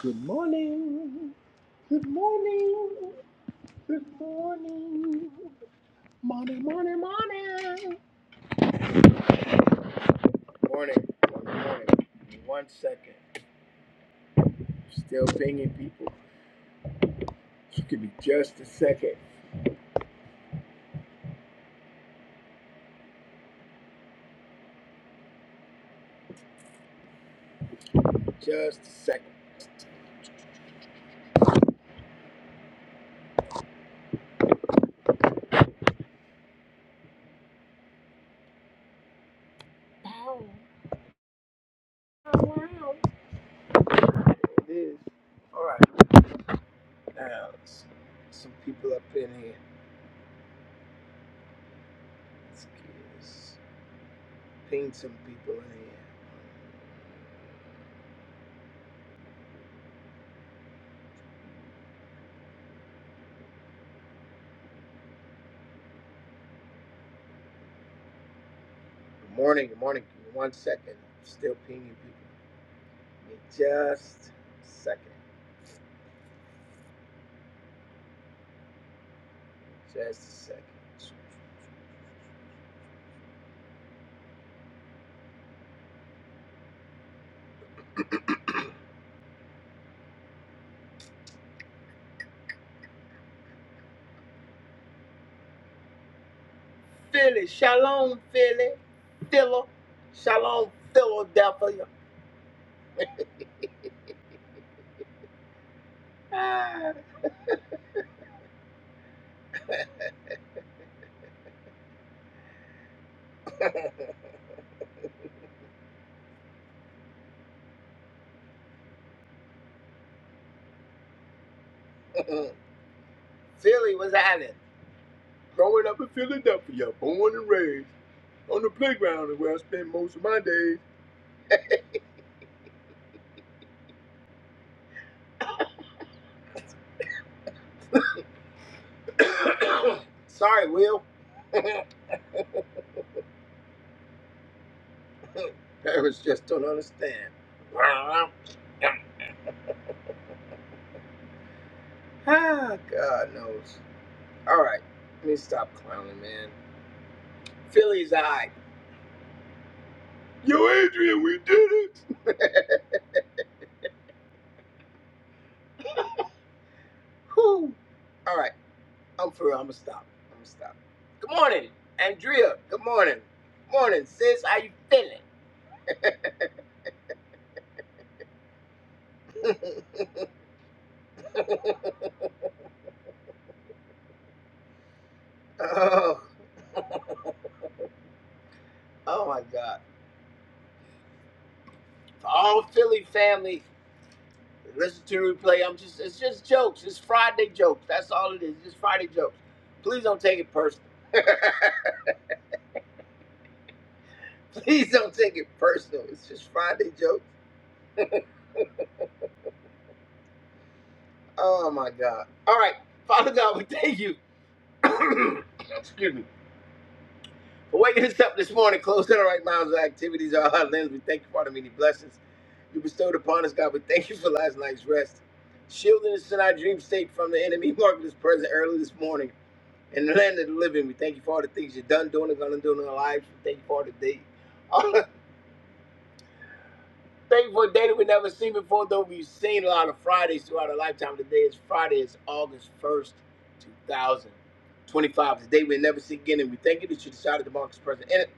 Good morning. Good morning. Good morning. Morning, morning, morning. Morning, morning, morning. One second. Still pinging people. Just Give me just a second. Just a second. There it is. All right. Now, let's- some people up in here. Let's, get- let's ping some people in here. Good morning. Good morning. Give me One second. Still pinging people. Give me just a second. Just a second. Philly. Shalom, Philly. Philo. Shalom, Philadelphia. Ah. Philly was island. Growing up in Philadelphia, born and raised on the playground is where I spend most of my days. Sorry, Will. Parents just don't understand. Ah, God knows. All right, let me stop clowning, man. Philly's all right. Yo, Adrian, we did it. Whew. All right, I'm for real. I'm gonna stop. I'm gonna stop. Good morning, Andrea. Good morning. Good Morning, sis. How you feeling? oh, oh my God. For all Philly family, listen to the replay. I'm just, it's just jokes. It's Friday jokes. That's all it is. Just Friday jokes. Please don't take it personal. Please don't take it personal. It's just Friday jokes. Oh my God. All right, Father God, we thank you. Excuse me. For waking us up this morning, closing our right minds, our activities, our heart limbs. We thank you for the many blessings you bestowed upon us, God. We thank you for last night's rest, shielding us in our dream state from the enemy, marking us present early this morning in the land of the living. We thank you for all the things you've done, doing, and gonna do in our lives. We thank you for all the day. All the thank you for a day that we never seen before, though we've seen a lot of Fridays throughout our lifetime. Today is Friday, it's August 1st, 2025. Today we'll never see again, and we thank you that you decided to mark us present. in it.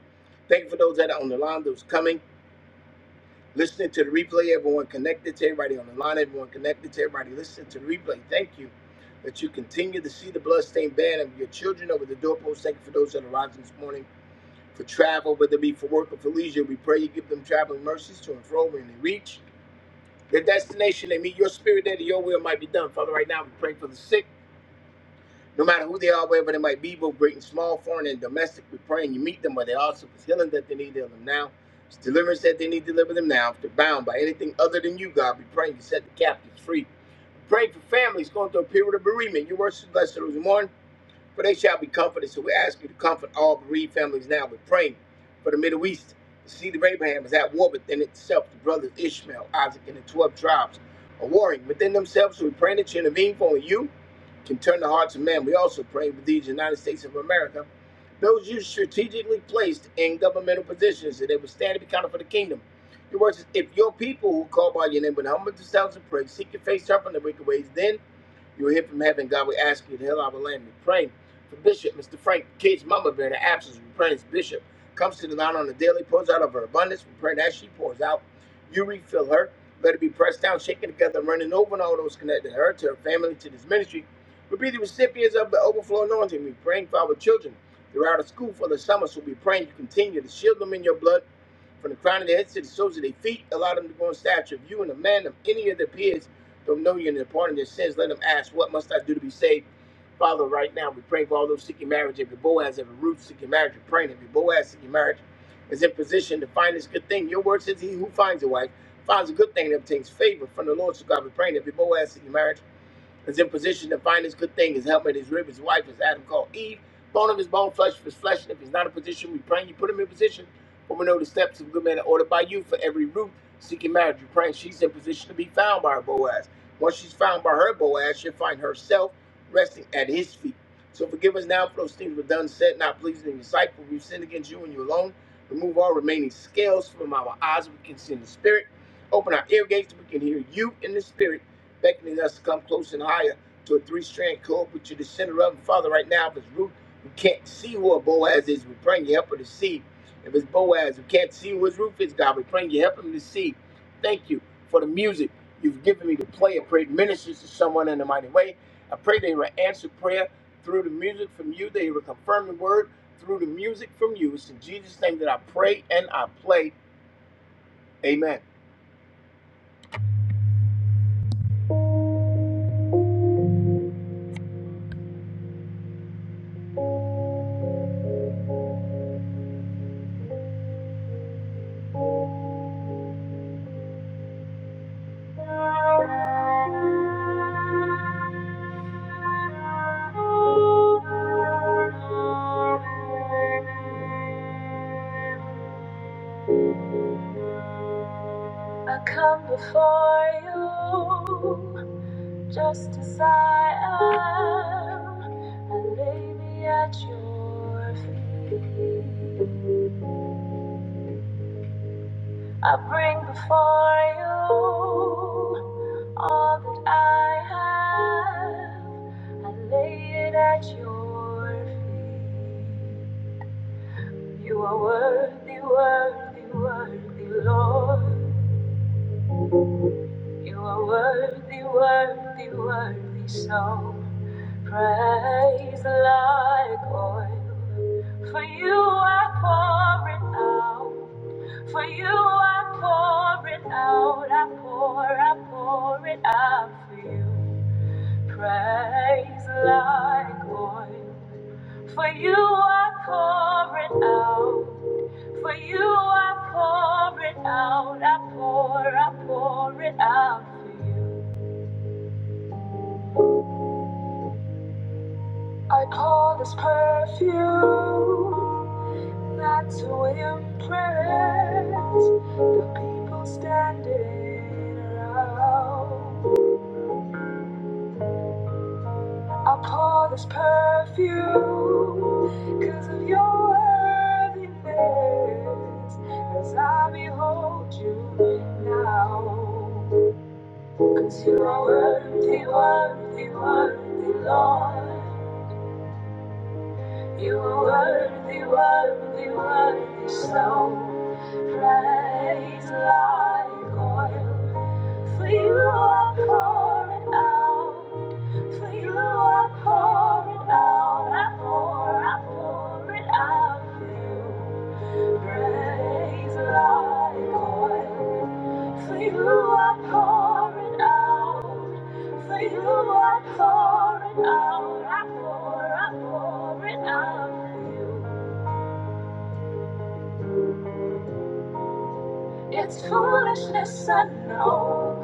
Thank you for those that are on the line, those coming, listening to the replay. Everyone connected to everybody on the line, everyone connected to everybody listening to the replay. Thank you that you continue to see the bloodstained banner of your children over the doorpost. Thank you for those that are rising this morning for travel, whether it be for work or for leisure. We pray you give them traveling mercies to and fro when they reach their destination. They meet your spirit there, that your will might be done. Father, right now we pray for the sick. No matter who they are, wherever they might be, both great and small, foreign and domestic, we pray and you meet them but they are. So healing that they need, heal them now. it's deliverance that they need, deliver them now. If they're bound by anything other than you, God, we pray you set the captives free. Pray for families going through a period of bereavement. Your words is blessed to those who mourn, for they shall be comforted. So we ask you to comfort all bereaved families now. We're praying for the Middle East. The seed of Abraham is at war within itself. The brothers Ishmael, Isaac, and the 12 tribes are warring within themselves. So we pray that you intervene for only you can turn the hearts of men. We also pray with these United States of America, those you strategically placed in governmental positions, that they would stand and be counted for the kingdom. Your words is, if your people who call by your name would humble themselves and pray, seek your face, turn from their wicked ways, then you will hear from heaven. God will ask you to heal our land. We pray for Bishop, Mr. Frank, Kate's mama bear in the absence. We pray as Bishop comes to the line on the daily, pours out of her abundance. We pray that as she pours out, you refill her. Let it be pressed down, shaken together, and running over, and all those connected to her, to her family, to this ministry. We'll be the recipients of the overflow anointing. We're praying for our children. They're out of school for the summer, so we praying you continue to shield them in your blood from the crown of their heads to the soles of their feet. Allow them to grow in stature of you and a man of any of their peers. Don't know you and the pardon their sins. Let them ask, What must I do to be saved? Father, right now we're praying for all those seeking marriage, every Boaz, every Ruth seeking marriage. We're praying every Boaz seeking marriage is in position to find this good thing. Your word says, He who finds a wife finds a good thing and obtains favor from the Lord. So God, we're praying every Boaz seeking marriage is in position to find his good thing, his helmet, his rib, his wife, as Adam called Eve, bone of his bone, flesh of his flesh. And if he's not in position, we pray you put him in position. For we know the steps of a good man are ordered by you for every root seeking marriage. you pray she's in position to be found by her Boaz. Once she's found by her Boaz, she'll find herself resting at his feet. So forgive us now for those things we've done, said, not pleasing in your sight, for we've sinned against you and you alone. Remove all remaining scales from our eyes, we can see in the spirit. Open our ear gates, we can hear you in the spirit beckoning us to come close and higher to a three-strand cord, but you're the center of it. Father, right now, if it's Ruth, we can't see who a Boaz is, we praying you help her to see. If it's Boaz, we can't see who his Ruth is, God, we praying you help him to see. Thank you for the music you've given me to play. I pray it ministers to someone in a mighty way. I pray they will answer prayer through the music from you. They will confirm the word through the music from you. It's in Jesus' name that I pray and I play. Amen. I come before you Just as I am, I lay me at your feet. I bring before you all that I have. I lay it at your feet. You are worthy, worthy, worthy, Lord. You are worthy, worthy, worthy, so praise like oil. For you I pour it out. For you I pour it out. I pour, I pour it out for you. Praise like oil. For you are pouring out. For you are pouring out. I pour, I pour it out for you. I pour this perfume not to impress the people standing around. I pour this perfume because of your worthiness as I behold you now. Because you're worthy, worthy, worthy, Lord. You are worthy, worthy, worthy, so praise like oil. For you are pouring out, for you are pouring out, I pour, I pour it out for you. Praise like oil, for you are pouring out. For you I pour it out, I pour, I pour it out for you. It's foolishness, I know.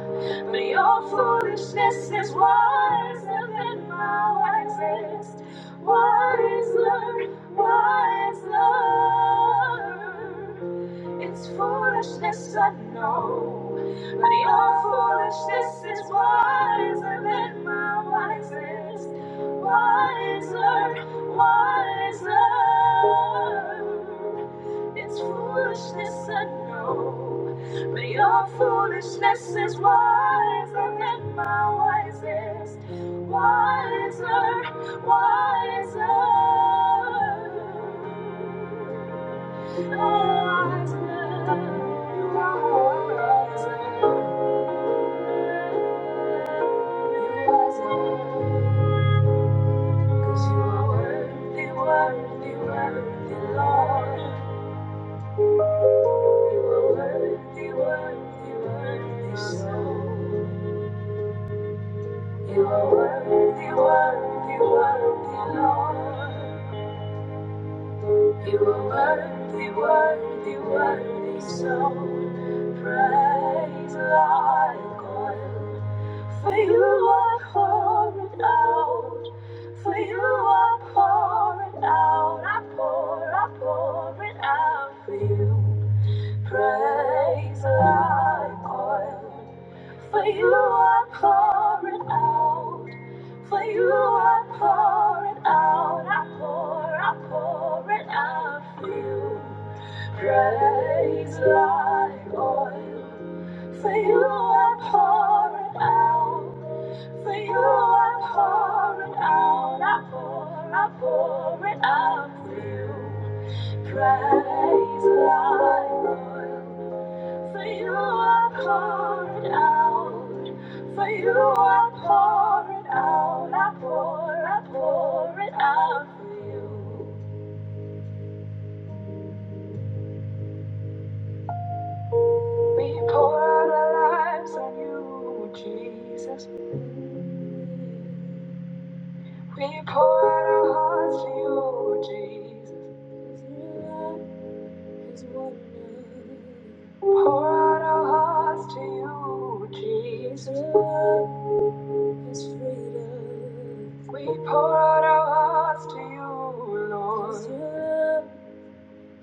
But your foolishness is wiser than my wisest. Wiser, wiser. It's foolishness, I know. But your foolishness is wiser than my wisest. Wiser, wiser. It's foolishness, I know. But your foolishness is wiser than my wisest. Wiser, wiser. wiser, wiser. wiser, 'cause you are worthy, worthy, worthy, Lord. You are worthy, worthy, worthy, so. You are worthy, worthy, worthy, Lord. You are worthy, worthy, worthy, so. Praise like oil. For you are pouring out, for you are pouring out, I pour, I pour it out for you. Praise thy point. For you I pour it out. For you I pour it out. I pour, I pour it out for you. Praise like oil. For you I pour it out. For you I pour it out. I pour, I pour it out for you. Praise thy Lord. For you are poured out. For you are poured out. I pour, I pour it out for you. We pour out our lives on you, Jesus. We pour out our hearts to you, Jesus. is what We Pour out our hearts to you, Jesus. Your love is freedom. We pour out our hearts to you, Lord.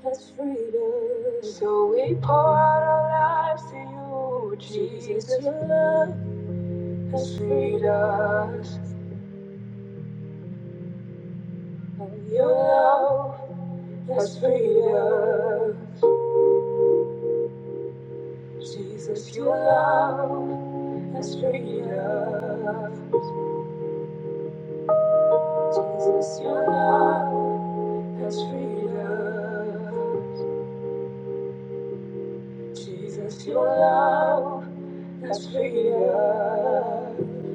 'Cause Your love has freedom. So we pour out our lives to you, Jesus. Jesus, Your love has freed us. And Your love has freed us. Jesus, Your love has freed us. Jesus, your love has freedom. Jesus, your love has freedom.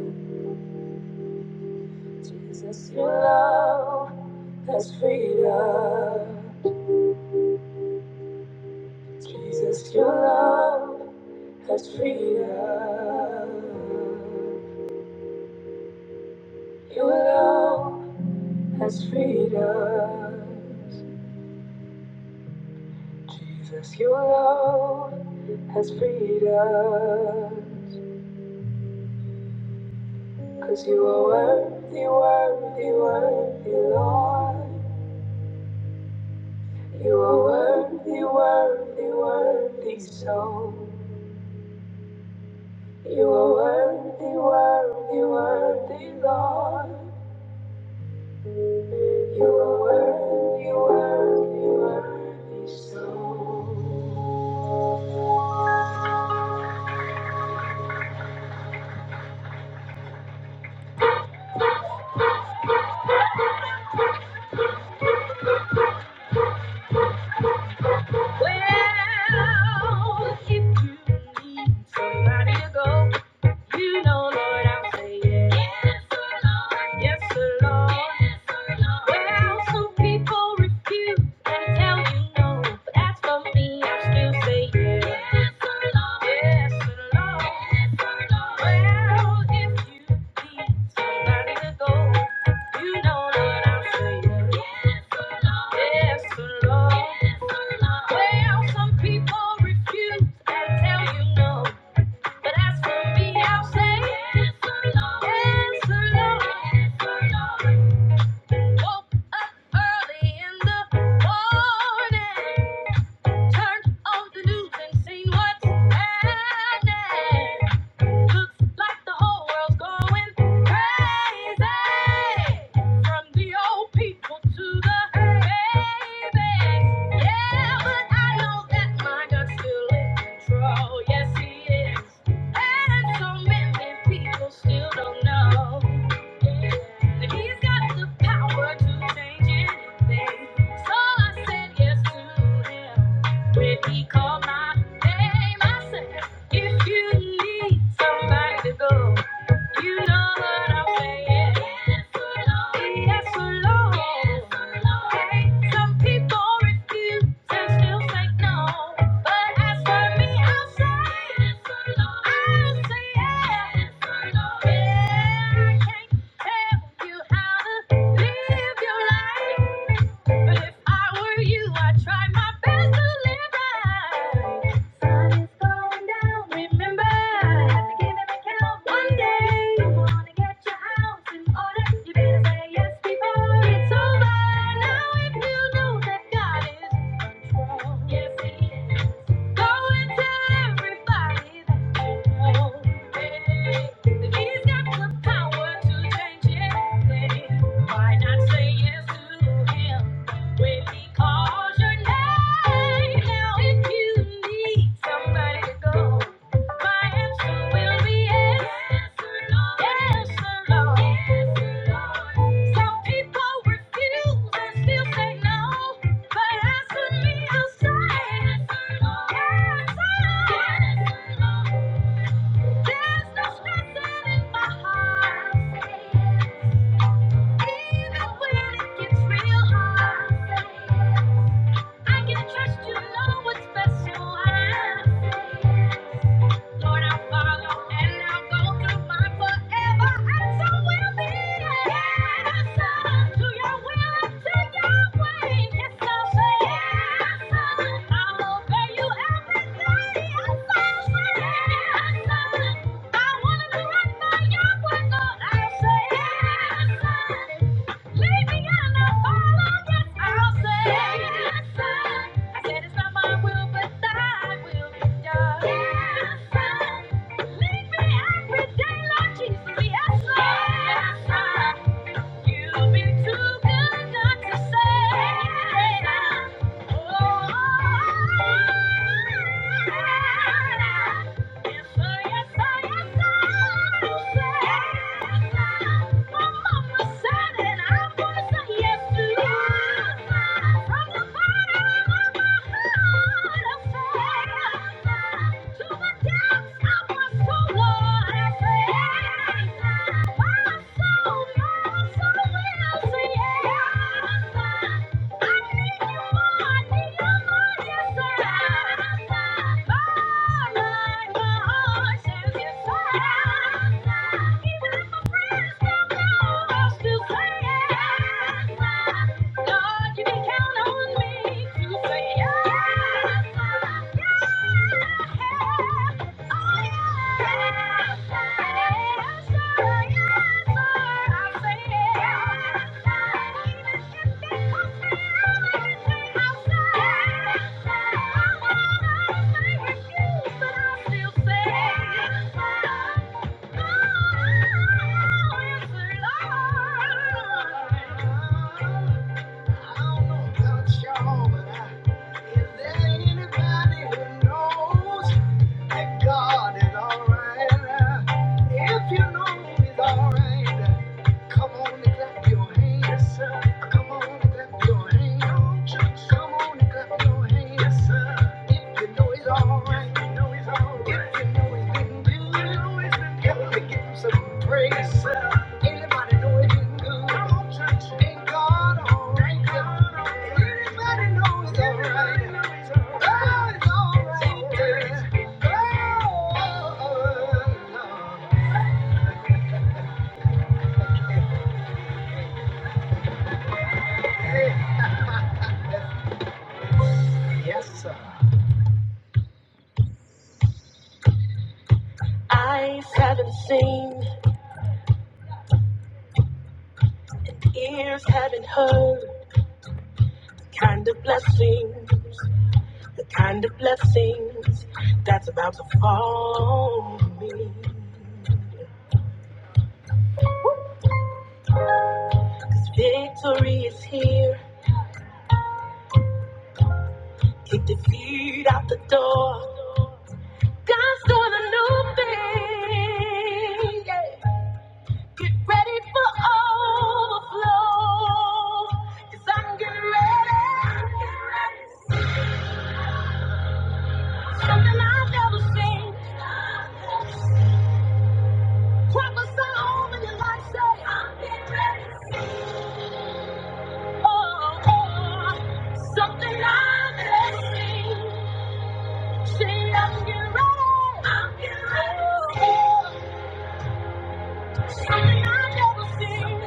Jesus, your love has freedom. Jesus, your love has freedom. Your love has freedom. Jesus, your love has freedom. Cause you are worthy, worthy, worthy, Lord. You are worthy, worthy, worthy, so. You are worthy, worthy, worthy, Lord. You are worthy, worthy, worthy, so. Well, if you need somebody to go You know, Lord, I'm saying yes, sir, Lord. Yes, sir, Lord. Yes, Lord. Well, some people refuse and tell you no, but as for me, I still say yes. Yes, sir, Lord. Yes, sir, Lord. Yes, Lord. Well, if you need somebody to go, you know, Lord, I'm saying yes, sir, Lord. Yes, sir, Lord. Yes, Lord. Well, some people refuse and tell you no. But as for me, I'll say, yes, oh Lord, yes, Lord, yes, Lord. Woke up early in the morning, turned on the news and seen what's happening. Looks like the whole world's going crazy. From the old people to the babies. Yeah, but I know that my God's still in control. Yes, He is. And so many people still don't know that He's got the power to change anything. So I said yes to Him when He called my name. I said. If you need somebody to go, you know what I'm saying. Yes, Lord. Yes, Lord. Yes, Lord. Hey, some people refuse and still say no. But as for me, I'll say, Yes, I'll say yes. Yes, Yeah, I can't tell you how to live your life. But if I were you, I'd try my best to live right. Sun is going down. Remember, you have to give an account one day. You wanna get your house in order. You better say yes before it's over. Now, if you know that God is in control, yes, Go and tell everybody that Hey, He's got the power to change anything, why not say yes to Him? When he calls your name, now if you need somebody to go, my answer will be yes, yes, Lord, yes, Lord. Some people refuse and still say no, but as for me, I'll say yes, Lord, yes, Lord. There's no stressing in my heart, even when it gets real hard. I can trust you know what's best, so I say. Lord, I follow and I'll go through my forever. And so will be. Yes, sir. To your will and to your way. Yes, I'll say yes, sir. I'll obey you every day. Yes, I'll say yes, sir. I wanna do right by your word, Lord. I'll say yes, sir. Lead me every day, Lord Jesus, yes, Lord. You've been too good not to say. Oh, yes, sir, yes, sir, yes, sir. You said, my mama said, and I was a yes to you. From the bottom of my heart, I said, to the depths of my soul, Lord, I said. Lord, you can count on me to say yes, yes. Oh, yes, yes, yes. Eyes haven't seen, ears haven't heard, kind of blessing. kind of blessings that's about to fall on me. Victory is here. Kick defeat out the door. God's doing a new thing. yeah. Get ready for overflow. i I'm getting ready. Something I've never seen. Prophesy over your life. Say, I'm getting ready. Something I've never seen. See, i I'm getting ready. Something I've never seen.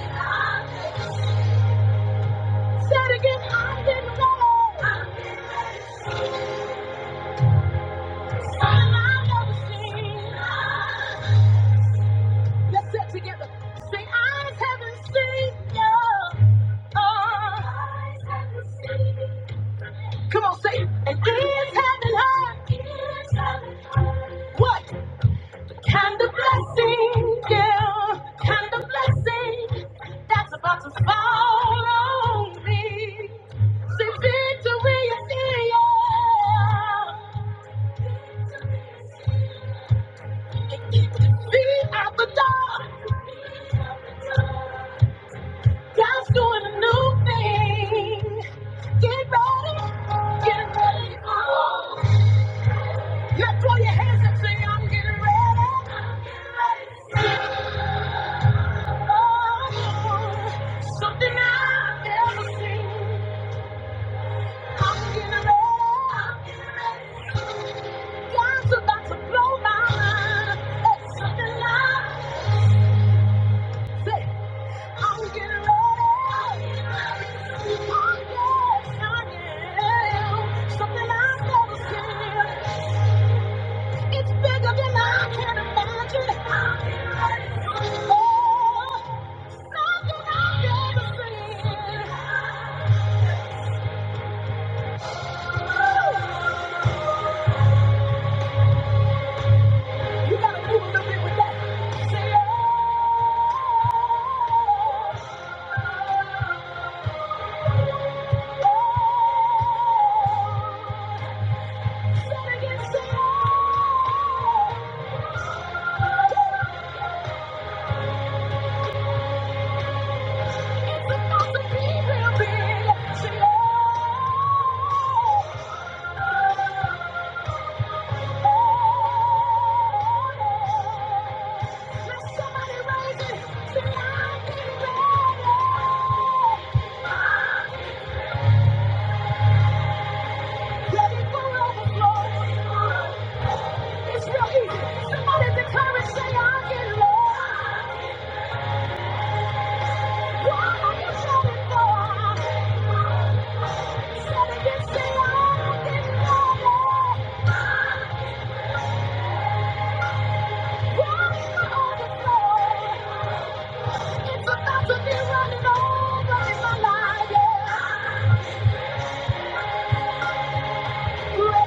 Say again. I'm getting ready. Something I've never seen. Let's say together. Say, eyes haven't seen Come on, say, it. and Ears haven't heard. What? Kind of blessing, yeah, kind of blessing that's about to fall on me. See, victory is here. It keeps me out the door. God's doing a new thing. Get ready, get ready. Let's throw your hands and say, I'm getting ready. Oh, something I've never seen. I'm getting ready. i about to blow my mind. It's Oh, yes, Something I've never seen. It's bigger than I can imagine. Oh, something I've never seen. You gotta do a little bit with that. Say, oh, say it again, say it. It's about to be running over in my life. Yeah. Ready Say,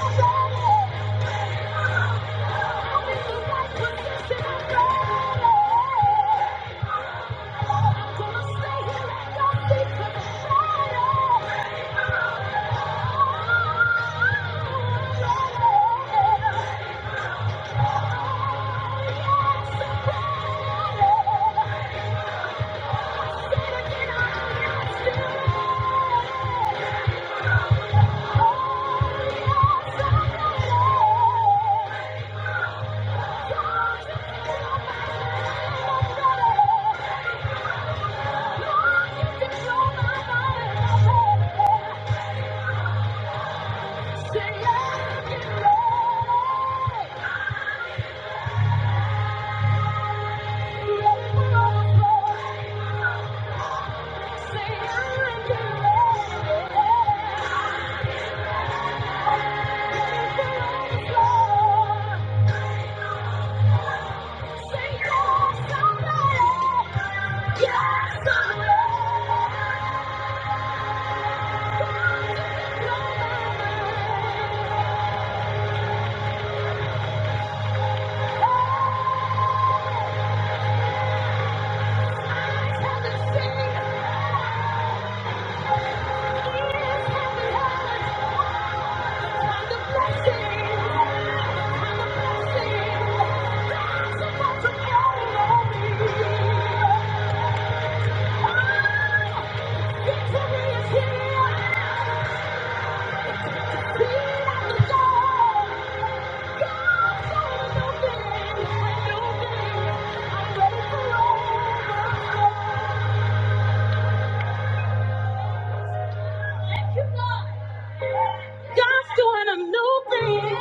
Thank you. Yeah. Thank you. God's doing a new thing.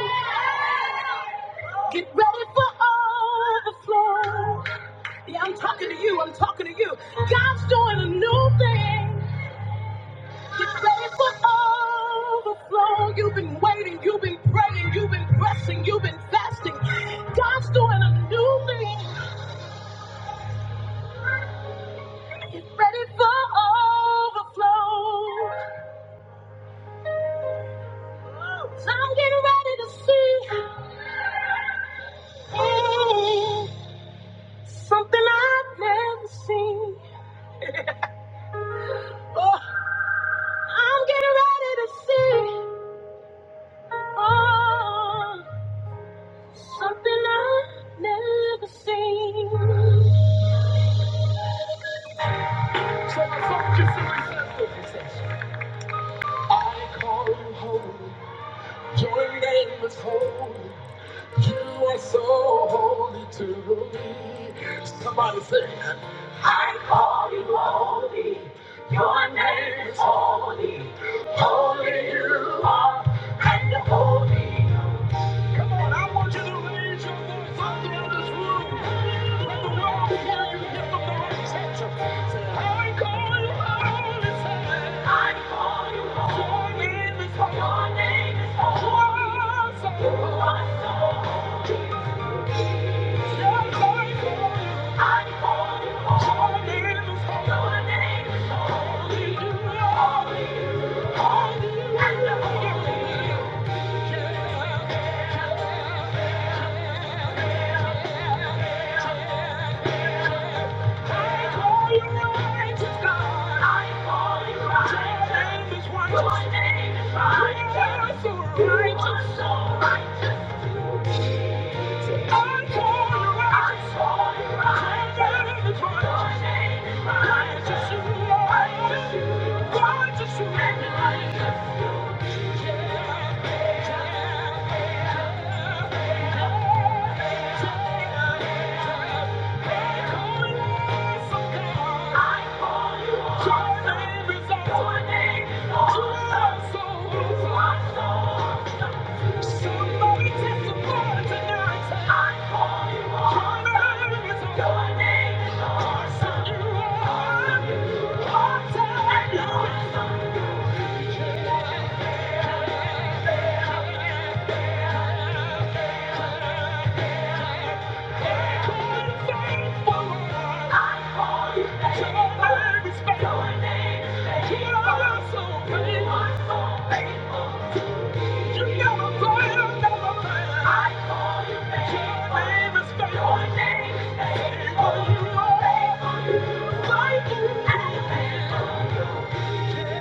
Get ready for overflow. Yeah, I'm talking to you. I'm talking to you. God's doing a new thing. Get ready for overflow. You've been waiting. You've been praying. You've been pressing. You've been fasting. God's doing a new thing. Get ready for overflow. So I'm getting ready to see mm, something I've never seen. Oh, I'm getting ready to see oh, something I've never seen. Come on, I want you to raise your voice out there in this room. Let the world hear you. Lift up the voice. I call you my only son. I call you my Your name is holy. Your name is holy. You are so holy. Yes, I call you. I call you holy. Your name is holy. Your name is holy. You are holy. I call you my treasure. My name is right. Just you, just you, just you. Somebody I call you on. Your name is on. Your name is on. You are. You are. Thank you. Thank you.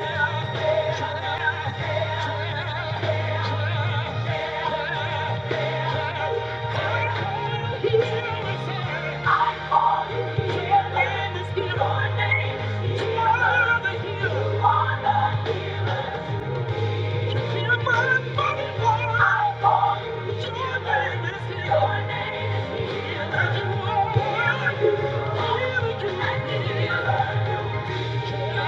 Somebody say,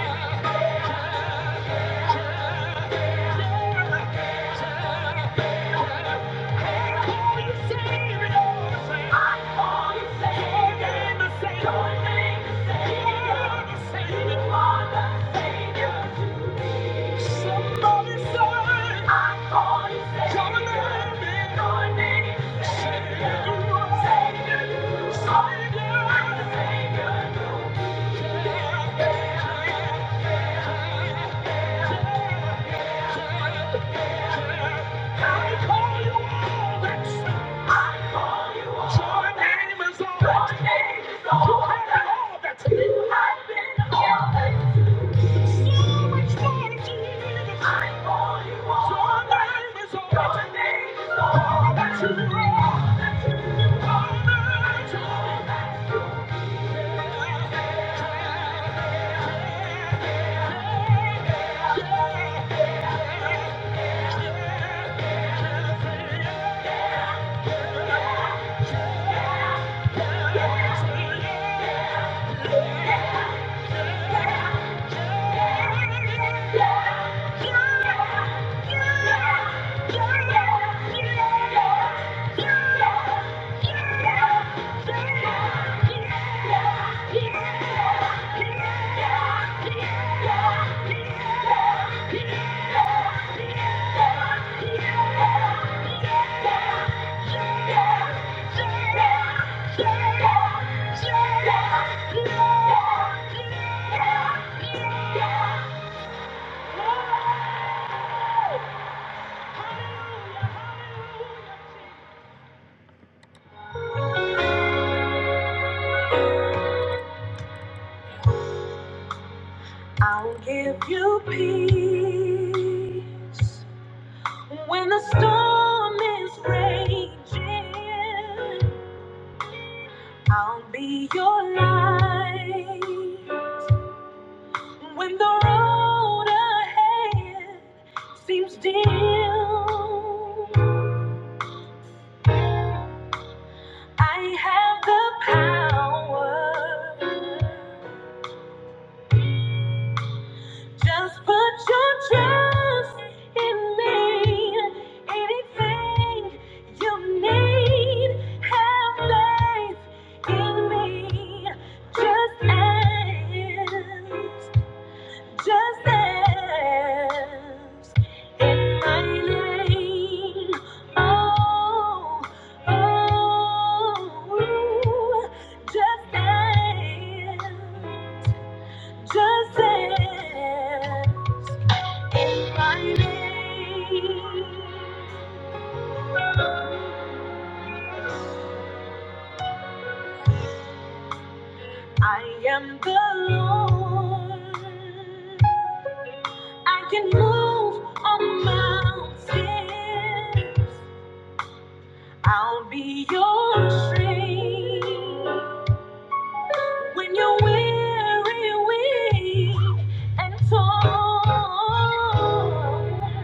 I call you Savior. Your name is Savior. Savior, Savior, Savior. Thank you. all all that you are, all that you you yeah. Yeah. I'll give you peace when the storm is raging. I'll be your light when the road ahead seems dim. I have the power. Just put your trust in me. Anything you need, have faith in me. Just ask. Just dance in my name. Oh, oh, just dance, just dance in my name. I am the Lord. I can move on mountains. I'll be your strength when you're weary, weak, and torn.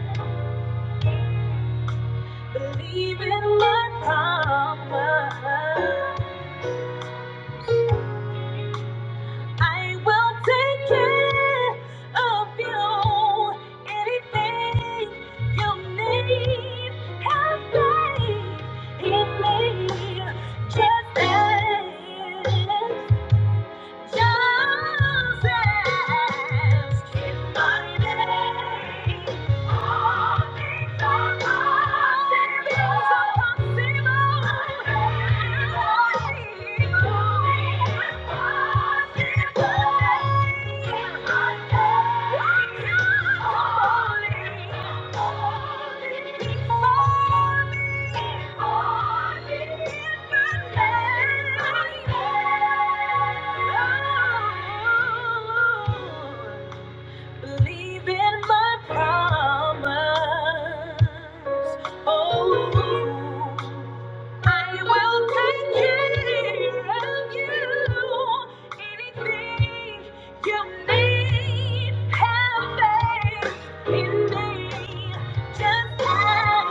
Believe in my promise. I will take care of you. Anything you need, have faith in me. Just ask. Thank you. Believe in my promise. Oh, I will take care of you. Anything you need, have faith in me. Just as,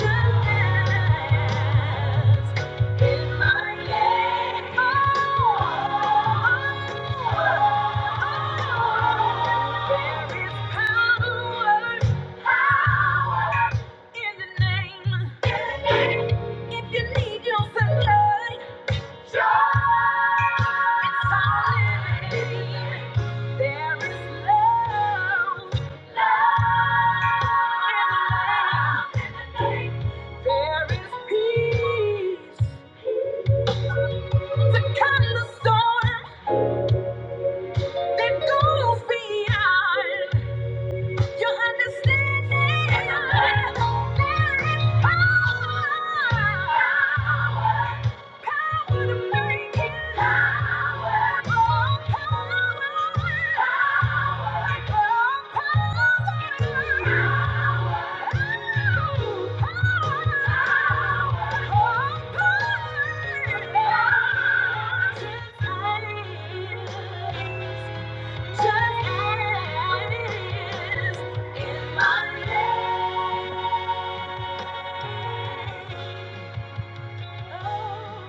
just as in my name, oh, there is power, power in the name. If you need your supply. The kind of storm that goes beyond. Your understanding. There is power. Power to make it. Power. Oh, power. Power. Oh, power. Oh,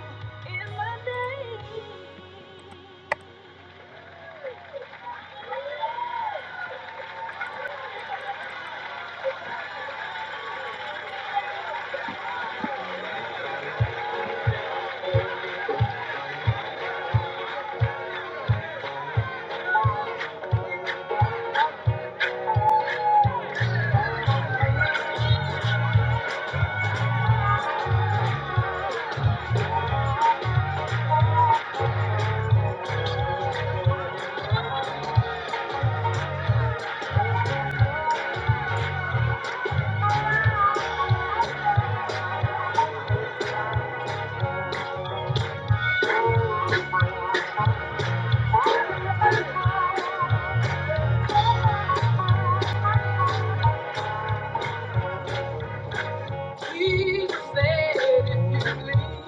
Jesus said, if you lean on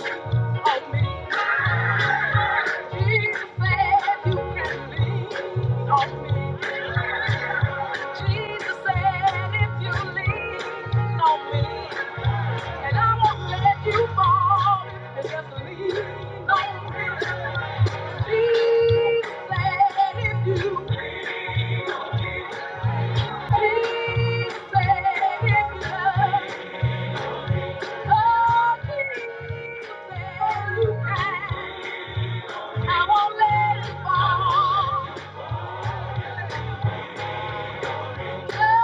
me, Jesus said, you can lean on me. Jesus said, if you lean on me, and I won't let you fall, just lean on me. Jesus said, if you I won't let you go.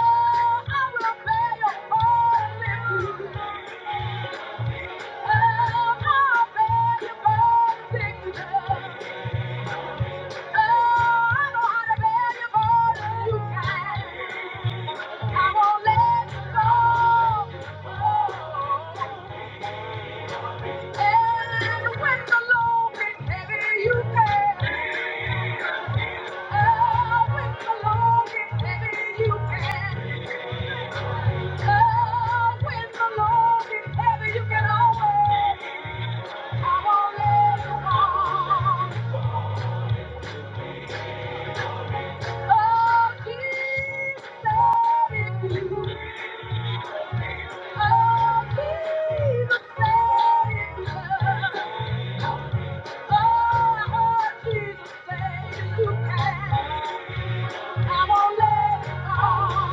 Oh. And when the load gets heavy, you can. Oh, when the load gets heavy, you can. Oh, when the load gets heavy, you can always. I won't let you down. Oh, Jesus said it. Oh, Jesus said it. Oh, Jesus said you can. I won't let you down.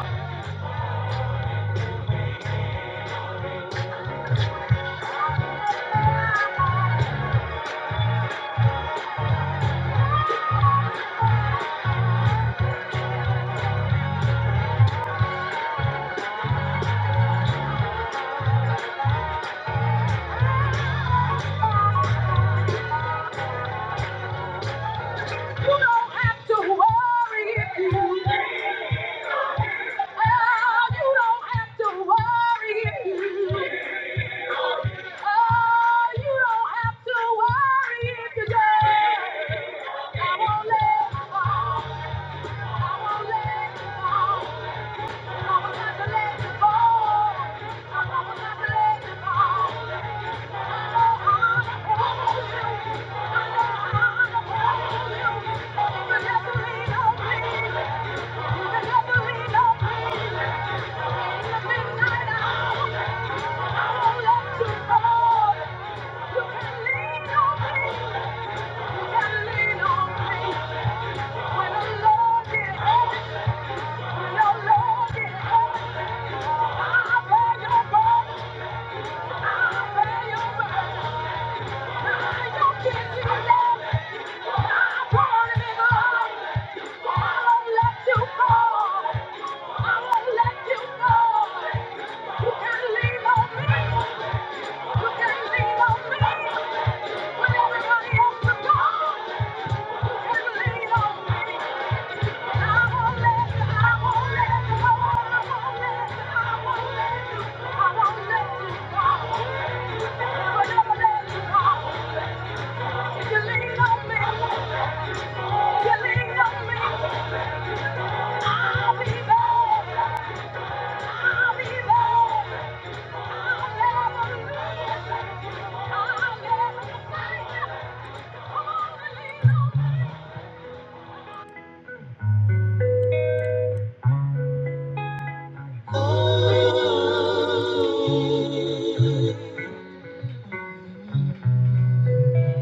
You don't have to worry if you. Oh, you don't have to worry if you. Oh, you don't have to worry if you don't. I won't let you go. I won't let you go. I will not let you go. I will not let you go. I know I will. I know I will. But If you just lean on me. You can lean Thank you.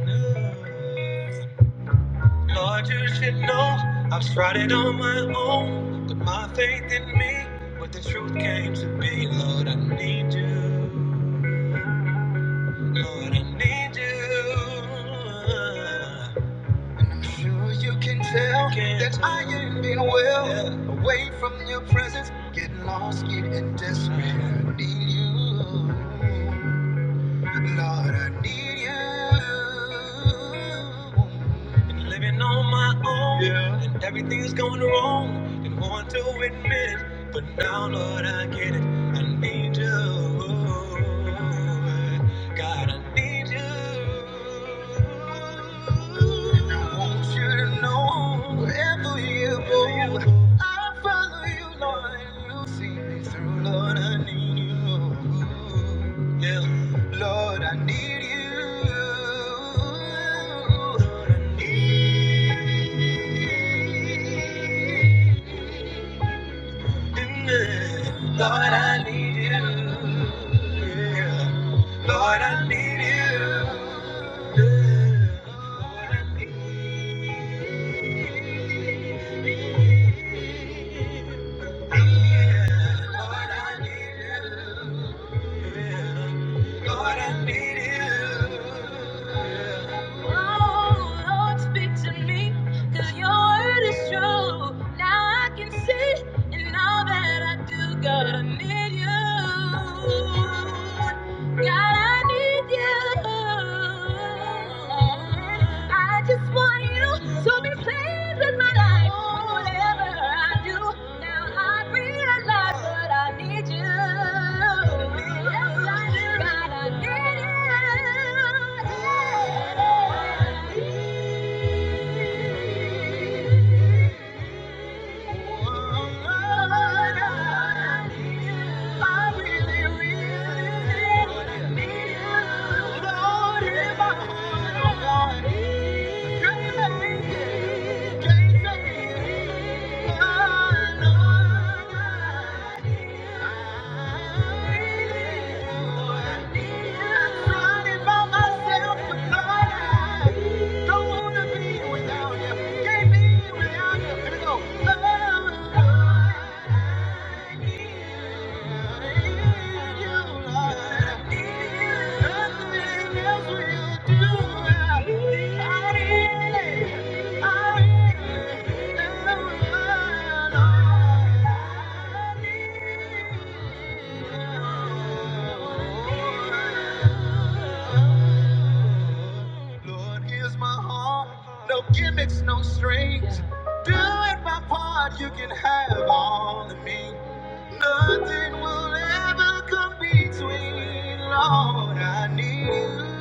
Thank you. Lord, you should know I've started on my own, but my faith in me, but the truth came to me. Lord, I need you. Lord, I need you. And I'm sure you can tell Can that I tell. ain't been well. Yeah. Away from your presence, getting lost, getting desperate. I need you. Need you. Been living on my own, yeah. and everything's going wrong. Didn't want to admit it, but now, Lord, I get it. I need you. God, I need you. I want you to know wherever you go. I follow you, Lord, and you see me through. Lord, I need you. Yeah. Lord, I need you. Lord, I need you. Lord, I need you. Yeah. Lord, I need you. Yeah. Lord, I need you. Lord, I need you. Yeah. Lord, I need you. Oh, Lord, speak to me, your word is true. Now I can see in all that I do, God, I need you. God, I need you. I just want you to be pleased with my life. Whatever I do, now I realize. Thank you. Thank you. Lord, here's my heart. No gimmicks, no strings. Doing my part, you can have all of me. Nothing will ever come between. Lord, I need you.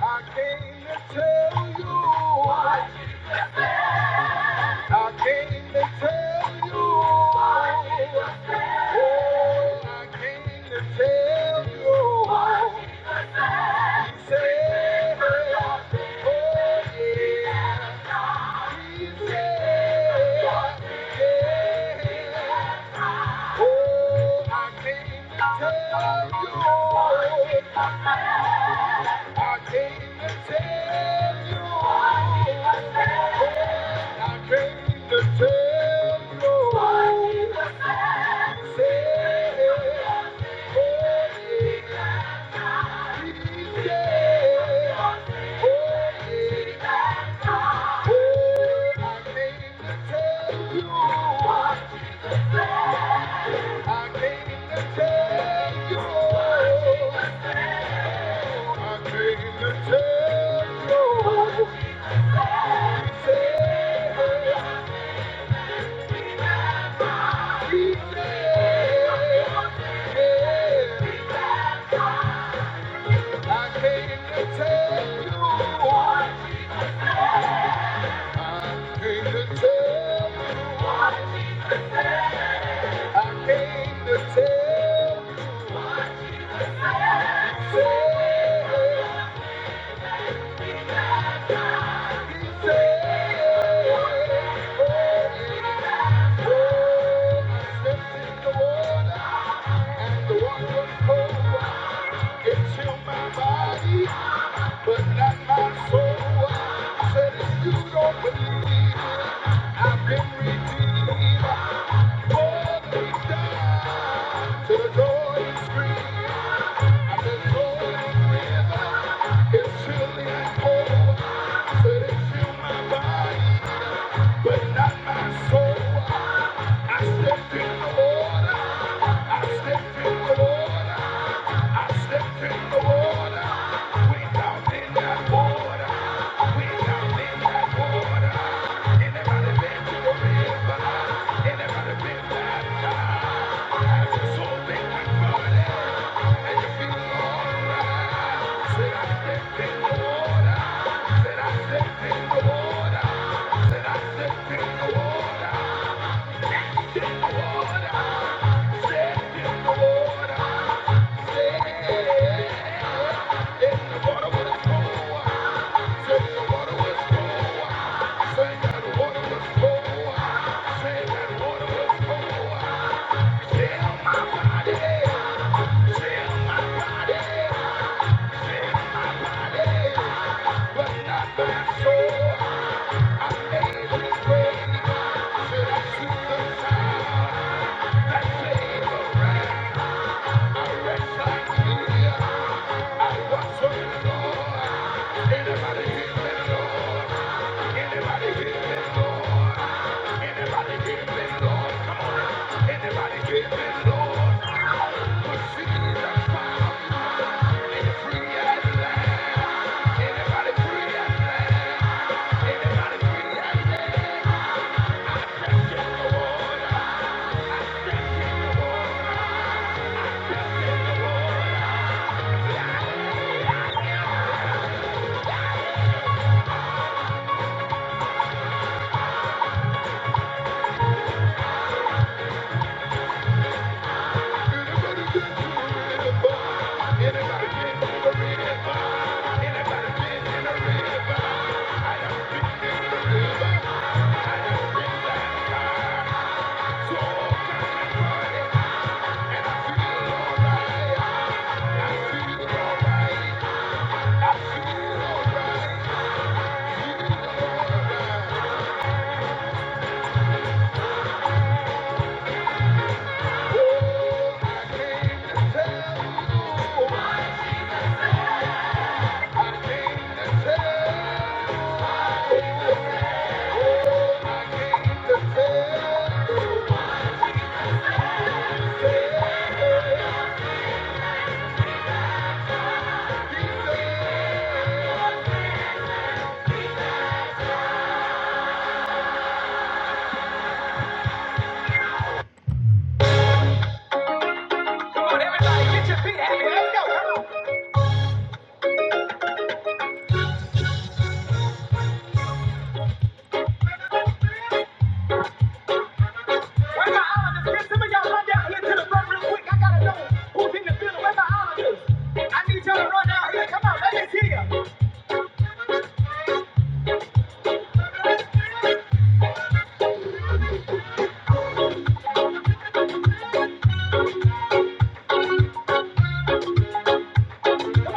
I came to tell you, I came to tell you. I came to tell you, Lord, save me. He said, "Holy, I came to tell you, I came to tell you, He was so set if you do I think I got what's so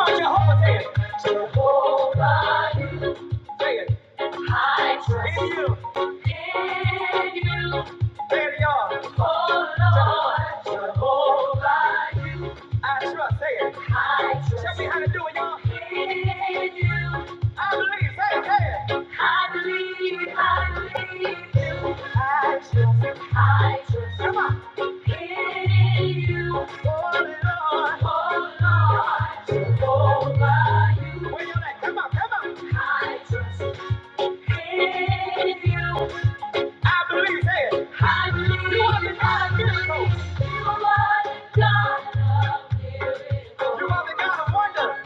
Jehovah said, say it. I trust in you. In you. There you are. Oh, Lord. Jehovah. I trust. Say it. I trust. Tell me how to do it, y'all. In you. I believe. Say it. Say it. I believe. I believe. I trust. In you. Oh, Lord. Oh, Lord. Jehovah. You. I trust. In you. I believe You are the God of miracles.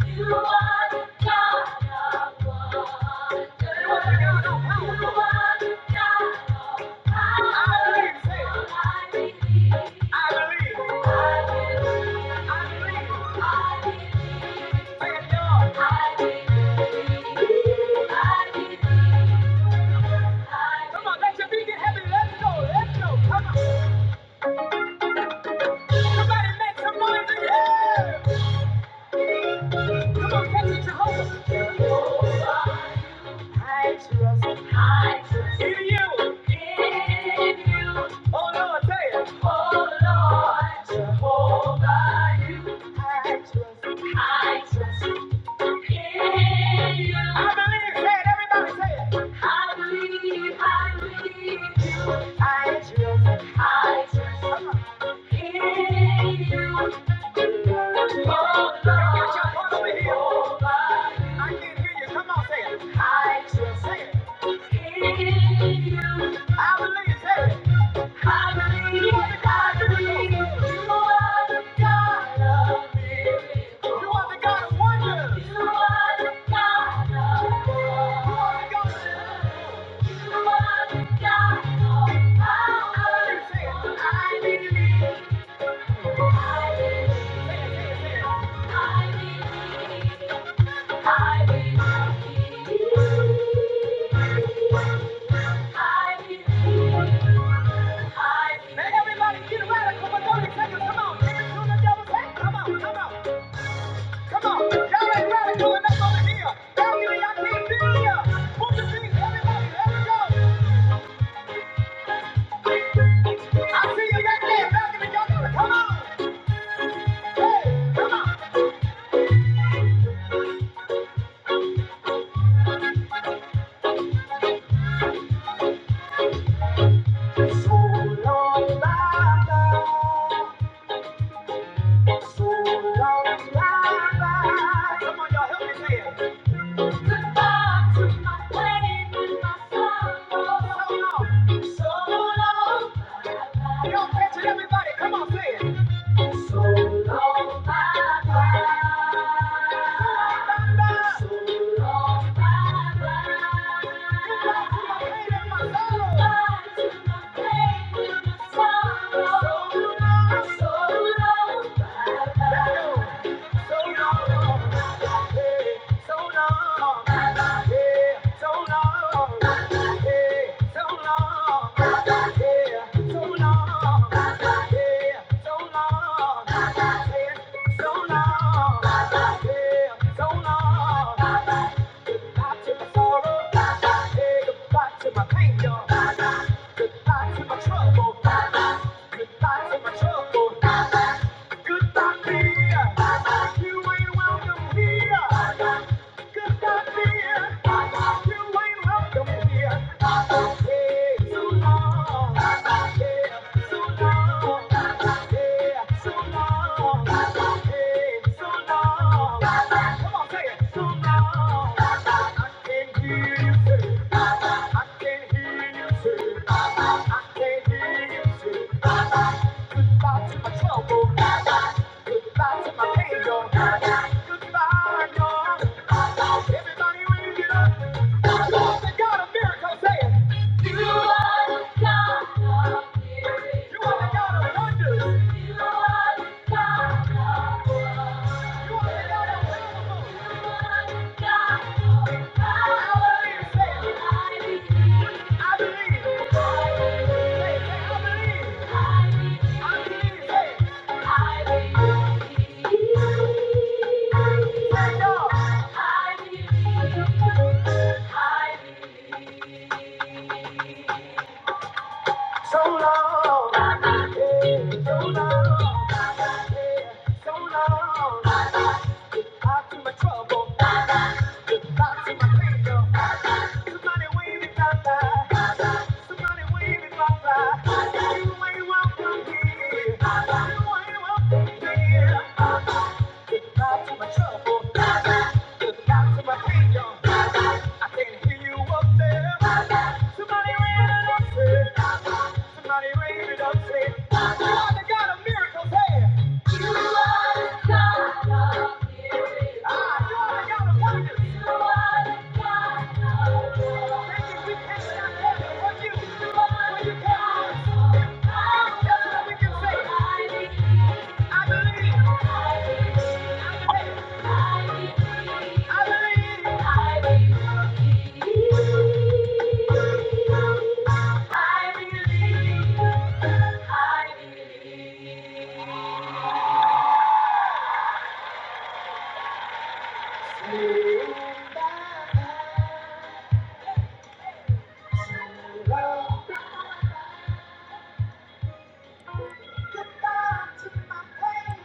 You are the God of wonders. You are the God of power. I believe. I believe. Thank God. Come on, let your feet get heavy. Let's go. Let's go. Come on. Somebody make some noise in Come on, catch it, Jehovah. I trust in you. In you. I can't hear you. Come on, say it. I believe. I believe. Let everybody get radical, but don't it take Come on, dance the devil's head. Come on, come on, come on. Y'all ain't radical enough over here. Balcony, I can't feel ya. Move your feet, everybody, let it go. I see you right there, balcony, y'all come on. Hey, come on. So long, bye-bye. So long, bye-bye. Come on, y'all, help me say Goodbye to my wedding and my sorrow. So long, so long. You do catch it, everybody. Come on, say it. welcome Here. Goodbye to my trouble. Goodbye to my pain, yo. Goodbye, yo. Everybody we're You are the God of miracles. You are the God of wonders. You are the God of love. You are the God of miracles. You are the God of power. I believe. I believe. Say, say, I believe. I believe. Say, So long, yeah, so long, yeah, so long. Out to my trouble, out to my freedom. Somebody wave it, Papa. Somebody wave it, Papa. You ain't welcome here. You ain't welcome here. Out to my trouble, out to my freedom. I can hear you up there. Somebody raise it up, say. Somebody raise it up, say. Father, God of miracles, hey. Goodbye to my pain.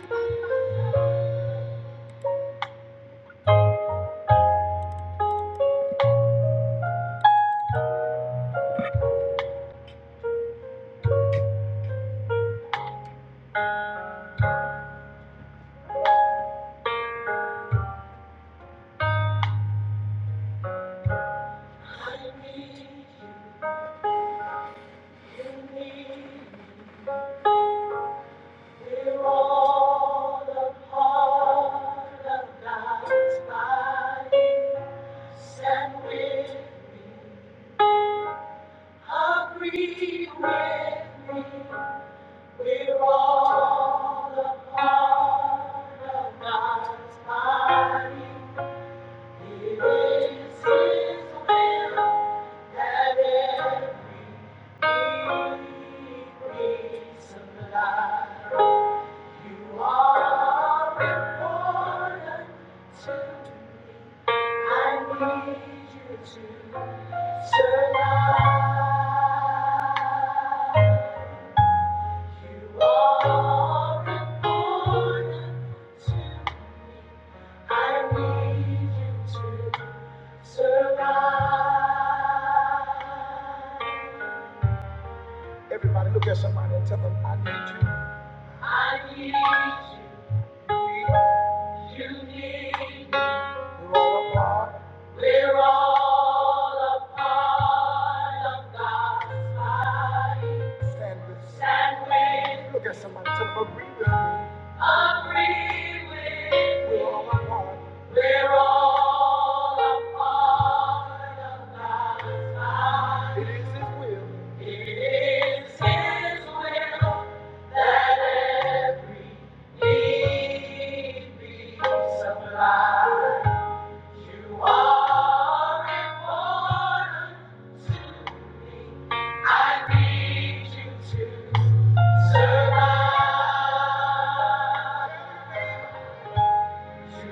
Survive. I need you, you need me. We're all a part of God's body. And We We're all a part of God. It is His will that every need be supplied. You are important to me. I need you to survive. Agree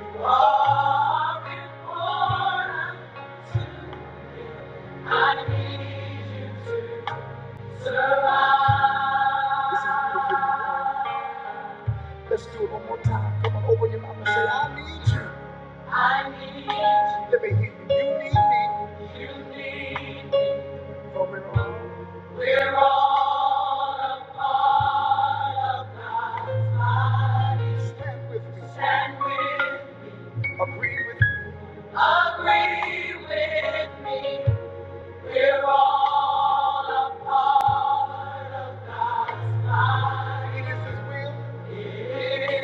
with me, we're all a part of God's body. I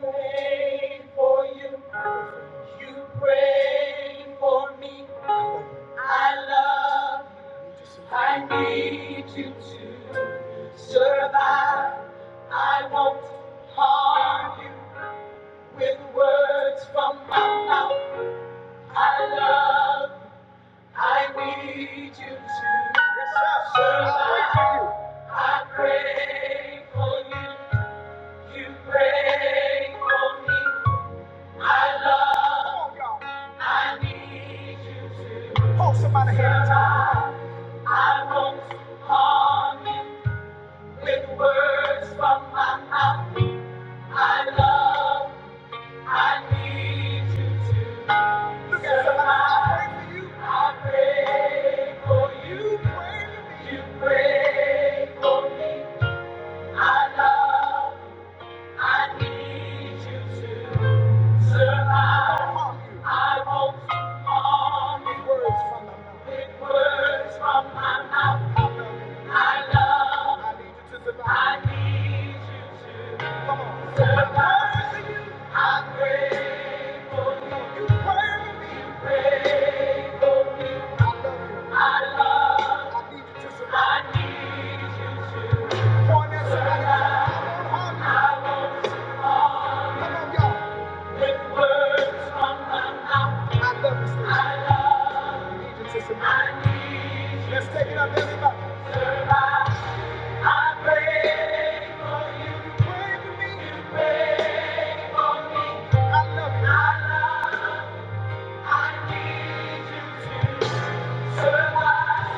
pray for you. You pray for me. I love. I need you to survive. I won't harm you with words from my mouth. I love, I need you to survive. I pray for you, you pray for me. I love, I need you to survive. I won't harm you with words from my mouth. I love, I need you to survive. Pray, pray for I love. I need you to survive all these words, words from my mouth. I need you. I need you to survive. Come on, now, somebody. Come on, y'all. I love you. I need you to survive. Let's take it up, everybody. Pray for me. I love you. I need you to survive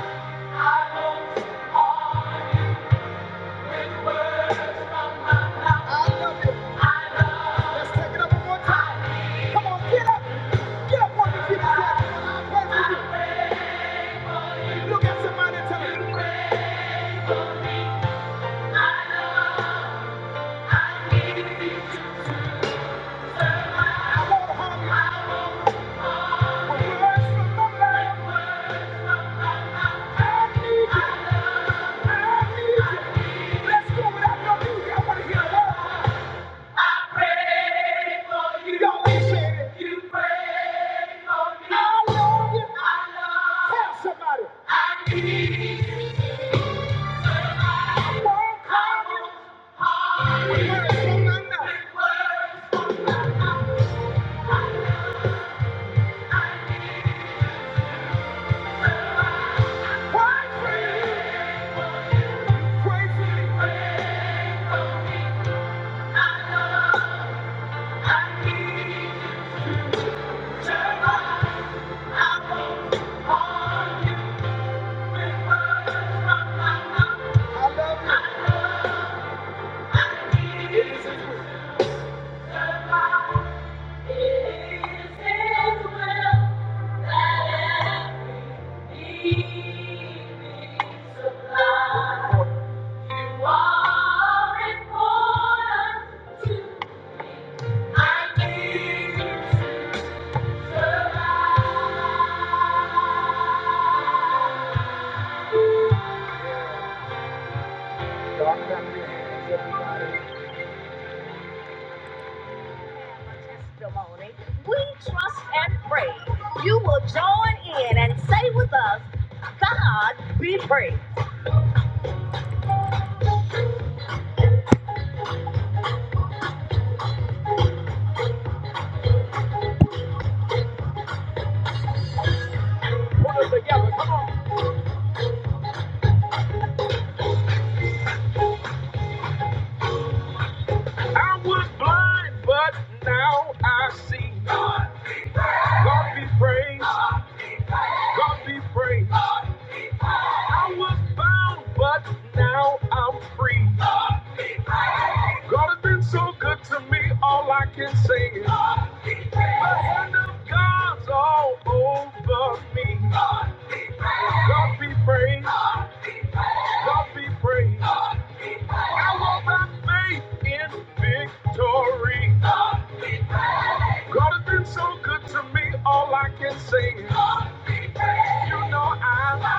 I love you. Let's take it up one more time. Come on, get up. Get up on your feet and say, I love you. Look at somebody and tell them, "Hey, I won't harm you. But words from the mouth, I need you. I need you. Let's go without no music. I want to hear a word. I pray for you. Y'all ain't saying it. You pray for me. I love you. I love you. Tell somebody. I need you. Thank you. We trust and pray you will join in and say with us, God be praised. God has been so good to me, all I can say is, God's all over me. God be praised, God be praised. My faith in victory. God has been so good to me, all I can say is, you know I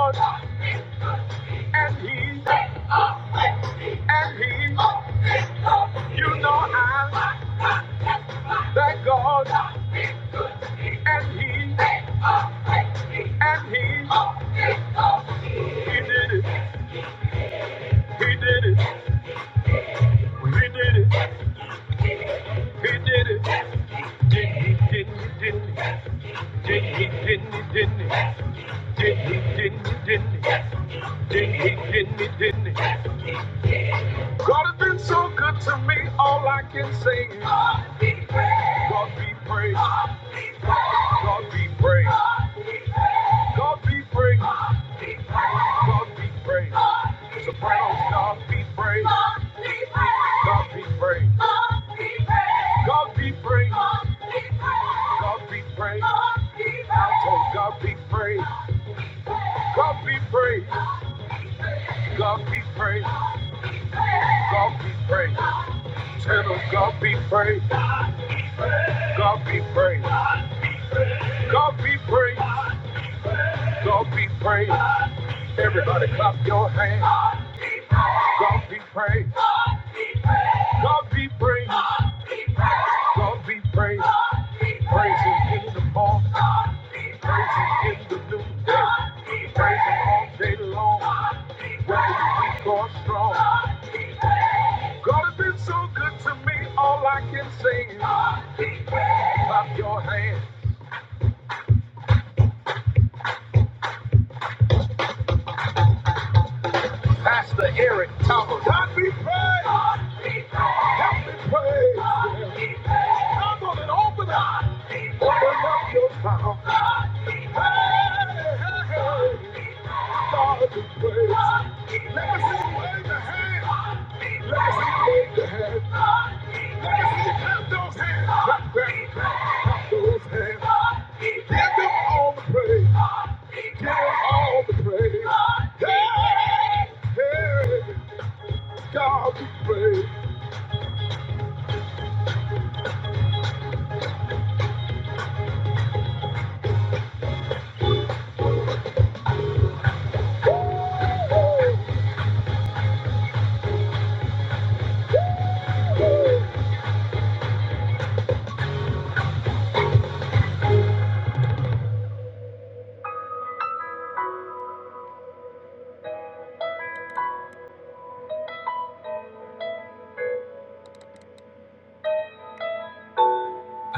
love you. Didn't, didn't, didn't, didn't, didn't. God has been so good to me, all I can say is, God be praised, God be praised, God be praised, God be praised. Sopranos, God be praised, God be praised, God be praised, God be praised. I told God be praised, God be praised, God be praised, God be praised. Tell Tenor, God be praised, God be praised. God be praised. God be praised. Everybody clap your hands. God be praised. God be praised. God be praised. Praise Him in the morning. Praise Him in the noonday. Praise Him all day long. Whether you weak or strong. God has been so good to me. All I can say is clap your hands. Pastor Eric Thomas. God be praised. Help me praise. Him. on and open up. Open up your mouth.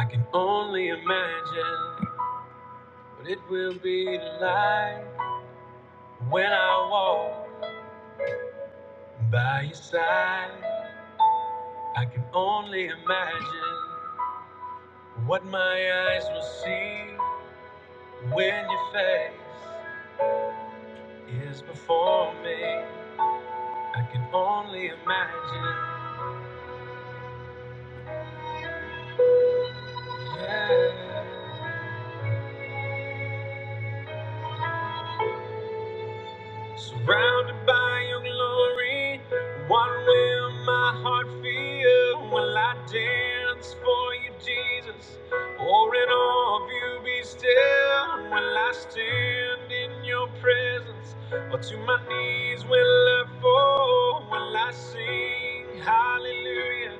I can only imagine what it will be like when I walk by your side. I can only imagine what my eyes will see when your face is before me. I can only imagine. Yeah. Surrounded by your glory, what will my heart feel? Will I dance for you, Jesus? Or in awe of you be still? Will I stand in your presence? Or to my knees will I fall? Will I sing hallelujah?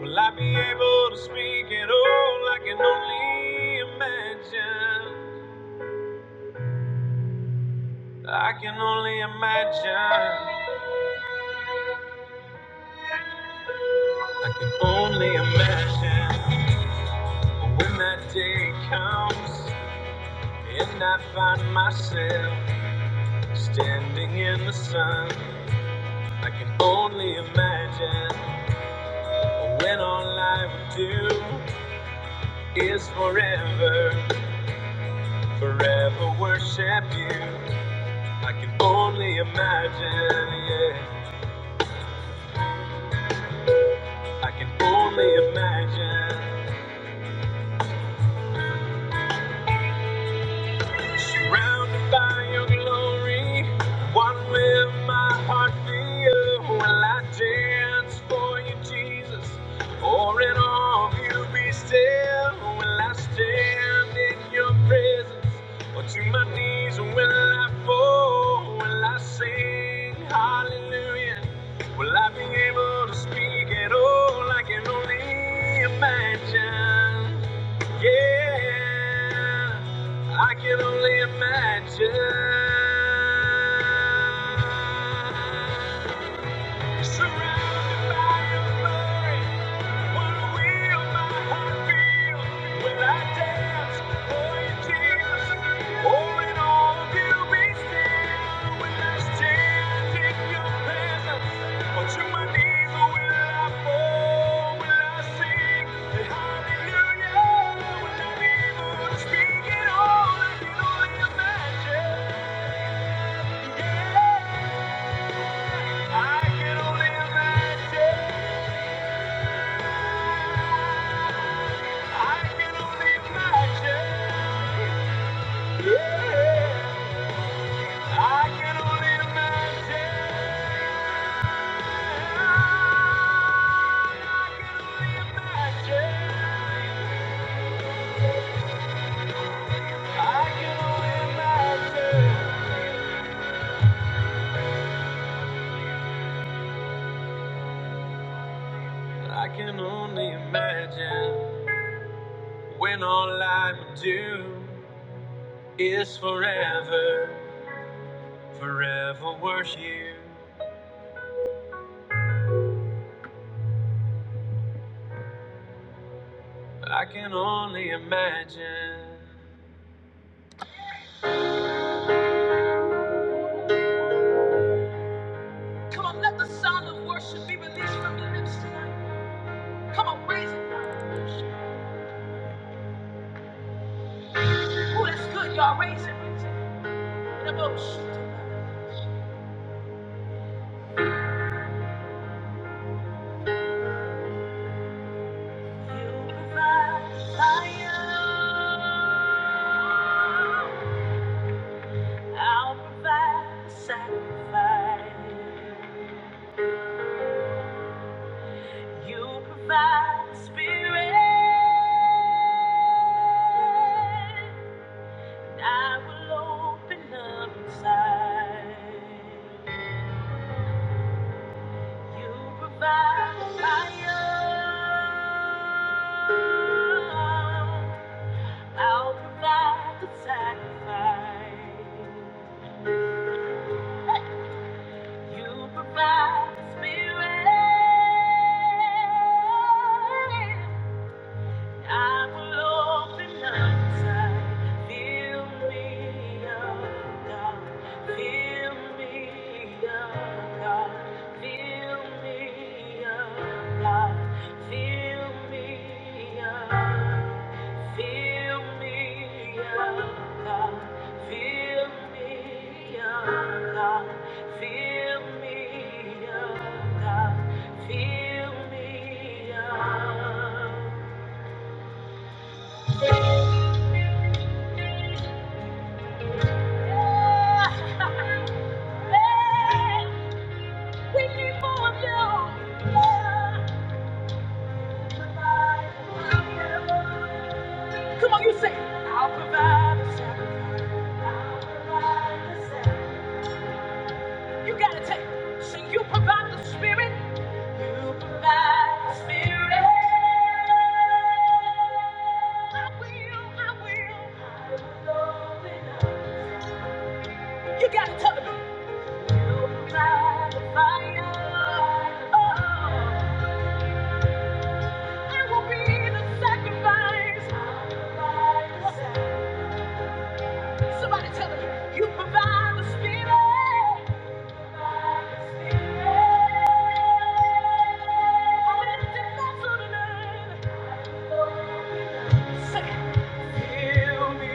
Will I be able to speak at all? I can only imagine. I can only imagine. I can only imagine when that day comes and I find myself standing in the sun. I can only imagine when all I would do is forever, forever worship you. I can only imagine, yeah. I can only imagine Surrounded by your glory, what will my heart feel? Will I dance for you, Jesus? Or in all of you be still? Will I stand in your presence? Or to my knees will I fall? Will I sing hallelujah? Will I be able to speak at all? I can only imagine. Yeah. I can only imagine. Surrounded by your glory, what will my heart feel? Will I dance for your tears? Or in all of be still? Will I stand in your presence? Or to my knees will I fall? Will I sing the hallelujah? Will I be able to speak it all? I can imagine. Yeah, I can only imagine. I can only imagine. Yeah. I can only imagine. I can only imagine. I can only imagine when all I would do is forever, forever worship you. I can only imagine. Come on, raise it. Oh, that's good, y'all. Raise it. In a boat. You provide fire. I'll provide the sacrifice. You provide the spirit. I will open up inside. You provide fire. I'll provide the sacrifice. You provide the spirit. I will open up inside. Fill me up, God. Fill me up, God. Fill me up, God. Fill me up. Fill me up, God. Fill me up, God. Fill me up, God. Fill me up. Come on, you say, I'll provide the sacrifice. I'll provide the sacrifice. You gotta take. So you provide the spirit. You provide the spirit. I will, I will. Lord, enough. You gotta tell them. You provide the fire. Oh, I will be the sacrifice. Somebody tell me, you provide the spirit. How many different sort of name? Say for me.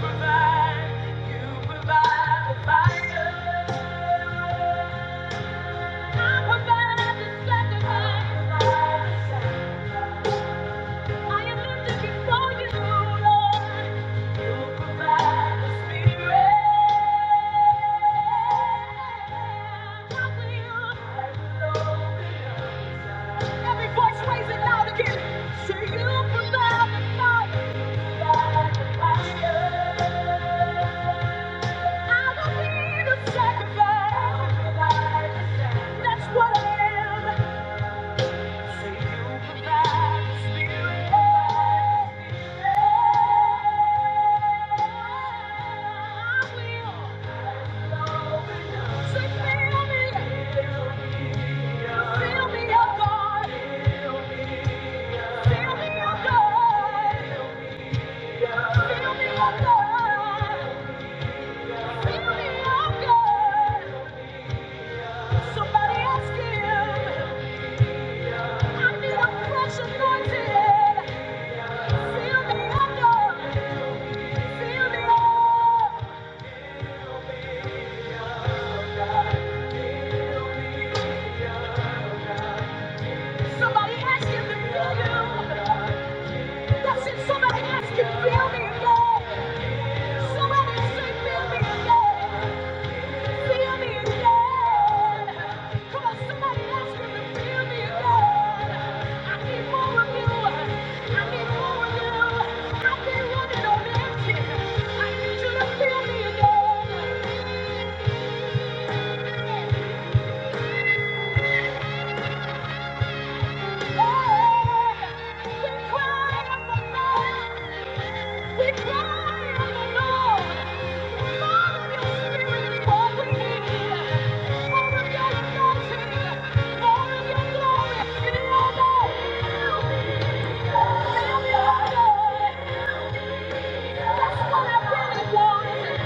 Provide, you provide the fire. That's what I am. Somebody ask him, I need a fresh anointing. Fill me up, God. Somebody has you. to feel me again. Somebody say, feel me again. Feel me again. somebody ask him to feel me again. I need more of you. I need more of you. I've been running on empty. I need you to feel me again. Yeah. We cry on the Lord. your spirit is what we need. More of your anointing, more of your glory in your name. More of your That's what I really want.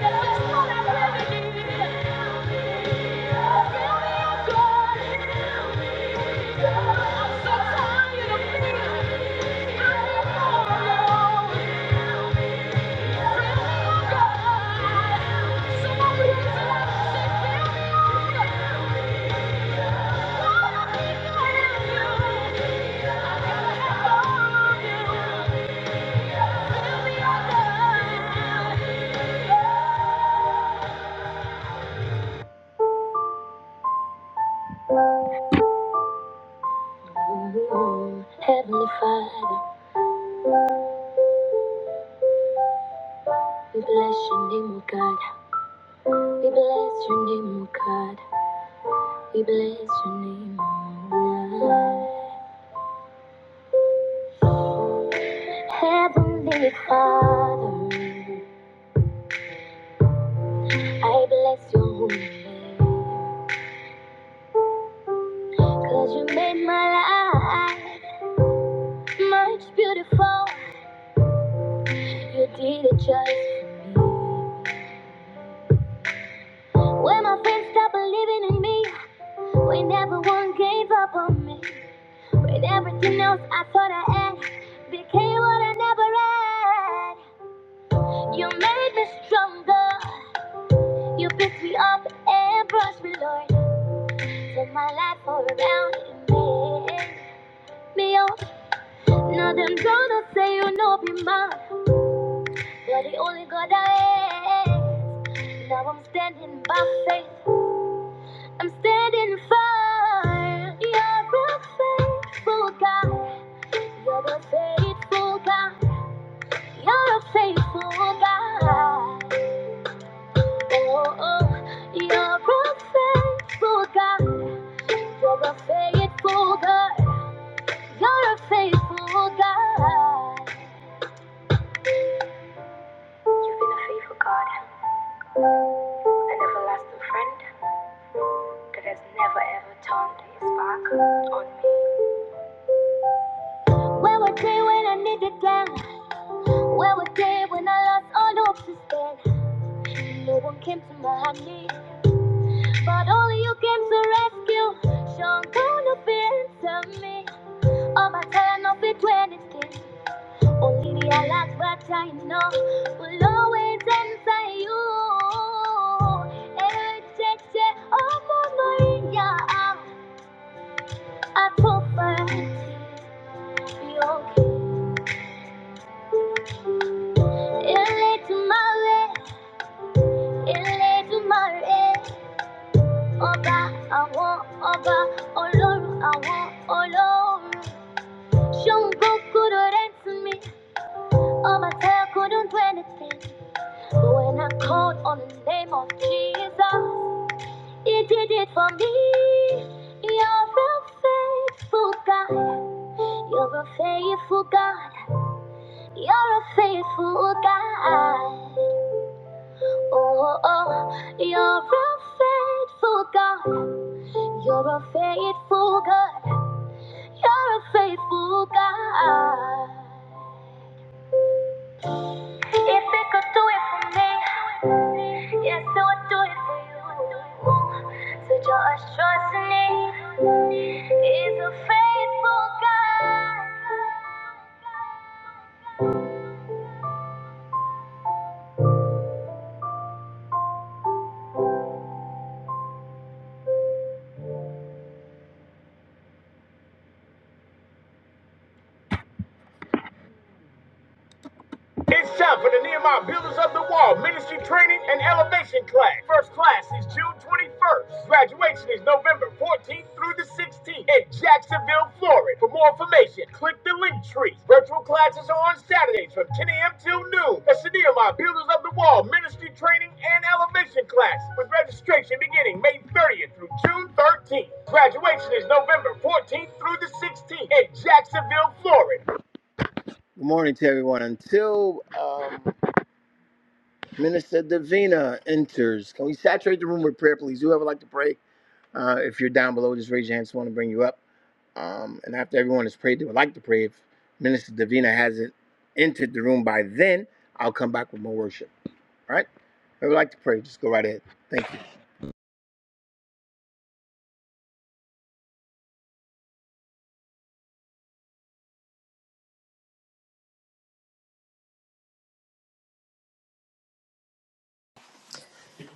That's what I really need. Fill me up, God. I'm so tired of me. I need more, Lord. Heavenly Father, we bless your name, O God. We bless your name, O God. We bless your name, O God. Heavenly Father, I bless your holy name. Cause you made my life much beautiful. You did it just when my friends stopped believing in me. When everyone gave up on me. When everything else I thought I had became what I never had. You made me stronger. You picked me up and brushed me, Lord. Turned my life all around and made me yours. Now them gonna say you know be mine. You're the only God I am. Now I'm standing by faith. I'm standing firm. You're a faithful God. You're a faithful God. You're a faithful God. Oh, oh. You're a faithful God. You're a faithful God. You're a faithful God. Where were they when I needed them? Where were they when I lost all hope to stand? No one came to my knee, but only you came to rescue. Sean, don't you feel to me? All my time, I'll be 20 Only the last but I know will always answer you. Eh, che, che, oh, mama, yeah, I'm a prophet. Ilé to my way, ilé to my way. Ọba I want, ọba, olórun àwọn olórun. Jumbo couldn't answer me, or my tail couldn't do anything. But when I called on the name of Jesus, He did it for me. You're a faithful God. You're a faithful God. You're a faithful God. Oh, oh, you're a faithful God. You're a faithful God. You're a faithful God. If it could do it for me, yes, it would do it for you. Ooh, Such a assurance in me. He's a faithful God. It's time for the Nehemiah Builders of the Wall Ministry Training and Elevation Class. First class is June 21st. Graduation is November 14th through the 16th in Jacksonville, Florida. For more information, click the link tree. Virtual classes are on Saturdays from 10 a.m. till noon. That's the Nehemiah Builders of the Wall Ministry Training and Elevation Class with registration beginning May 30th through June 13th. Graduation is November 14th through the 16th in Jacksonville, Florida. Until um. Minister Davina enters. Can we saturate the room with prayer, please? Whoever would like to pray, uh, if you're down below, just raise your hand. Just want to bring you up. Um, and after everyone has prayed, they would like to pray. If Minister Davina hasn't entered the room by then, I'll come back with more worship. All right? If you would like to pray, just go right ahead. Thank you.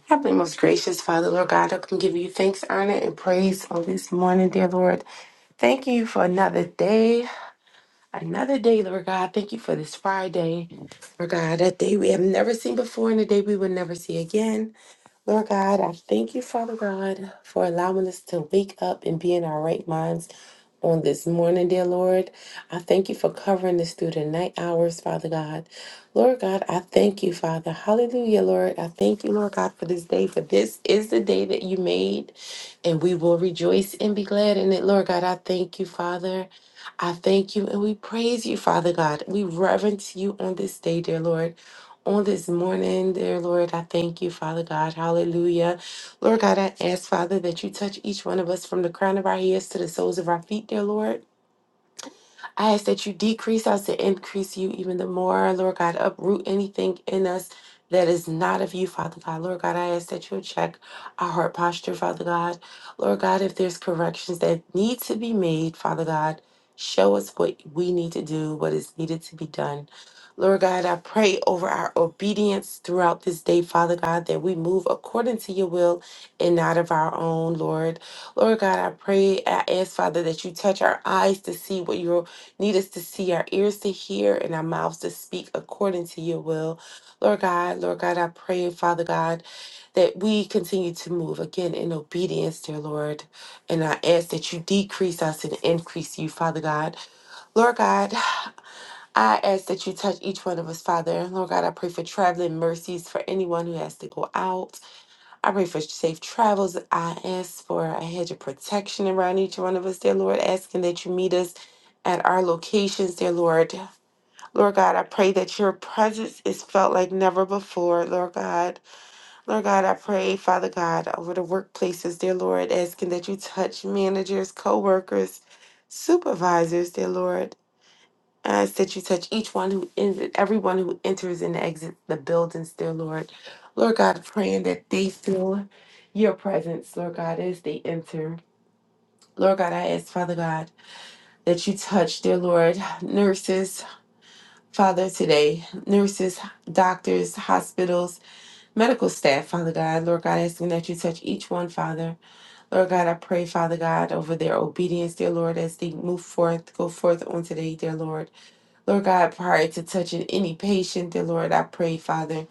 Heavenly, most gracious Father, Lord God, I can give you thanks, honor, and praise on this morning, dear Lord. Thank you for another day, another day, Lord God. Thank you for this Friday, Lord God, a day we have never seen before and a day we will never see again. Lord God, I thank you, Father God, for allowing us to wake up and be in our right minds on this morning, dear Lord. I thank you for covering us through the night hours, Father God. Lord God, I thank you, Father. Hallelujah, Lord. I thank you, Lord God, for this day, for this is the day that you made, and we will rejoice and be glad in it. Lord God, I thank you, Father. I thank you and we praise you, Father God. We reverence you on this day, dear Lord. On this morning, dear Lord, I thank you, Father God. Hallelujah. Lord God, I ask, Father, that you touch each one of us from the crown of our heads to the soles of our feet, dear Lord. I ask that you decrease us to increase you even the more, Lord God. Uproot anything in us that is not of you, Father God. Lord God, I ask that you check our heart posture, Father God. Lord God, if there's corrections that need to be made, Father God, show us what we need to do, what is needed to be done. Lord God, I pray over our obedience throughout this day, Father God, that we move according to your will and not of our own, Lord. Lord God, I pray, I ask, Father, that you touch our eyes to see what you are Need us to see our ears to hear and our mouths to speak according to your will. Lord God, Lord God, I pray, Father God, that we continue to move again in obedience, dear Lord. And I ask that you decrease us and increase you, Father God. Lord God, I ask that you touch each one of us, Father. Lord God, I pray for traveling mercies for anyone who has to go out. I pray for safe travels. I ask for a hedge of protection around each one of us, dear Lord, asking that you meet us at our locations, dear Lord. Lord God, I pray that your presence is felt like never before, Lord God. Lord God, I pray, Father God, over the workplaces, dear Lord, asking that you touch managers, co workers, supervisors, dear Lord. I ask that you touch each one who is everyone who enters and exits the buildings, dear Lord. Lord God, praying that they feel your presence, Lord God, as they enter. Lord God, I ask, Father God, that you touch, dear Lord, nurses, Father, today, nurses, doctors, hospitals, medical staff, Father God, Lord God, asking that you touch each one, Father. Lord God, I pray, Father God, over their obedience, dear Lord, as they move forth, go forth on today, dear Lord. Lord God, prior to touching any patient, dear Lord, I pray, Father,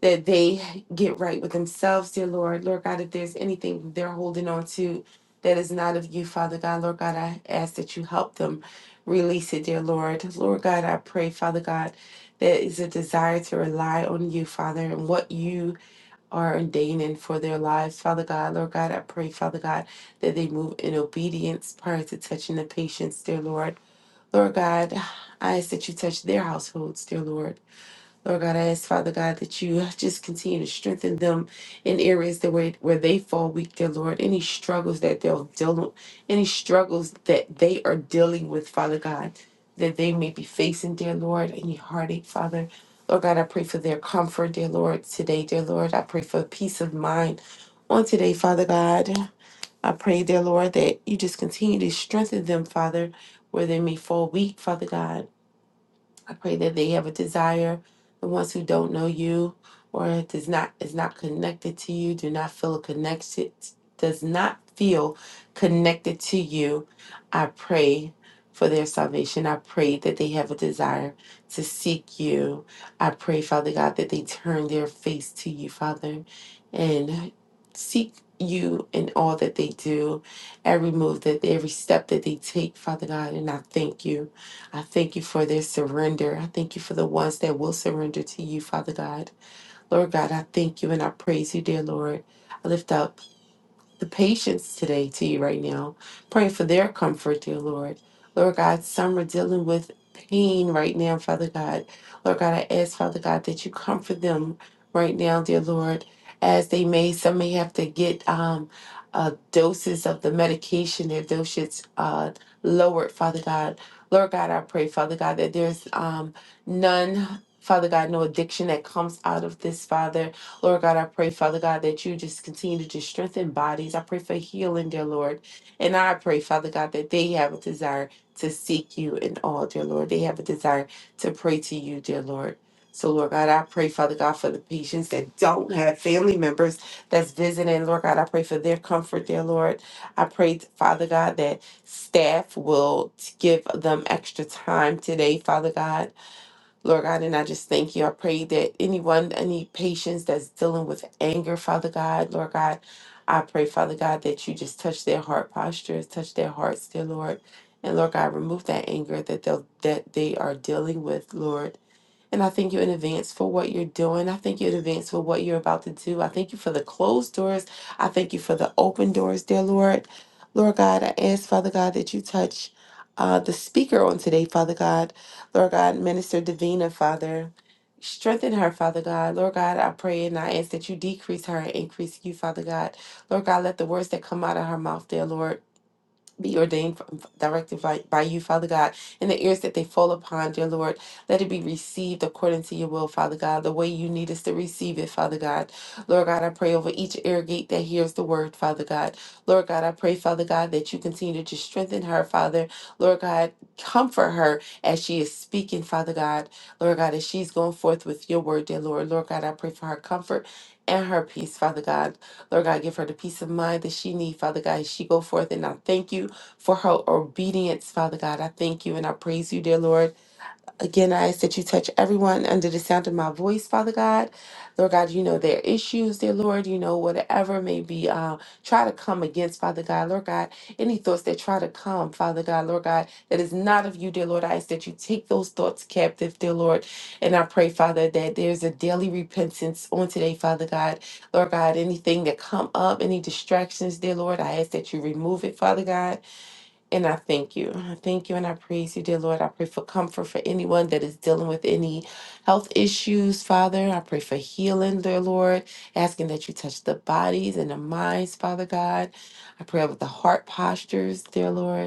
that they get right with themselves, dear Lord. Lord God, if there's anything they're holding on to that is not of you, Father God, Lord God, I ask that you help them release it, dear Lord. Lord God, I pray, Father God, there is a desire to rely on you, Father, and what you are ordaining for their lives, Father God. Lord God, I pray, Father God, that they move in obedience prior to touching the patients, dear Lord. Lord God, I ask that you touch their households, dear Lord. Lord God, I ask, Father God, that you just continue to strengthen them in areas that where, where they fall weak, dear Lord. Any struggles that they'll deal any struggles that they are dealing with, Father God, that they may be facing, dear Lord, any heartache, Father. Lord God, I pray for their comfort, dear Lord, today, dear Lord. I pray for peace of mind on today, Father God. I pray, dear Lord, that you just continue to strengthen them, Father, where they may fall weak, Father God. I pray that they have a desire. The ones who don't know you or it does not is not connected to you, do not feel a connection, does not feel connected to you. I pray for their salvation. I pray that they have a desire to seek you. I pray, Father God, that they turn their face to you, Father, and seek you in all that they do, every move that every step that they take, Father God, and I thank you. I thank you for their surrender. I thank you for the ones that will surrender to you, Father God. Lord God, I thank you and I praise you, dear Lord. I lift up the patients today to you right now. Praying for their comfort, dear Lord. Lord God, some are dealing with pain right now, Father God. Lord God, I ask, Father God, that you comfort them right now, dear Lord, as they may, some may have to get um, uh, doses of the medication, their doses uh, lowered, Father God. Lord God, I pray, Father God, that there's um, none, Father God, no addiction that comes out of this, Father. Lord God, I pray, Father God, that you just continue to just strengthen bodies. I pray for healing, dear Lord. And I pray, Father God, that they have a desire to seek you in all, dear Lord. They have a desire to pray to you, dear Lord. So, Lord God, I pray, Father God, for the patients that don't have family members that's visiting. Lord God, I pray for their comfort, dear Lord. I pray, Father God, that staff will give them extra time today, Father God Lord God, and I just thank you. I pray that anyone, any patients that's dealing with anger, Father God, Lord God, I pray, Father God, that you just touch their heart postures, touch their hearts, dear Lord. And Lord God, remove that anger that they that they are dealing with, Lord. And I thank you in advance for what you're doing. I thank you in advance for what you're about to do. I thank you for the closed doors. I thank you for the open doors, dear Lord. Lord God, I ask, Father God, that you touch uh, the speaker on today, Father God. Lord God, Minister Davina, Father. Strengthen her, Father God. Lord God, I pray and I ask that you decrease her and increase you, Father God. Lord God, let the words that come out of her mouth, dear Lord be ordained, f- directed by, by you, Father God, in the ears that they fall upon, dear Lord. Let it be received according to your will, Father God, the way you need us to receive it, Father God. Lord God, I pray over each ear gate that hears the word, Father God. Lord God, I pray, Father God, that you continue to strengthen her, Father. Lord God, comfort her as she is speaking, Father God. Lord God, as she's going forth with your word, dear Lord. Lord God, I pray for her comfort and her peace, Father God. Lord God, give her the peace of mind that she needs, Father God, as she go forth. And I thank you for her obedience, Father God. I thank you and I praise you, dear Lord. Again, I ask that you touch everyone under the sound of my voice, Father God. Lord God, you know their issues, dear Lord. You know whatever may be uh, try to come against, Father God. Lord God, any thoughts that try to come, Father God, Lord God, that is not of you, dear Lord. I ask that you take those thoughts captive, dear Lord. And I pray, Father, that there's a daily repentance on today, Father God. Lord God, anything that come up, any distractions, dear Lord, I ask that you remove it, Father God. And I thank you. I thank you and I praise you, dear Lord. I pray for comfort for anyone that is dealing with any health issues, Father. I pray for healing, dear Lord, asking that you touch the bodies and the minds, Father God. I pray over the heart postures, dear Lord.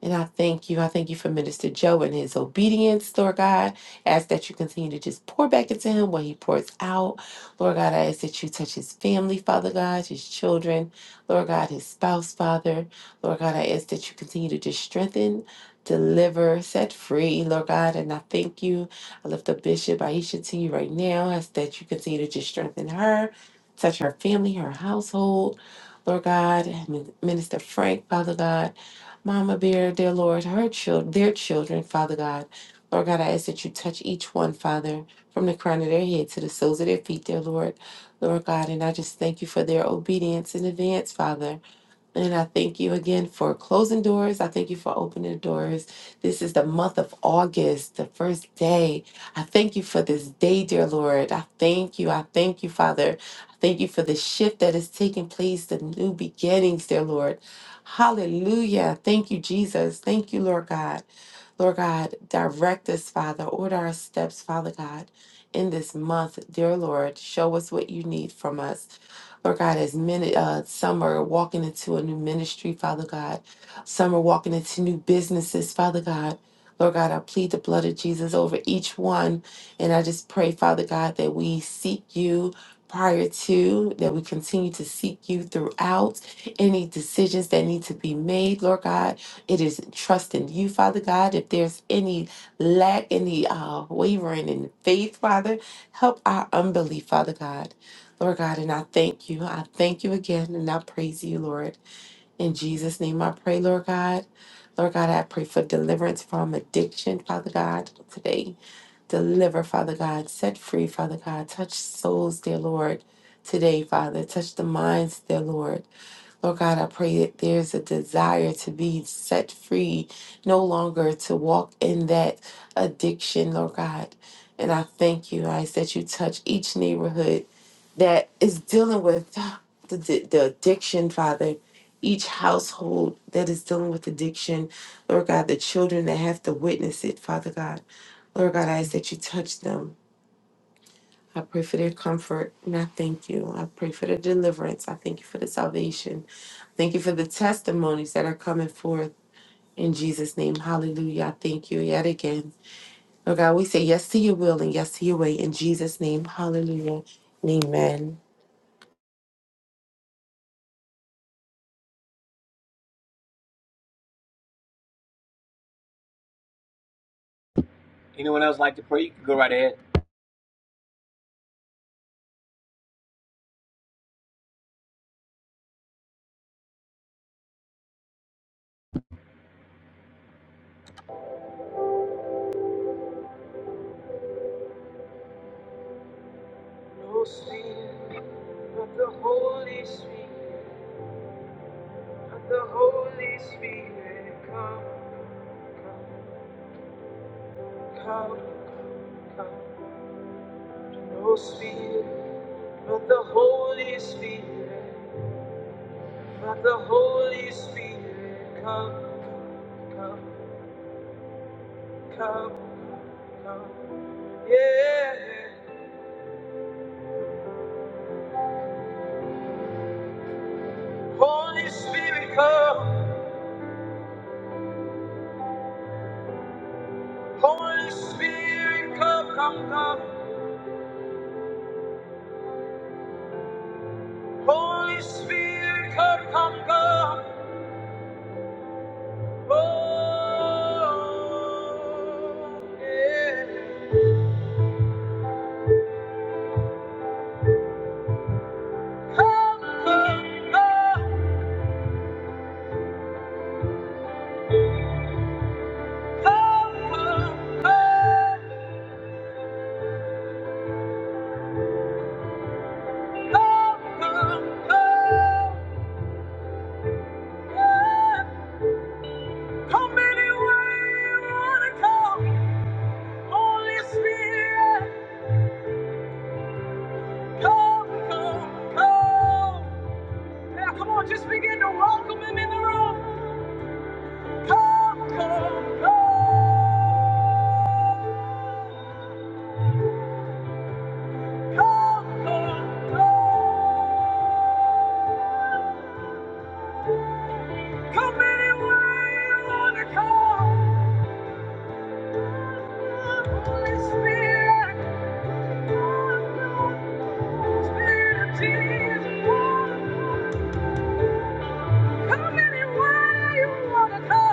And I thank you. I thank you for Minister Joe and his obedience, Lord God. Ask that you continue to just pour back into him what he pours out. Lord God, I ask that you touch his family, Father God, his children, Lord God, his spouse, Father. Lord God, I ask that you continue to just strengthen, deliver, set free, Lord God. And I thank you. I lift up Bishop Aisha to you right now. Ask that you continue to just strengthen her, touch her family, her household. Lord God, and Minister Frank, Father God. Mama Bear, dear Lord, her children, their children, Father God. Lord God, I ask that you touch each one, Father, from the crown of their head to the soles of their feet, dear Lord. Lord God, and I just thank you for their obedience in advance, Father. And I thank you again for closing doors. I thank you for opening doors. This is the month of August, the first day. I thank you for this day, dear Lord. I thank you. I thank you, Father. I thank you for the shift that is taking place, the new beginnings, dear Lord. Hallelujah. Thank you, Jesus. Thank you, Lord God. Lord God, direct us, Father. Order our steps, Father God, in this month, dear Lord. Show us what you need from us. Lord God, as many, uh, some are walking into a new ministry, Father God. Some are walking into new businesses, Father God. Lord God, I plead the blood of Jesus over each one. And I just pray, Father God, that we seek you prior to, that we continue to seek you throughout any decisions that need to be made, Lord God. It is trusting you, Father God. If there's any lack, any uh, wavering in faith, Father, help our unbelief, Father God. Lord God, and I thank you. I thank you again and I praise you, Lord. In Jesus' name I pray, Lord God. Lord God, I pray for deliverance from addiction, Father God, today. Deliver, Father God. Set free, Father God. Touch souls, dear Lord, today, Father. Touch the minds, dear Lord. Lord God, I pray that there's a desire to be set free, no longer to walk in that addiction, Lord God. And I thank you, I ask that you touch each neighborhood that is dealing with the, the, the addiction, Father. Each household that is dealing with addiction, Lord God, the children that have to witness it, Father God. Lord God, I ask that you touch them. I pray for their comfort and I thank you. I pray for the deliverance. I thank you for the salvation. Thank you for the testimonies that are coming forth in Jesus' name. Hallelujah. I thank you yet again. Lord God, we say yes to your will and yes to your way in Jesus' name. Hallelujah. and Yeah. No spirit but the Holy Spirit, but the Holy Spirit, come, come, come, come. No spirit. Let the Holy Spirit, let the Holy Spirit come, come, come, come, yeah. Holy Spirit come, Holy Spirit come, come, come. Holy Spirit come, come, come. Oh, yeah. Come, come, come, come, come, come, come, come, come. Yeah. Come any way you wanna come. Holy Spirit, come, come, come. Now come on, just begin to welcome him in the room. Come, come, come, come, come, come. any way you wanna come. Holy Spirit, come, come, Spirit Jesus, come. Come any way you wanna come.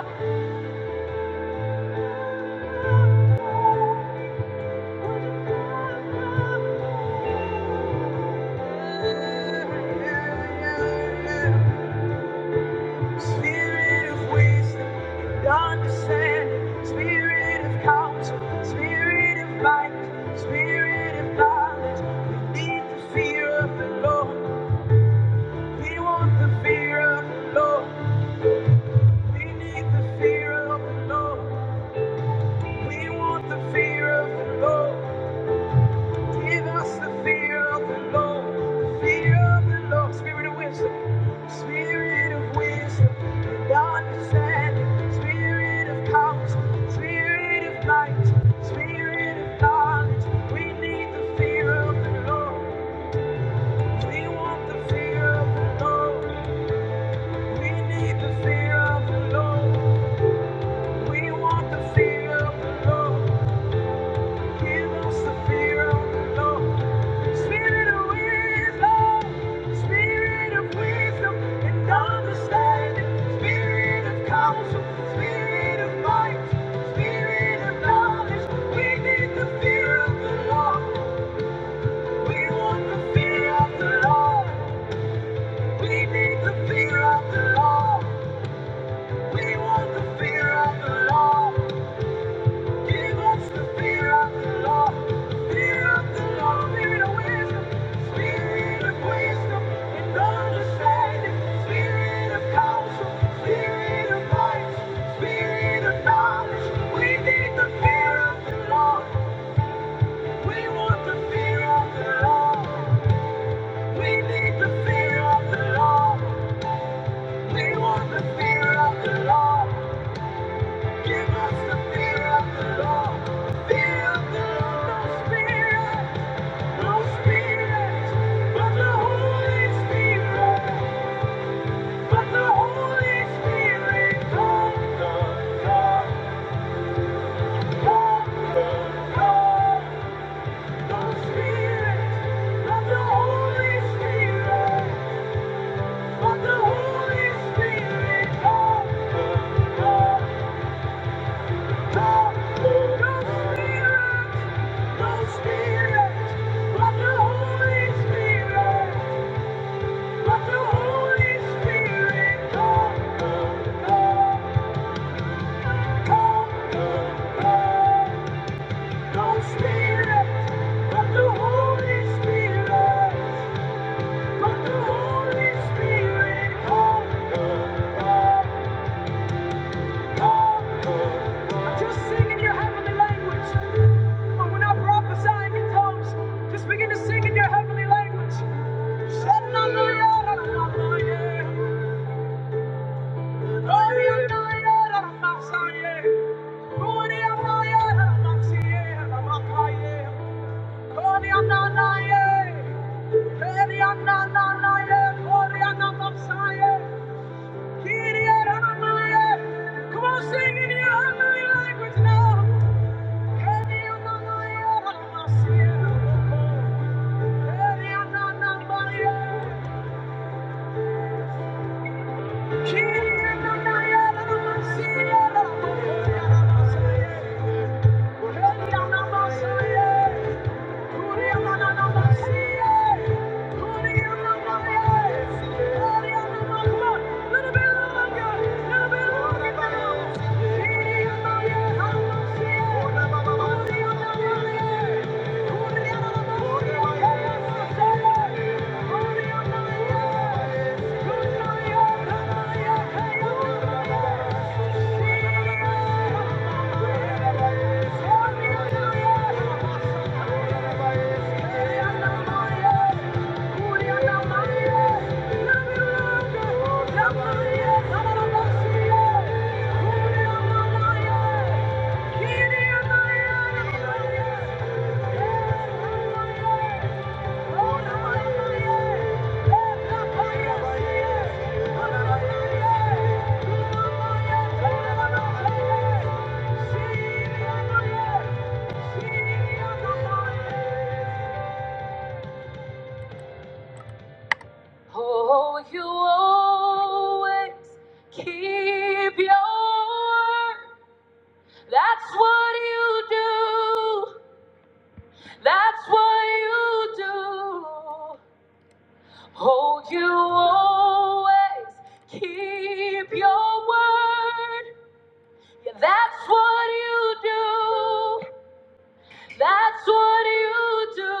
Spirit of wisdom and understanding, Spirit of counsel, Spirit of might, Spirit of knowledge. We need the fear of the Lord. We want the fear of the Lord. We need the fear of the Lord. We want the fear of the Lord. Give us the fear of the Lord, the fear of the Lord, spirit of wisdom, spirit of wisdom and understanding, spirit of counsel, spirit of might, spirit of knowledge. We need the fear of the Lord. We want the fear of the Lord. We need the fear of the Lord. We want the fear of the Lord. Give us the fear of the Lord. Spirit of wisdom, spirit of wisdom and understanding, spirit of counsel, spirit of might, spirit of knowledge. We need the fear of the Lord. We want the fear of the Lord. We need the fear of the Lord. We want the fear of the Lord. Give us the fear of the Lord, fear of the Lord, spirit. No spirit, but the Holy Spirit, but the Holy Spirit, come, come, come, come, No spirit, but the Holy Spirit, but the Holy Spirit, come, come, come. No spirit, no spirit, but the Holy Spirit. Let the Holy Spirit come, come, come, come, come, Spirit. Let the Holy Spirit, let the Holy Spirit come, come, come, come, Just sing in your heavenly language. When we're not prophesying in tongues, just begin to sing in your heavenly language. Come on, sing in your heavenly language now. Keriananaye, Ramasye, Ramoko. Keriananamaye, Yeah. Thank you. Oh, you always keep your word. That's what you do. That's what you do. Oh, you always keep your word. Yeah, that's what you do. That's what you do.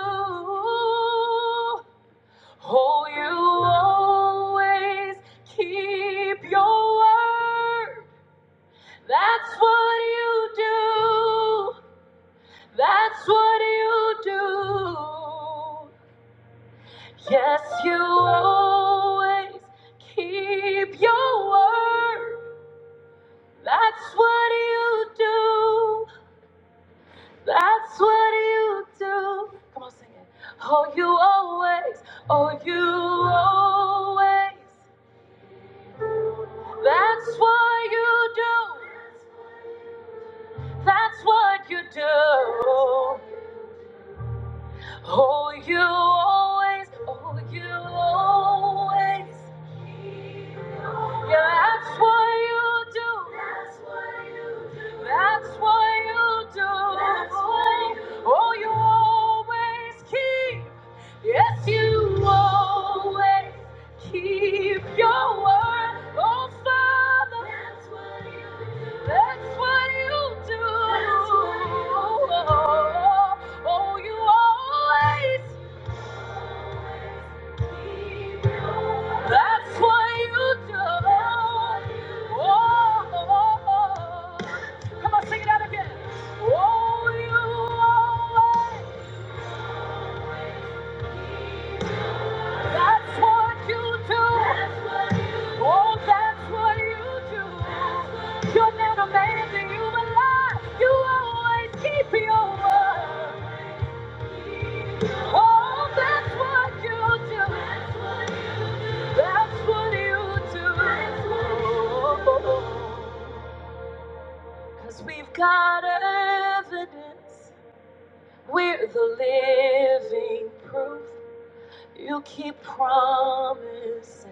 Oh, you always keep your word. That's what you do. That's what you do. Yes, you always keep your word. That's what you do. That's what you do. Come on, sing it. Oh, you always, oh, you always. That's what you do. That's what you do. Oh, you always, oh, you always. Yeah, that's what you do. That's what you do. Oh, you always keep. Yes, you always keep your word. Oh, Father. That's what you do. That's what you do. Oh, you always That's what you do. Oh, oh, oh. come on, sing it out again. Oh, you always. That's what you do. Oh, that's what you do. You're not a man that you a lie. You always keep your word. Oh, that's what you do. That's what you do. Oh, oh, oh. Cause we've got evidence. We're the living proof. You keep promises,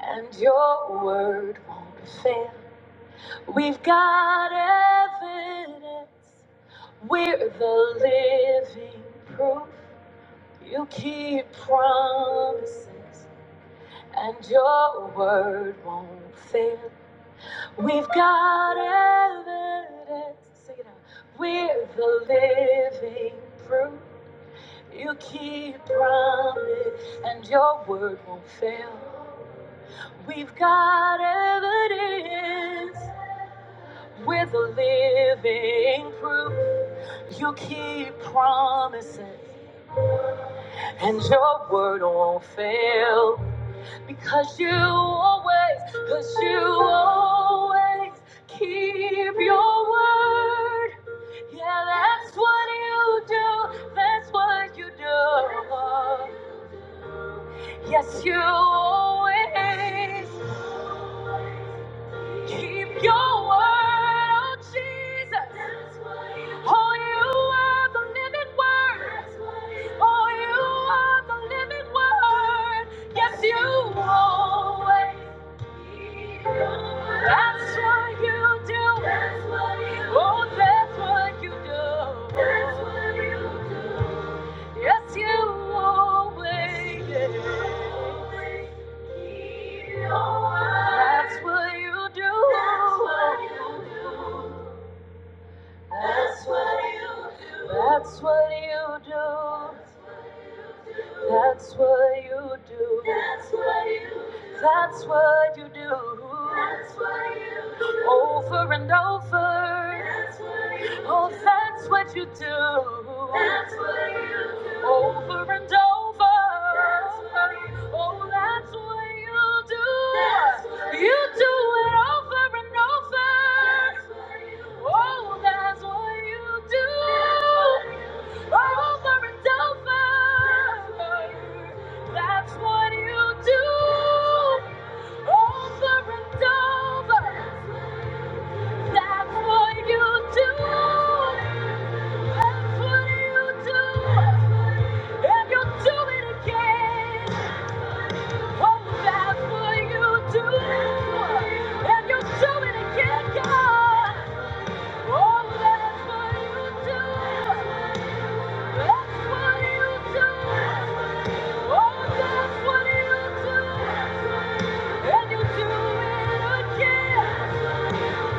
and your word won't fail. We've got evidence. We're the living proof. You keep promises, and your word won't fail. We've got evidence. Sing it out. We're the living proof. You keep promise and your word won't fail. We've got evidence. We're the living proof. You keep promises and your word won't fail. Because you always, because you always keep your word. Yeah, that's what you do. That's what you do. Yes, you always. Keep your word, oh Jesus. That's what- you Oh, you are the living word. That's what- you Oh, you are the living word. Yes, you always. Keep your word. That's what you do. That's what you Oh, that's what you do. That's what you do. Yes, you always. Keep your word. That's what you do. That's what you That's what you do. That's what you do. That's what you do. That's what you do. That's what you do. That's what you do. Over and over. That's Oh, that's what you do. That's what you do. Over and over. That's what you do. Oh, that's what you do. That's what you, you do. it over and over. That's what you do. Oh, that's what you do. That's what you do. Over and over. That's what you do. Over and over. That's what you do.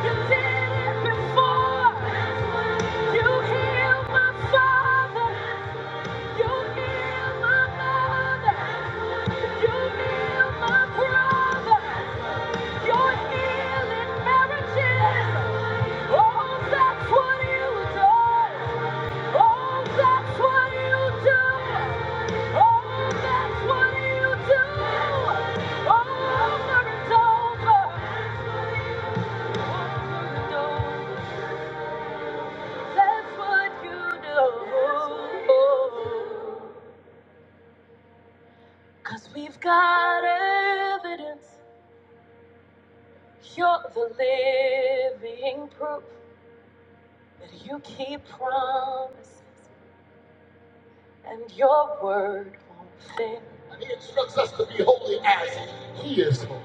You did it before. You healed my father. You heal my mother. You heal my brother. You're healing marriages. Oh, that's what you do. Oh, that's what you do. Oh, that's what you do. Over and over. Over and over. That's what you do. Cause we've got evidence you're the living proof that you keep promises and your word won't fail. And he instructs us to be holy as he is holy.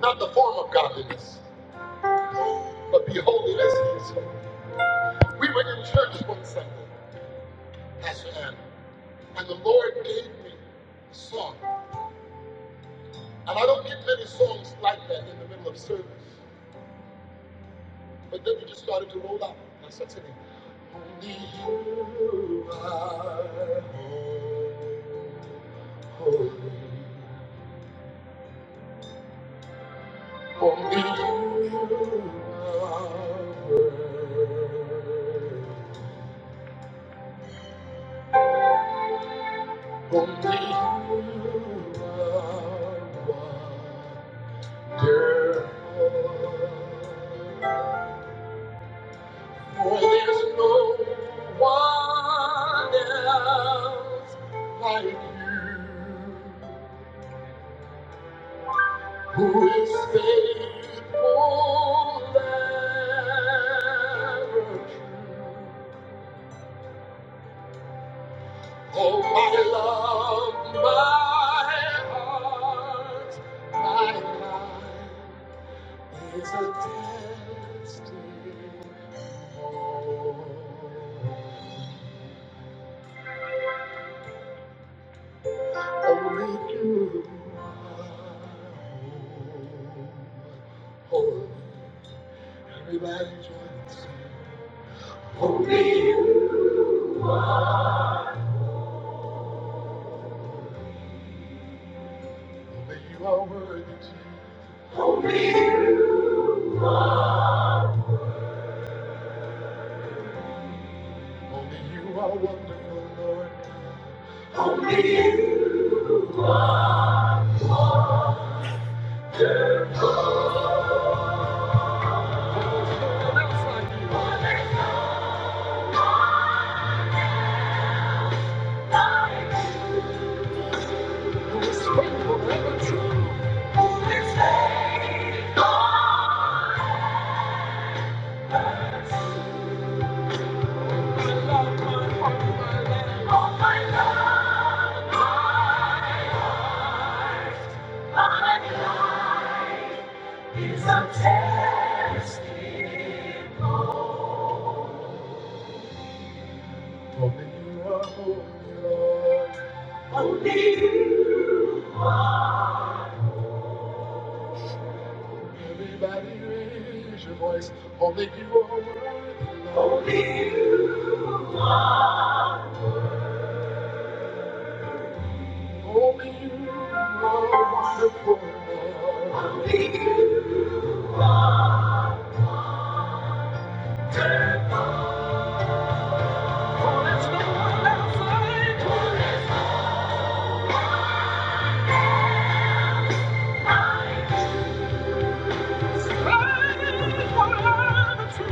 Not the form of godliness, but be holy as he is holy. We were in church one Sunday, Pastor Ann, and the Lord gave me a song. And I don't get many songs like that in the middle of service. But then we just started to roll out. That's And I said for me. For there's no one else like you who is faithful and true. Oh, my love, my heart, my life is a testimony. Only you. Holy, everybody join Holy you. Only you are worthy, Jesus. Only you are wonderful, Lord. Only you are holy, Lord. Everybody raise your voice. Only you are worthy. Oh, there's no one else like you. Crying forever to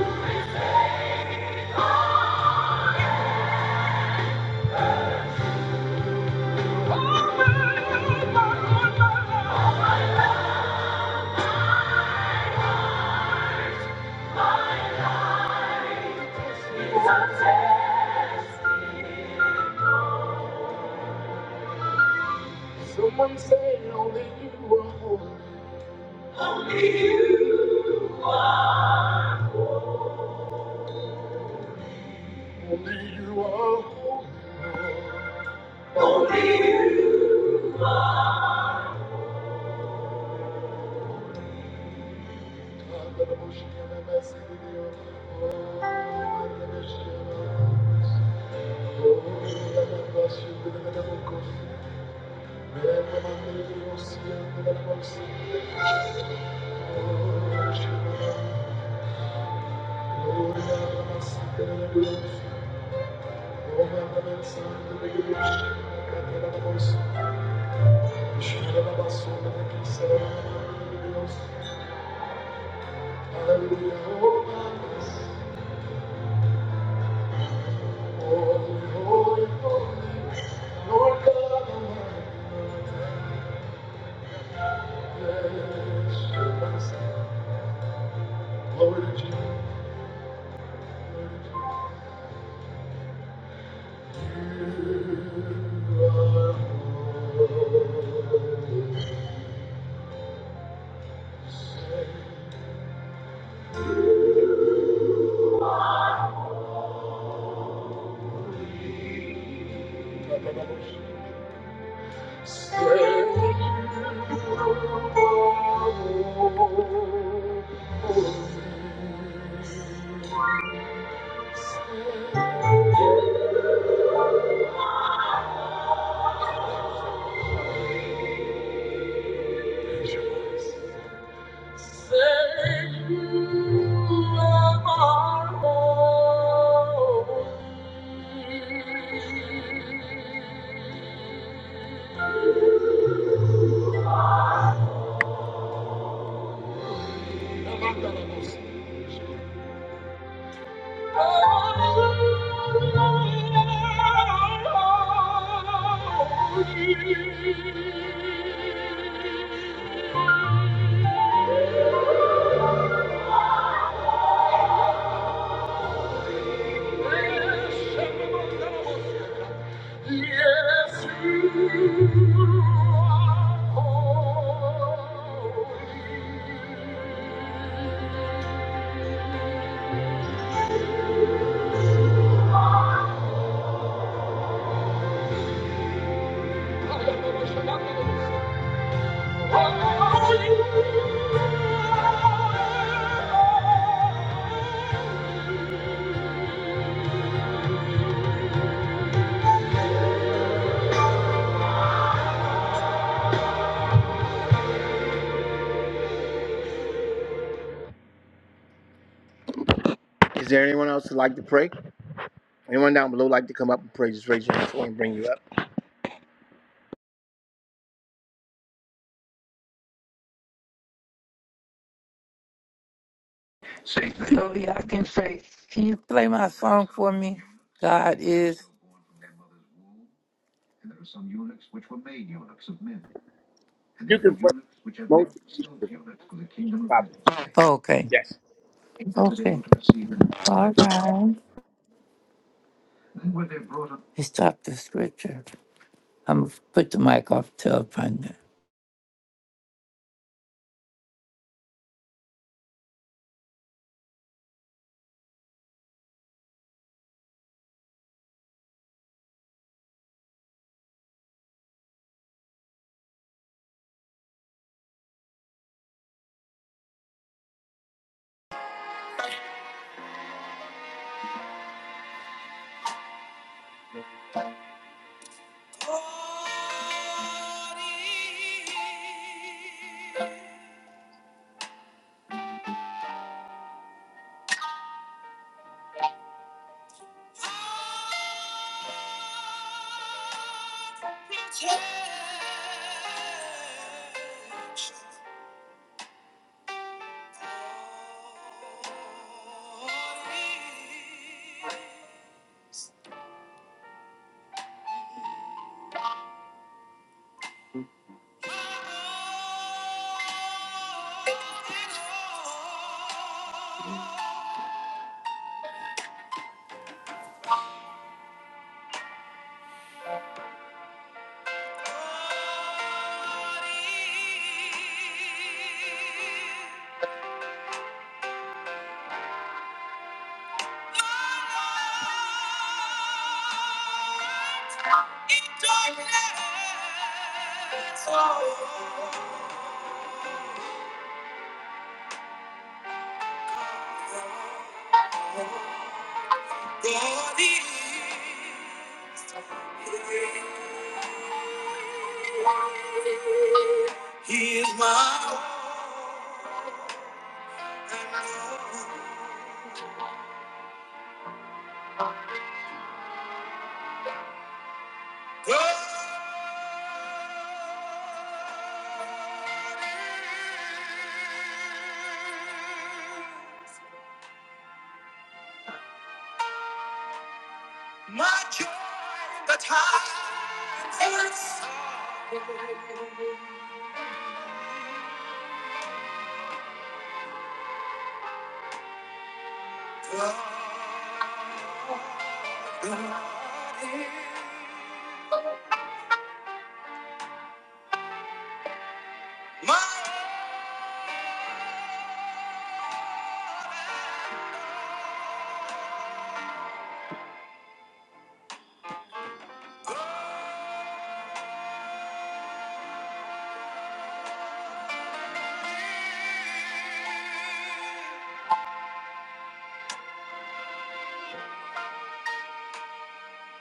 Oh, my God, my God, my God. Someone say only you are holy. God, let the motion of the message with you. God, let the motion of the message. Hallelujah, oh, Mamas. Holy, holy, holy, Lord God Almighty. Yes, yes, yes. Glory to Jesus. Is there anyone else who'd like to pray? Anyone down below like to come up and pray? Just raise your hand so I can bring you up. Say, I can say, can you play my song for me? God is. You can pray most probably. Okay. Yes. Okay. All right. He stopped the scripture. I'm gonna put the mic off to a pundit. darkness, oh, God is. He is my God, my joy in the times of sorrow. God is my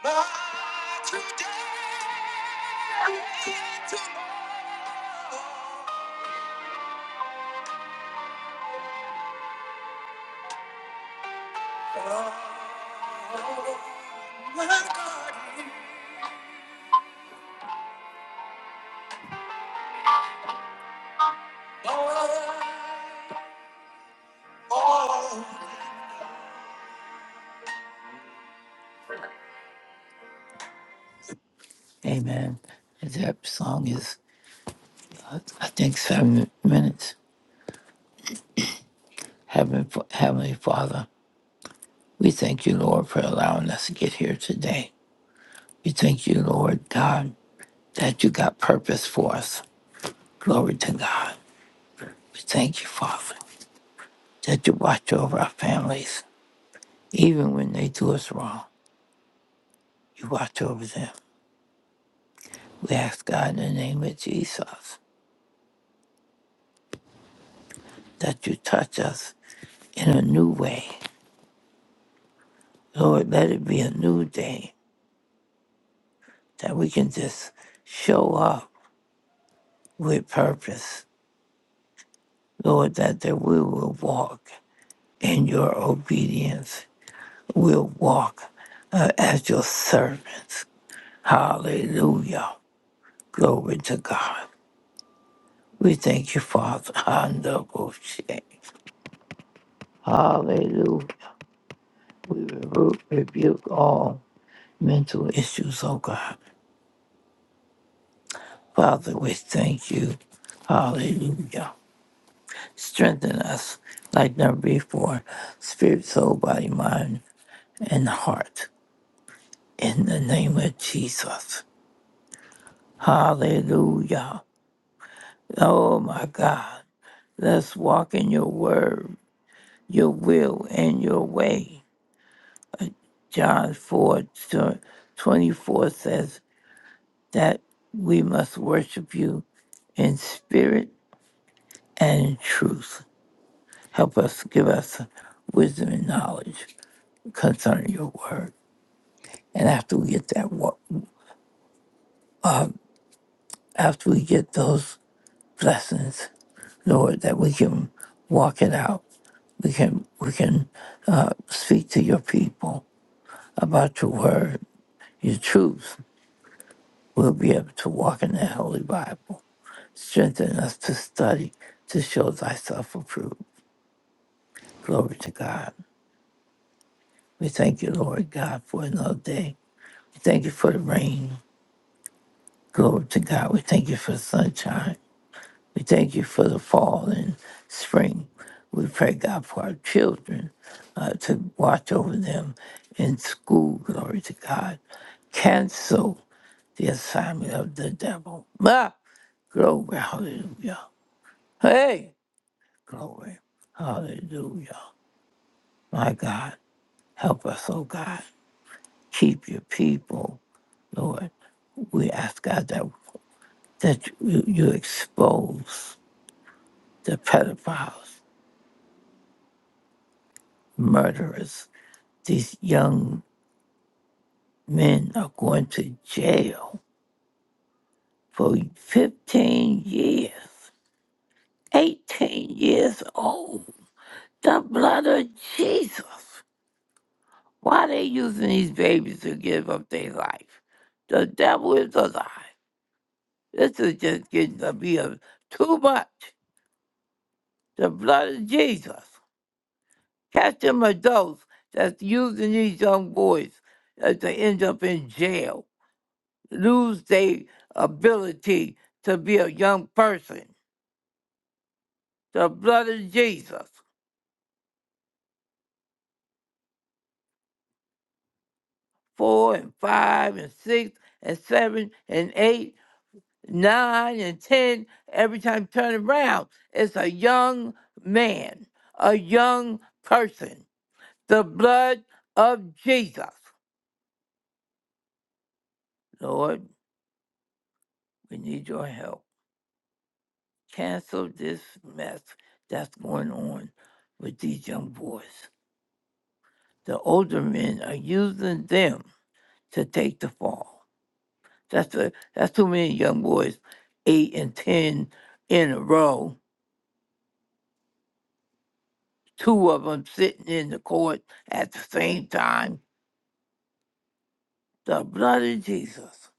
But today and tomorrow, my God, oh, Amen. That song is, I think, seven minutes. Heaven, Heavenly Father, we thank you, Lord, for allowing us to get here today. We thank you, Lord God, that you got purpose for us. Glory to God. We thank you, Father, that you watch over our families, even when they do us wrong. You watch over them. We ask God in the name of Jesus that you touch us in a new way. Lord, let it be a new day that we can just show up with purpose. Lord, that, that we will walk in your obedience. We'll walk uh, as your servants. Hallelujah. Glory to God. We thank you, Father. Hallelujah. Hallelujah. We rebu- rebuke all mental issues, oh God. Father, we thank you. Hallelujah. Strengthen us like never before, spirit, soul, body, mind, and heart. In the name of Jesus. Hallelujah. Oh my God. Let's walk in your word, your will, and your way. John 4 tw- 24 says that we must worship you in spirit and in truth. Help us, give us wisdom and knowledge concerning your word. And after we get that, wa- after we get those blessings, Lord, that we can walk it out. We can we can uh, speak to your people about your word, your truth. We'll be able to walk in that holy Bible. Strengthen us to study to show thyself approved. Glory to God. We thank you, Lord God, for another day. Thank you for the rain. Glory to God. We thank you for the sunshine. We thank you for the fall and spring. We pray, God, for our children uh, to watch over them in school. Glory to God. Cancel the assignment of the devil. Ah! Glory, hallelujah. Hey, glory, hallelujah. My God, help us, oh God. Keep your people, Lord. We ask God that, that you, you expose. the pedophiles, murderers. These young men are going to jail for 15 years, 18 years old. The blood of Jesus. Why are they using these babies to give up their life? The devil is alive. This is just getting to be a, too much. The blood of Jesus. Catch them adults that's using these young boys uh, to end up in jail lose their ability to be a young person. The blood of Jesus, four and five and six and seven and eight, nine and ten, every time you turn around, it's a young man, a young person. The blood of Jesus. Lord, we need your help. Cancel this mess that's going on with these young boys. The older men are using them to take the fall. That's a, that's too many young boys, eight and ten in a row, two of them sitting in the court at the same time. The blood of Jesus.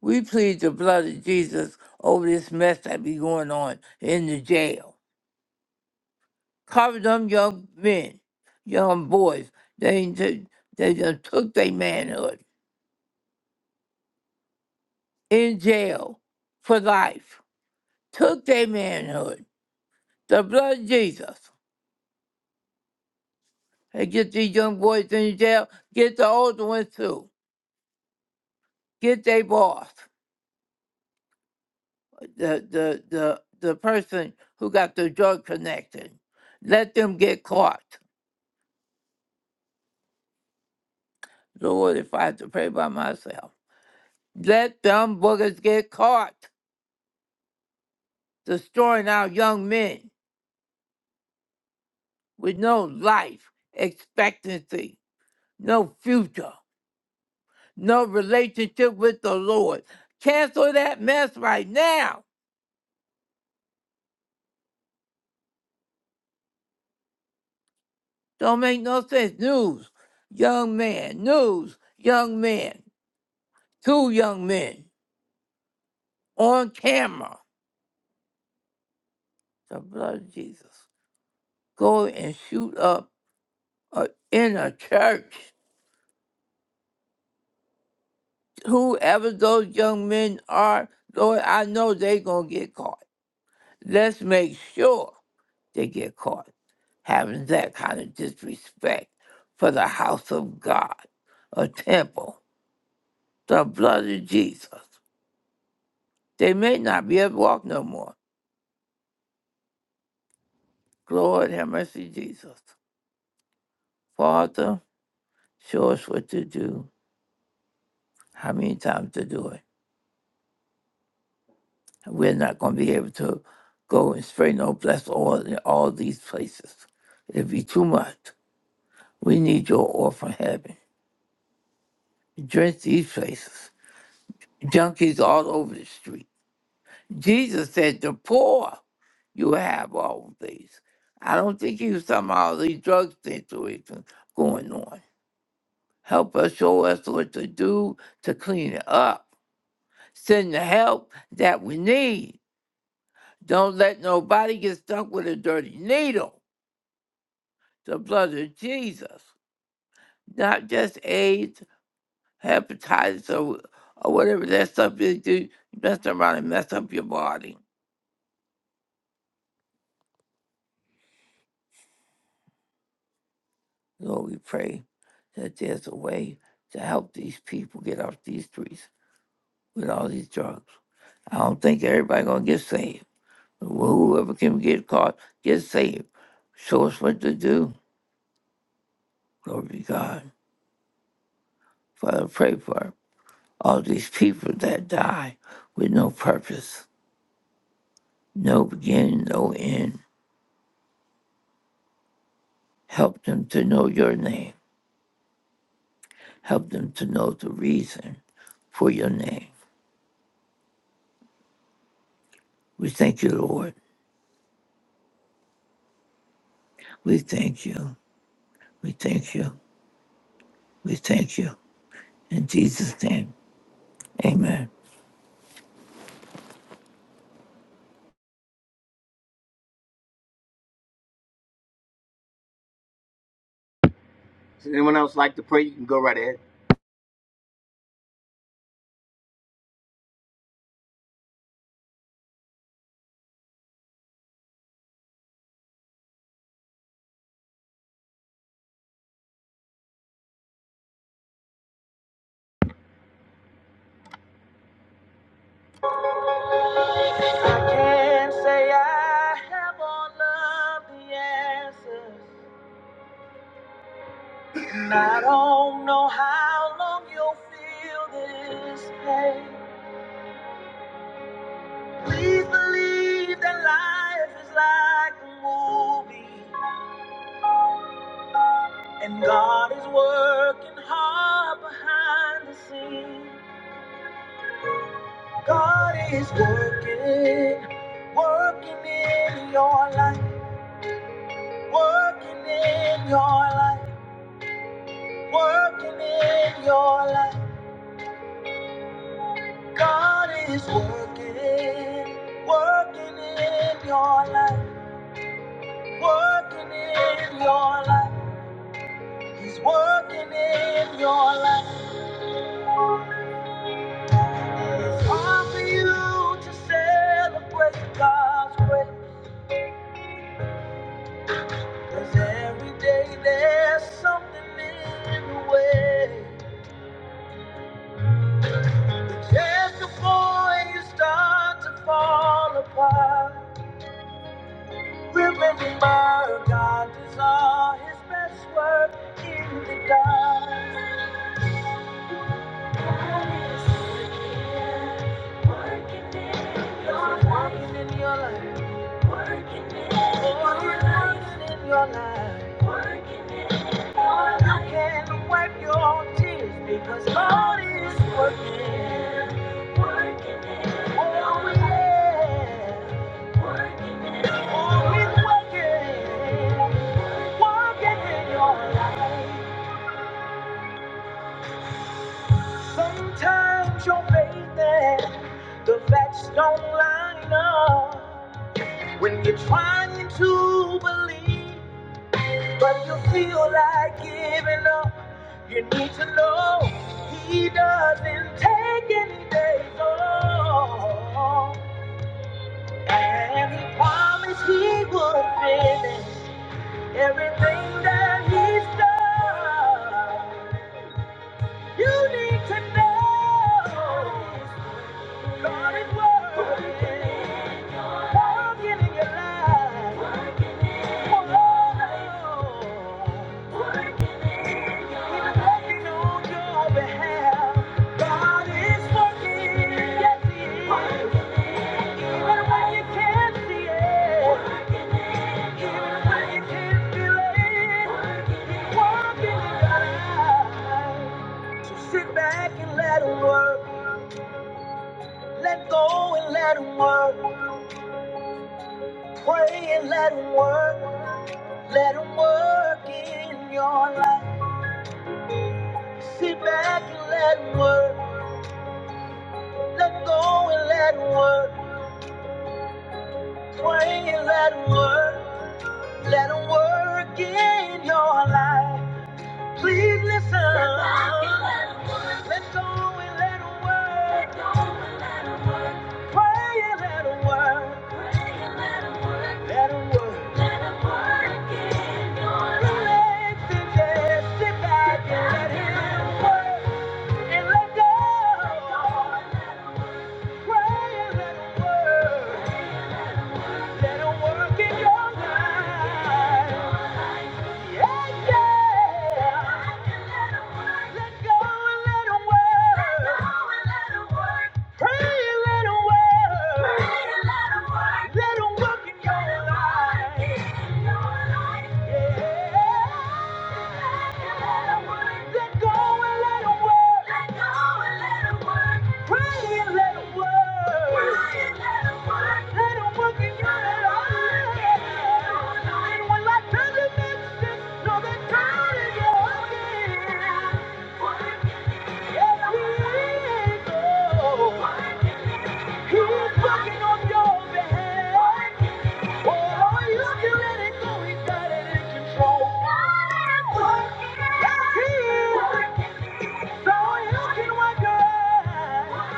We plead the blood of Jesus over this mess that be going on in the jail. Cover them young men, young boys. They ju- they just took their manhood in jail for life. Took their manhood. The blood of Jesus. and get these young boys in jail. Get the older ones too. Get their boss, the the the the person who got the drug connection. Let them get caught. Lord, if I had to pray by myself, let them boogers get caught, destroying our young men with no life expectancy, no future, no relationship with the Lord. Cancel that mess right now. Don't make no sense. News, young man, news, young man, two young men on camera. The blood of Jesus. Go and shoot up a, in a church. Whoever those young men are, Lord, I know they going to get caught. Let's make sure they get caught having that kind of disrespect for the house of God, a temple, the blood of Jesus. They may not be able to walk no more Lord, have mercy, Jesus. Father, show us what to do, how many times to do it. We're not going to be able to go and spray no blessed oil in all these places. It'd be too much. We need your oil from heaven. Drench these places. Junkies all over the street. Jesus said, the poor, you have all these. I don't think he was talking about all these drug situations going on. Help us, show us what to do to clean it up send the help that we need. Don't let nobody get stuck with a dirty needle. The blood of Jesus, not just AIDS, hepatitis, or, or whatever that stuff is, do you mess around and mess up your body. Lord, we pray that there's a way to help these people get off these streets with all these drugs. I don't think everybody gonna get saved. Whoever can get caught, get saved. Show us what to do. Glory to God. Father, pray for All these people that die with no purpose, no beginning, no end. Help them to know your name. Help them to know the reason for your name. We thank you, Lord. We thank you. We thank you. We thank you. In Jesus' name, amen. Does anyone else like to pray? You can go right ahead. I can't say I have all of the answers. And I don't know how long you'll feel this pain. Please believe that life is like a movie. And God is working hard behind the scenes. God is working, working in your life, working in your life, working in your life. God is working, working in your life, working in your life. He's working in your life. It's hard for you to celebrate God's grace. Cause every day there's something in the way. Just before you start to fall apart, remember God does all his best work in the dark. God is working in your life. Working in your life. Working it for your life in your life. Working it for life. You can wipe your tears because God is working. Oh yeah. Oh, He's working. Working in your life. Sometimes your faith faithful. The facts don't line up when you're trying to believe, but you feel like giving up. You need to know he doesn't take any days off. And he promised he would finish everything that he started. You need to know God is working, working in your life. Oh, He's working on your behalf. God is working, yes he is. Pray and let him work, let him work in your life. Sit back and let him work, let go and let him work. Pray and let him work, let him work in your life. Please listen. Sit back and let him Let go and let it work. Pray and let it work. let it work. Let it work in your life. just sit back and let Him work. And let go. Let go. Pray and let it work. Let it work in your life. Yeah, yeah. Go and let it work. Pray and let it work. Let Let 'em work in your life. Let go and let let 'em work. Pray and let let 'em work. let Let 'em work in your life. And when life doesn't make sense, know that God is working. Yes, He is. Oh, He's working on your behalf. Oh, you can let it go. He's got it in control. Yes, He is. So you can work your life.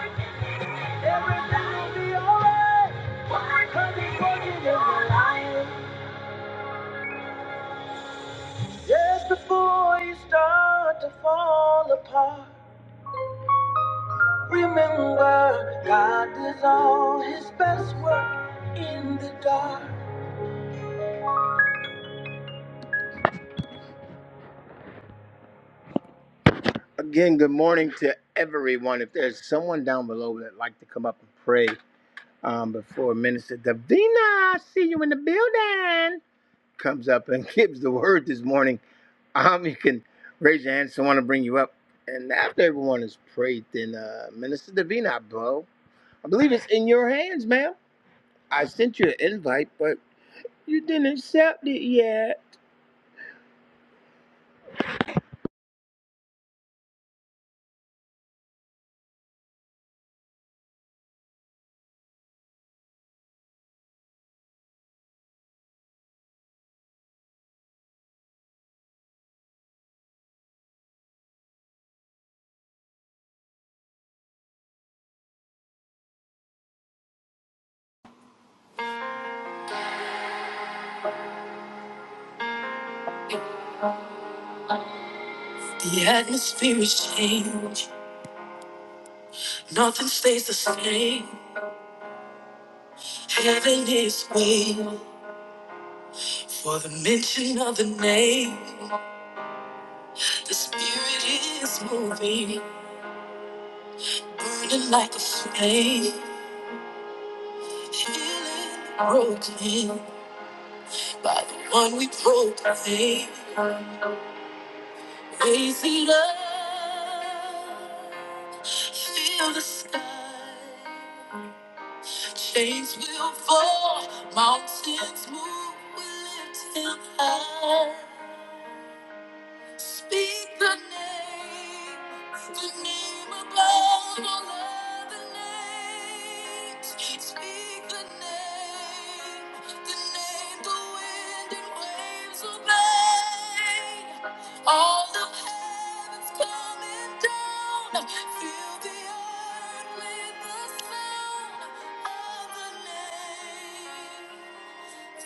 Again, good morning to everyone. If there's someone down below that'd like to come up and pray um, before Minister Davina, I see you in the building, comes up and gives the word this morning, um, you can raise your hand. Someone will bring you up. And after everyone has prayed, then uh, Minister Davina, bro, I believe it's in your hands, ma'am. I sent you an invite, but you didn't accept it yet. The atmosphere is changed. Nothing stays the same. Heaven is waiting for the mention of the name. The spirit is moving, burning like a flame. Broken by the one we broke. proclaim. Crazy love, feel the sky. Chains will fall, mountains move, we lift him high. Speak the name, the name above all other names. Speak the name, the name the wind and waves obey. All of heaven's coming down. Fill the earth with the sound of the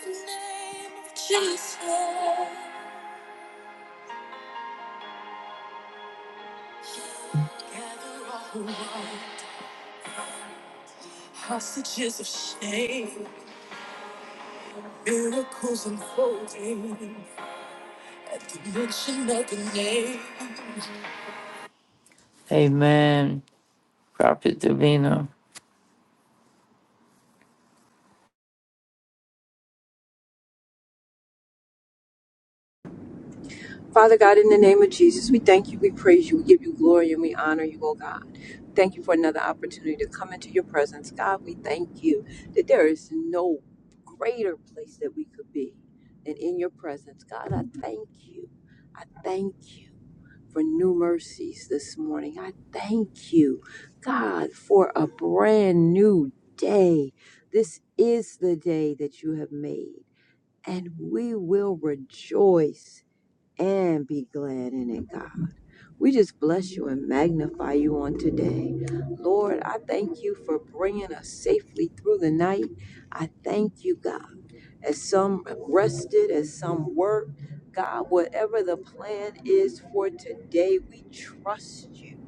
name, the name of Jesus. Gather all who want, hostages of shame, miracles unfolding at the mention of the name. Amen. Prophet Davina. Father God, in the name of Jesus, we thank you, we praise you, we give you glory, and we honor you, oh God. Thank you for another opportunity to come into your presence. God, we thank you that there is no greater place that we could be than in your presence. God, I thank you. I thank you for new mercies this morning. I thank you, God, for a brand new day. This is the day that you have made, and we will rejoice and be glad in it, God. We just bless you and magnify you on today. Lord, I thank you for bringing us safely through the night. I thank you, God. As some rested, as some worked, God, whatever the plan is for today, we trust you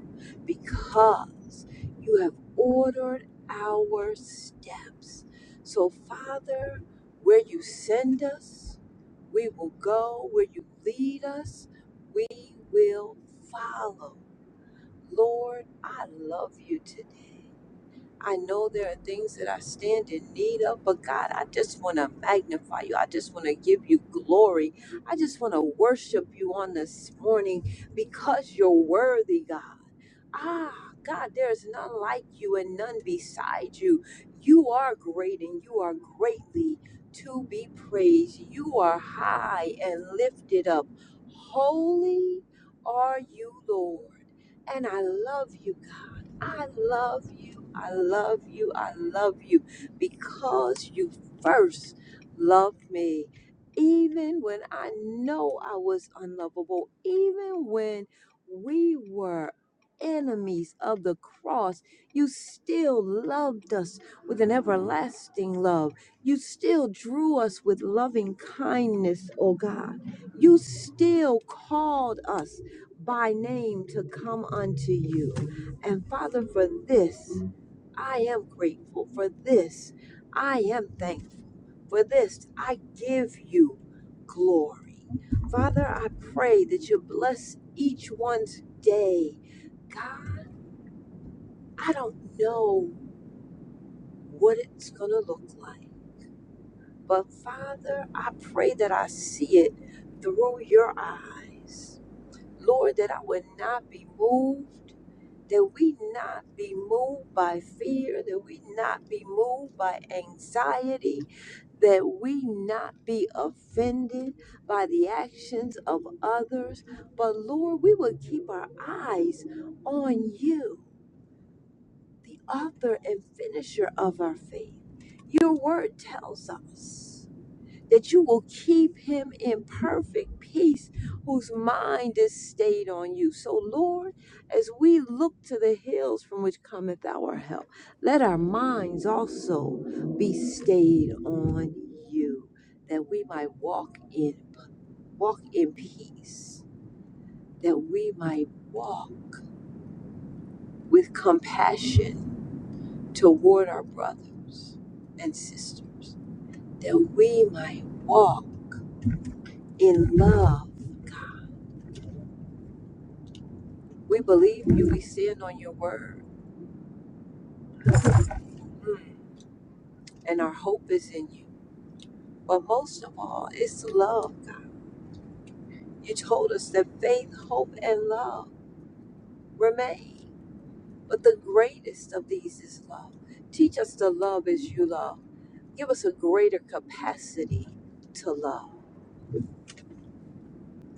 because you have ordered our steps. So, Father, where you send us, we will go where you lead us. We will follow. Lord, I love you today. I know there are things that I stand in need of, but God, I just want to magnify you. I just want to give you glory. I just want to worship you on this morning because you're worthy, God. Ah, God, there is none like you and none beside you. You are great and you are greatly to be praised. You are high and lifted up. Holy are you, Lord. And I love you, I love you. I love you. I love you because you first loved me. Even when I know I was unlovable, even when we were enemies of the cross, you still loved us with an everlasting love. You still drew us with loving kindness, oh God. You still called us by name to come unto you. And Father, for this, I am grateful. For this, I am thankful. For this, I give you glory. Father, I pray that you bless each one's day. God, I don't know what it's going to look like, but Father, I pray that I see it through your eyes. Lord, that I would not be moved that we not be moved by fear, that we not be moved by anxiety, that we not be offended by the actions of others, but Lord, we will keep our eyes on you, the author and finisher of our faith. Your word tells us that you will keep him in perfect peace whose mind is stayed on you. So, Lord, as we look to the hills from which cometh our help, let our minds also be stayed on you, that we might walk in walk in peace, that we might walk with compassion toward our brothers and sisters, that we might walk in love We believe you, we stand on your word, and our hope is in you. But most of all, it's love, God. You told us that faith, hope, and love remain. But the greatest of these is love. Teach us to love as you love. Give us a greater capacity to love.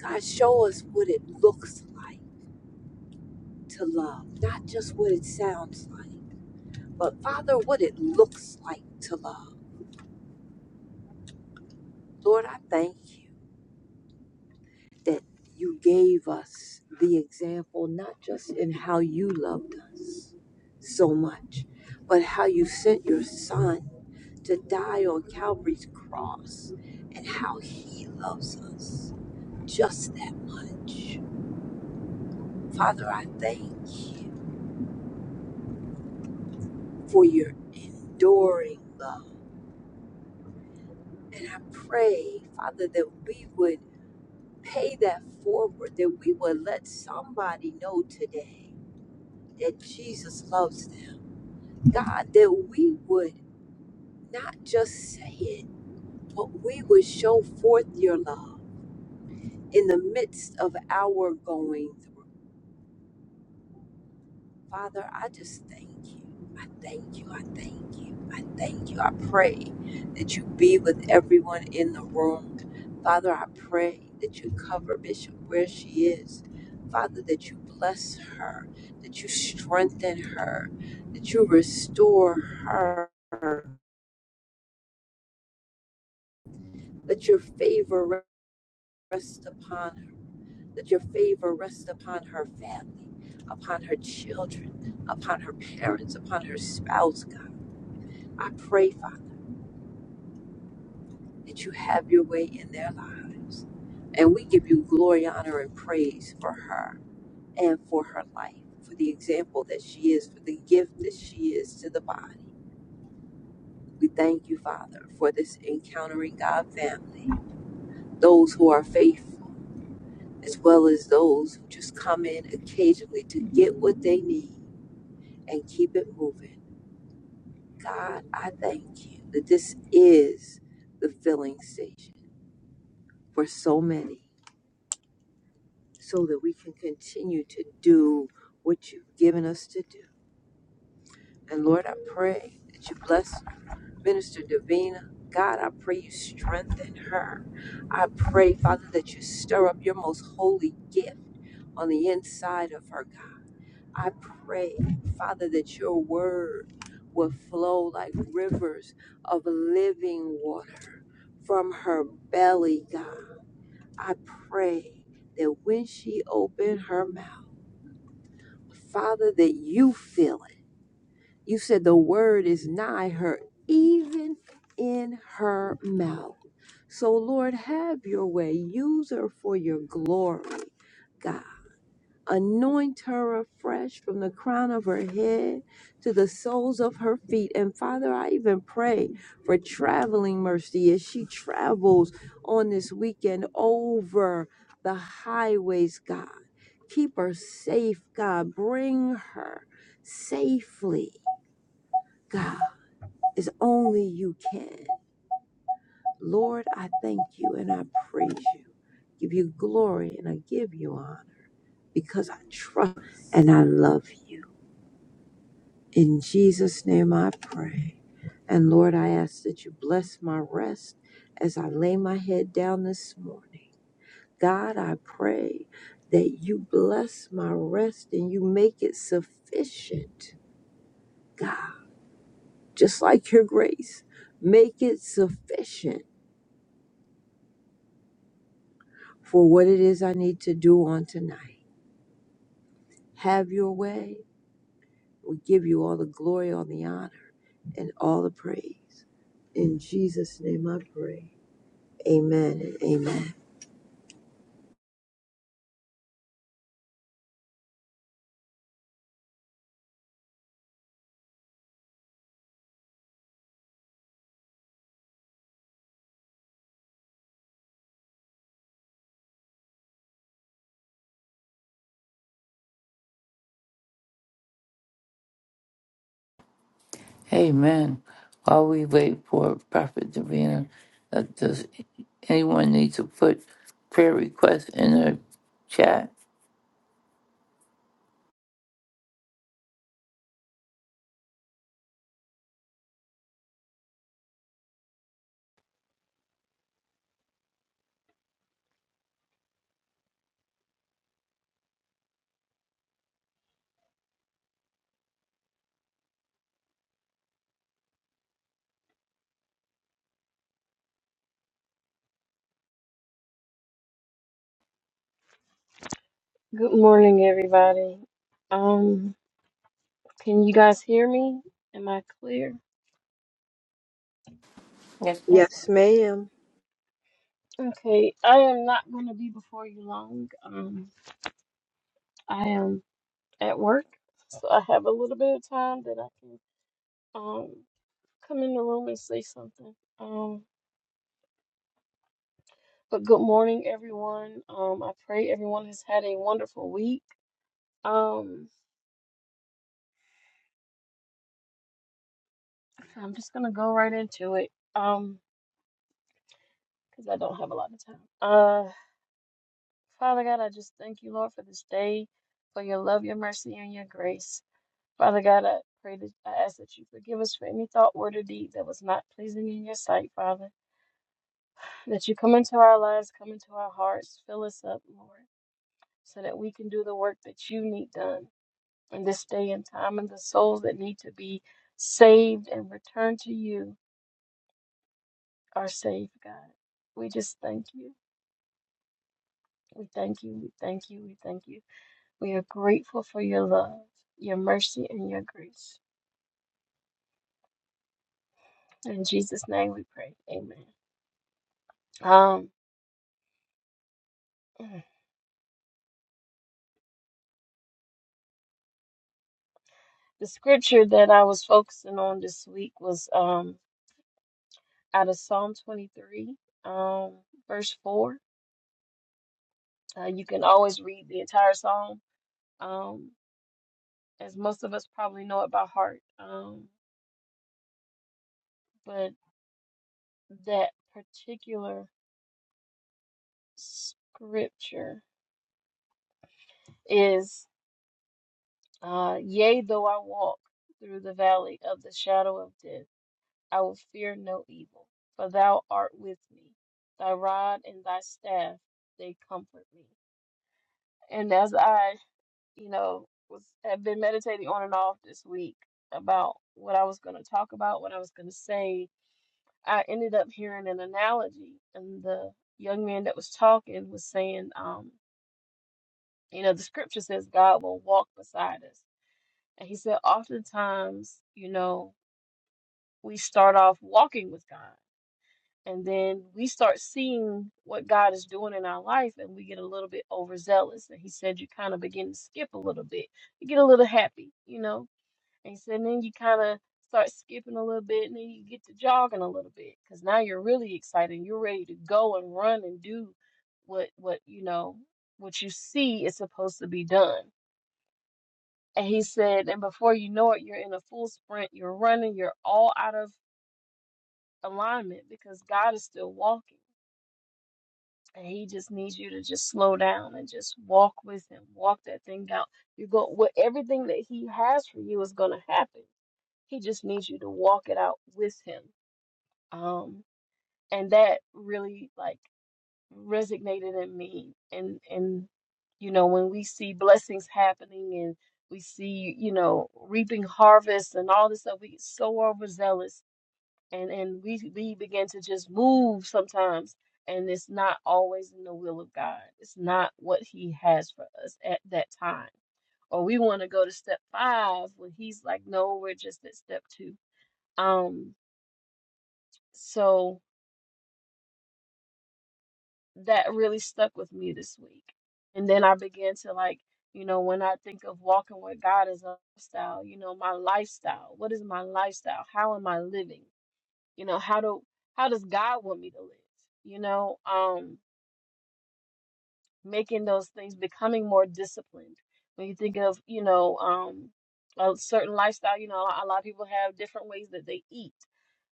God, show us what it looks like to love, not just what it sounds like, but Father, what it looks like to love. Lord, I thank you. that you gave us the example, not just in how you loved us so much, but how you sent your son to die on Calvary's cross and how he loves us just that much. Father, I thank you for your enduring love. And I pray, Father, that we would pay that forward, that we would let somebody know today that Jesus loves them God, that we would not just say it, but we would show forth your love in the midst of our going through. Father, I just thank you. I thank you. I thank you. I thank you. I pray that you be with everyone in the room. Father, I pray that you cover Bishop where she is. Father, that you bless her, that you strengthen her, that you restore her, that your favor rest upon her. Let your favor rest upon her family, upon her children, upon her parents, upon her spouse, God. I pray, Father, that you have your way in their lives. And we give you glory, honor, and praise for her and for her life, for the example that she is, for the gift that she is to the body. We thank you, Father, for this encountering God family, those who are faithful as well as those who just come in occasionally to get what they need and keep it moving. God, I thank you that this is the filling station for so many so that we can continue to do what you've given us to do. And Lord, I pray that you bless Minister Davina. God, I pray you strengthen her. I pray, Father, that you stir up your most holy gift on the inside of her, God. I pray, Father, that your word will flow like rivers of living water from her belly, God. I pray that when she opened her mouth, Father, that you fill it. You said the word is nigh her, even in her mouth. So, Lord, have your way. Use her for your glory, God. Anoint her afresh from the crown of her head to the soles of her feet. And Father, I even pray for traveling mercy as she travels on this weekend over the highways, God. Keep her safe, God. Bring her safely, God, as only you can. Lord, I thank you and I praise you. Give you glory and I give you honor because I trust and I love you. In Jesus' name I pray. And Lord, I ask that you bless my rest as I lay my head down this morning. God, I pray that you bless my rest and you make it sufficient, God, just like your grace. Make it sufficient for what it is I need to do on tonight. Have your way. We give you all the glory, all the honor, and all the praise. In Jesus' name I pray. Amen. and Amen. Amen. While we wait for Prophet Davina, uh, does anyone need to put prayer requests in the chat? Good morning, everybody. Um, can you guys hear me? Am I clear? Amen. Yes, ma'am. Okay, I am not going to be before you long. Um, I am at work, so I have a little bit of time that I can um come in the room and say something. Um, but good morning, everyone. Um, I pray everyone has had a wonderful week. Um, so I'm just gonna go right into it. Um, because I don't have a lot of time. Uh, Father God, I just thank you, Lord, for this day, for your love, your mercy, and your grace. Father God, I pray that I ask that you forgive us for any thought, word, or deed that was not pleasing in your sight, Father. That you come into our lives, come into our hearts, fill us up, Lord, so that we can do the work that you need done in this day and time, and the souls that need to be saved and returned to you are saved, God. We just thank you. We thank you. We thank you. We thank you. We are grateful for your love, your mercy, and your grace. In Jesus' name we pray. Amen. Um, the scripture that I was focusing on this week was um, out of Psalm 23, um, verse 4. Uh, you can always read the entire psalm, um, as most of us probably know it by heart. Um, but that particular scripture is uh, Yea, though I walk through the valley of the shadow of death. I will fear no evil, for thou art with me. Thy rod and thy staff, they comfort me. And as I, you know, was have been meditating on and off this week about what I was going to talk about, what I was going to say, I ended up hearing an analogy, and the young man that was talking was saying, um, you know, the scripture says God will walk beside us. And he said, oftentimes, you know, we start off walking with God. And then we start seeing what God is doing in our life, and we get a little bit overzealous. And He said, You kind of begin to skip a little bit. You get a little happy, you know? And He said, Then you kind of start skipping a little bit, and then you get to jogging a little bit because now you're really excited. You're ready to go and run and do what, what, you know, what you see is supposed to be done. And He said, And before you know it, you're in a full sprint, you're running, you're all out of alignment because God is still walking. And he just needs you to just slow down and just walk with him. Walk that thing out. You go what everything that he has for you is gonna happen. He just needs you to walk it out with him. Um and that really like resonated in me and and you know when we see blessings happening and we see you know reaping harvests and all this stuff we get so overzealous and and we we begin to just move sometimes and it's not always in the will of god it's not what he has for us at that time or we want to go to step five when he's like no we're just at step two um so that really stuck with me this week and then i began to like you know when i think of walking with god as a lifestyle you know my lifestyle what is my lifestyle how am i living you know how do how does god want me to live you know um making those things, becoming more disciplined. When you think of, you know, um, a certain lifestyle, you know, a lot of people have different ways that they eat,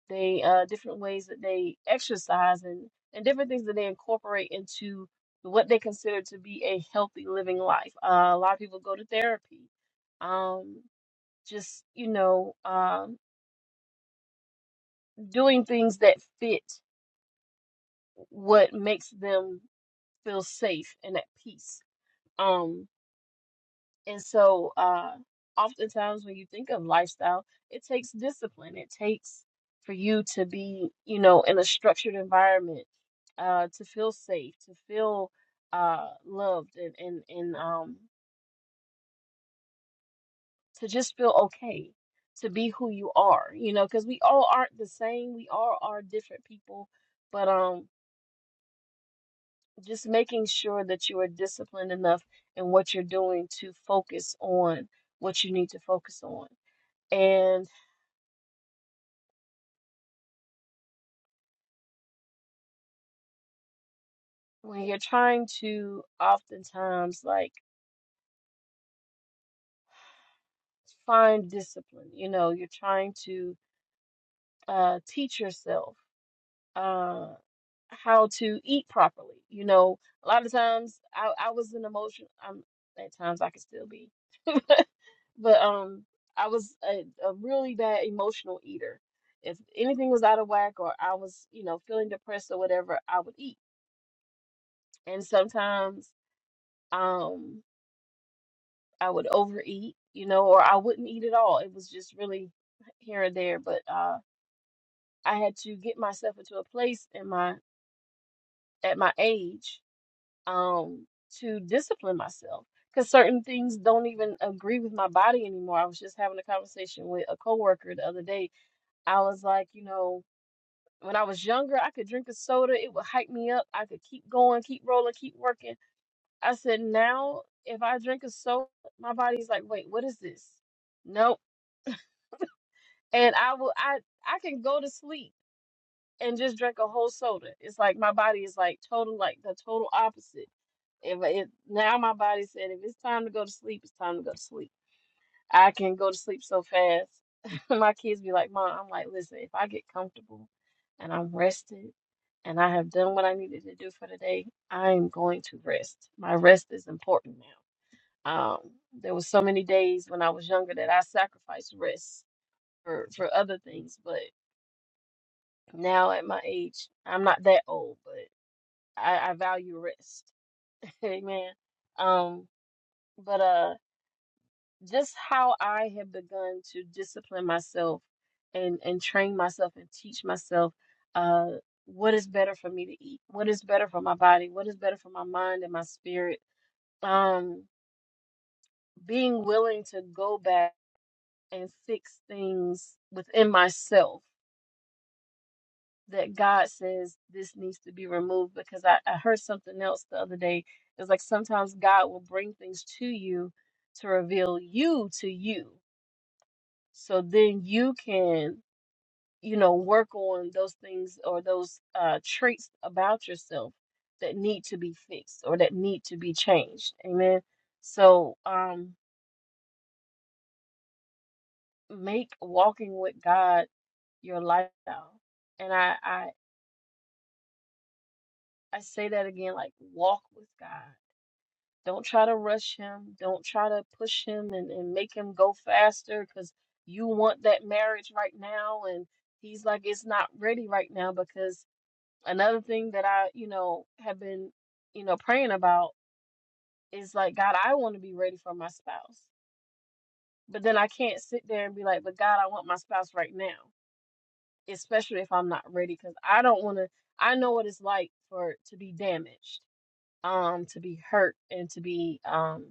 they uh, different ways that they exercise, and and different things that they incorporate into what they consider to be a healthy living life. Uh, a lot of people go to therapy, um, just you know, um, doing things that fit what makes them feel safe and at peace. Um, And so, uh, oftentimes when you think of lifestyle, it takes discipline. It takes for you to be, you know, in a structured environment, uh, to feel safe, to feel uh, loved, and and and um, to just feel okay, to be who you are, you know, because we all aren't the same. We all are different people, but um, just making sure that you are disciplined enough in what you're doing to focus on what you need to focus on and when you're trying to oftentimes like find discipline, you know, you're trying to uh, teach yourself uh, how to eat properly. You know, a lot of times I, I was an emotion. I'm at times I can still be, but but um, I was a, a really bad emotional eater. If anything was out of whack or I was, you know, feeling depressed or whatever, I would eat. And sometimes, um. I would overeat, you know, or I wouldn't eat at all. It was just really here and there. But uh, I had to get myself into a place in my at my age um, to discipline myself because certain things don't even agree with my body anymore. I was just having a conversation with a coworker the other day. I was like, you know, when I was younger, I could drink a soda; it would hype me up. I could keep going, keep rolling, keep working. I said, now if I drink a soda, my body's like, wait, what is this? Nope and I will I I can go to sleep and just drink a whole soda. It's like my body is like total like the total opposite. If it now my body said if it's time to go to sleep, it's time to go to sleep. I can go to sleep so fast. my kids be like, "Mom," I'm like, "Listen, if I get comfortable and I'm rested and I have done what I needed to do for the day, I am going to rest. My rest is important now." Um, there was so many days when I was younger that I sacrificed rest for for other things, but now at my age, I'm not that old, but I, I value rest. Amen. Um, but uh just how I have begun to discipline myself and and train myself and teach myself uh what is better for me to eat, what is better for my body, what is better for my mind and my spirit. Um, being willing to go back and fix things within myself that God says this needs to be removed because I, I heard something else the other day. It's like sometimes God will bring things to you to reveal you to you. So then you can, you know, work on those things or those uh, traits about yourself that need to be fixed or that need to be changed. Amen. So um, make walking with God your lifestyle. And I, I, I say that again like walk with God Don't try to rush him. Don't try to push him and, and make him go faster because you want that marriage right now. And he's like, it's not ready right now because another thing that I, you know, have been, you know, praying about is like, God, I want to be ready for my spouse. But then I can't sit there and be like, but God, I want my spouse right now, especially if I'm not ready because I don't want to, I know what it's like for to be damaged, um, to be hurt and to be, um,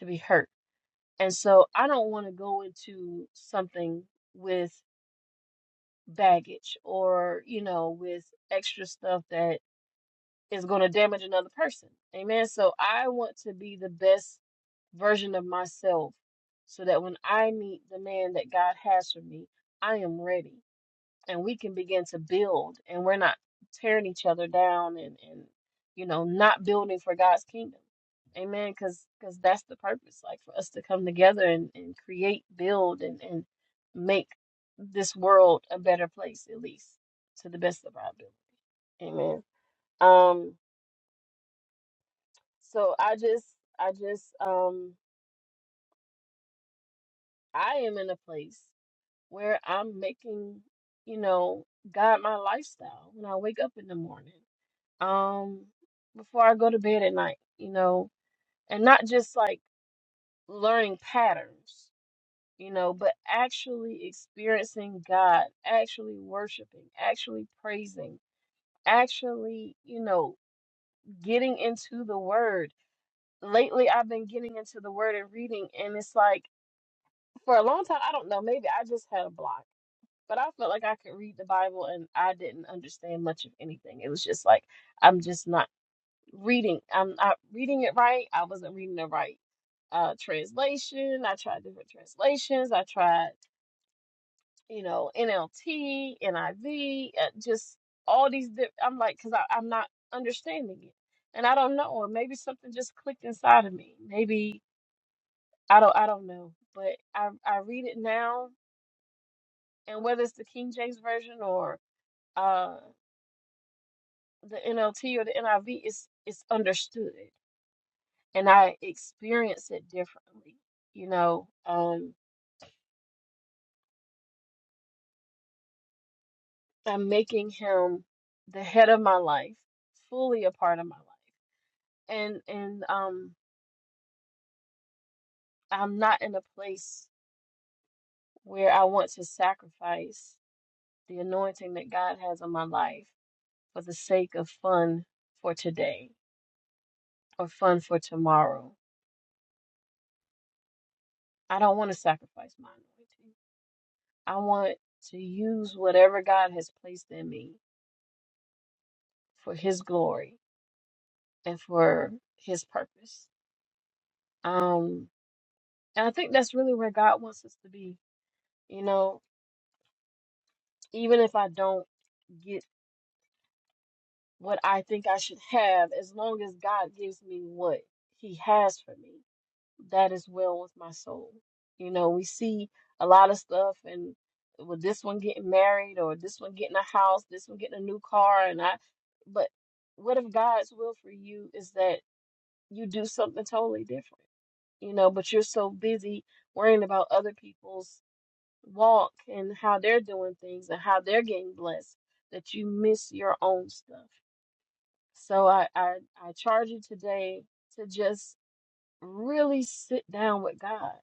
to be hurt And so I don't want to go into something with baggage or, you know, with extra stuff that is going to damage another person. Amen. So I want to be the best version of myself so that when I meet the man that God has for me, I am ready and we can begin to build and we're not tearing each other down and and you know not building for God's kingdom amen because because that's the purpose like for us to come together and, and create build and and make this world a better place at least to the best of our ability amen um so I just I just um I am in a place where I'm making you know God my lifestyle when I wake up in the morning um before I go to bed at night, you know, and not just like learning patterns, you know, but actually experiencing God, actually worshiping, actually praising, actually, you know, getting into the word. Lately I've been getting into the word and reading and it's like for a long time, I don't know, maybe I just had a block, but I felt like I could read the Bible and I didn't understand much of anything. It was just like I'm just not reading. I'm not reading it right. I wasn't reading the right uh, translation. I tried different translations. I tried, you know, NLT, NIV, uh, just all these. Di- I'm like, because I'm not understanding it, and I don't know. Or maybe something just clicked inside of me. Maybe I don't. I don't know. But I I read it now, and whether it's the King James version or uh the NLT or the NIV, it's it's understood. and I experience it differently. You know, um, I'm making him the head of my life, fully a part of my life, and and um, I'm not in a place where I want to sacrifice the anointing that God has on my life for the sake of fun for today or fun for tomorrow. I don't want to sacrifice my anointing. I want to use whatever God has placed in me for His glory and for His purpose Um, and I think that's really where God wants us to be. You know, even if I don't get what I think I should have, as long as God gives me what He has for me, that is well with my soul. You know, we see a lot of stuff, and with this one getting married, or this one getting a house, this one getting a new car, and I, but what if God's will for you is that you do something totally different? You know, but you're so busy worrying about other people's walk and how they're doing things and how they're getting blessed that you miss your own stuff. So I I, I charge you today to just really sit down with God.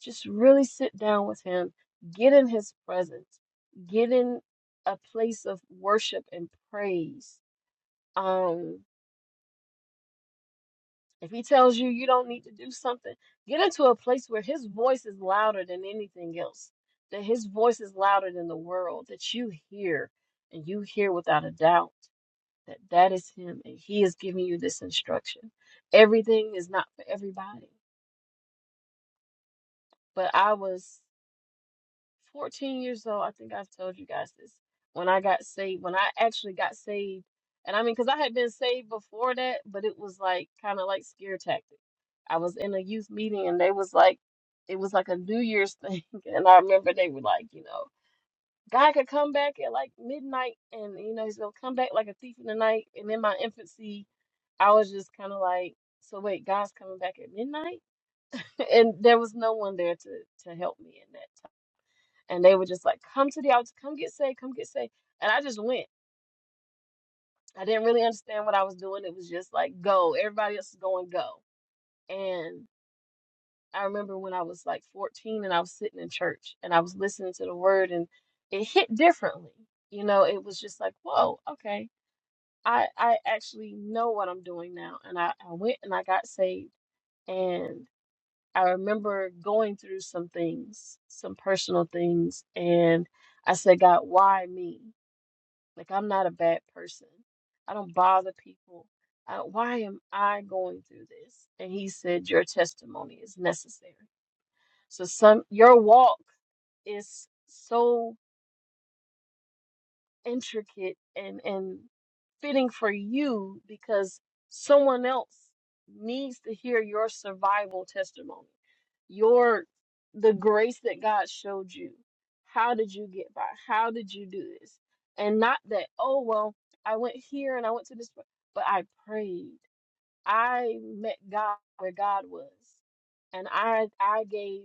Just really sit down with him, get in his presence, get in a place of worship and praise. Um If he tells you you don't need to do something, get into a place where his voice is louder than anything else, that his voice is louder than the world, that you hear and you hear without a doubt that that is him and he is giving you this instruction. Everything is not for everybody, but I was. 14 years old, I think I've told you guys this. When I got saved, when I actually got saved, and I mean, because I had been saved before that, but it was like kind of like scare tactic. I was in a youth meeting and they was like, it was like a New Year's thing. And I remember they were like, you know, God could come back at like midnight and, you know, he's going to come back like a thief in the night. And in my infancy, I was just kind of like, so wait, God's coming back at midnight? And there was no one there to, to help me in that and they were just like, "Come to the altar, come get saved, come get saved." And I just went. I didn't really understand what I was doing. It was just like, "Go." Everybody else is going, "Go." And I remember when I was like 14 and I was sitting in church and I was listening to the word and it hit differently. You know, it was just like, "Whoa, okay." I I actually know what I'm doing now. And I I went and I got saved and I remember going through some things, some personal things, and I said, God, why me? Like I'm not a bad person. I don't bother people. Uh, why am I going through this? And he said, Your testimony is necessary. So some your walk is so intricate and and fitting for you because someone else needs to hear your survival testimony your the grace that God showed you how did you get by how did you do this and not that oh well I went here and I went to this pla- but I prayed I met God where God was and I I gave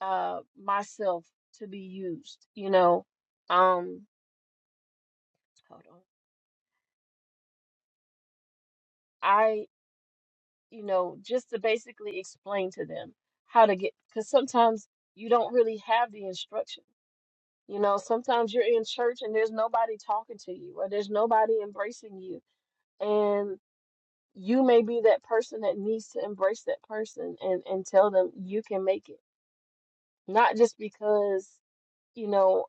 uh myself to be used you know um hold on I, you know, just to basically explain to them how to get, because sometimes you don't really have the instruction. You know, sometimes you're in church and there's nobody talking to you or there's nobody embracing you. And you may be that person that needs to embrace that person and, and tell them you can make it. Not just because, you know,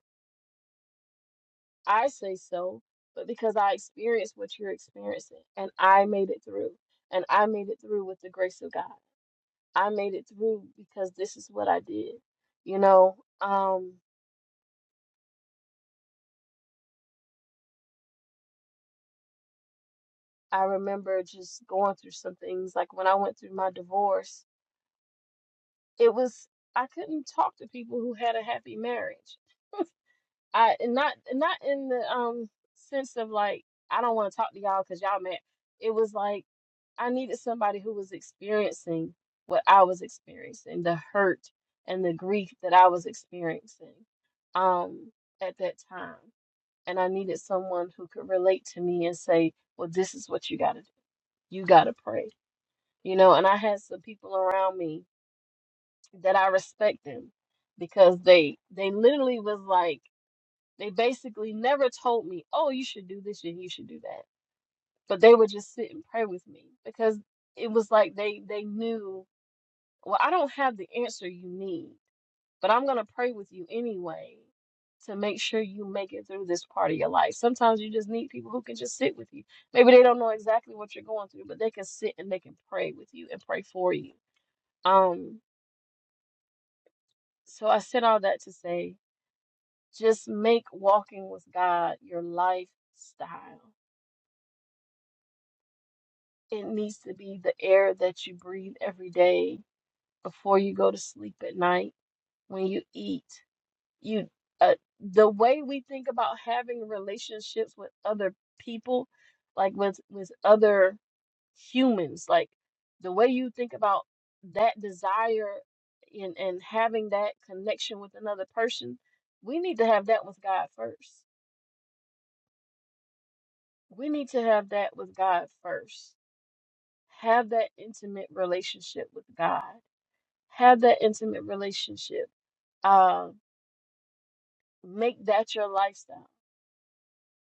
I say so, but because I experienced what you're experiencing and I made it through. And I made it through with the grace of God. I made it through because this is what I did. You know, um, I remember just going through some things. Like when I went through my divorce, it was I couldn't talk to people who had a happy marriage. I and not and not in the um sense of like I don't want to talk to y'all because y'all mad. It was like I needed somebody who was experiencing what I was experiencing, the hurt and the grief that I was experiencing um at that time. and I needed someone who could relate to me and say, "Well, this is what you got to do. You got to pray." You know, and I had some people around me that I respect them because they they literally was like they basically never told me, "Oh, you should do this and you should do that." But they would just sit and pray with me because it was like they they knew, "Well, I don't have the answer you need, But I'm going to pray with you anyway to make sure you make it through this part of your life. Sometimes you just need people who can just sit with you. Maybe they don't know exactly what you're going through, but they can sit and they can pray with you and pray for you. Um, so I said all that to say just make walking with God your lifestyle. It needs to be the air that you breathe every day before you go to sleep at night, when you eat. you uh, the way we think about having relationships with other people like with with other humans like the way you think about that desire and and having that connection with another person we need to have that with God first we need to have that with God first have that intimate relationship with God have that intimate relationship uh make that your lifestyle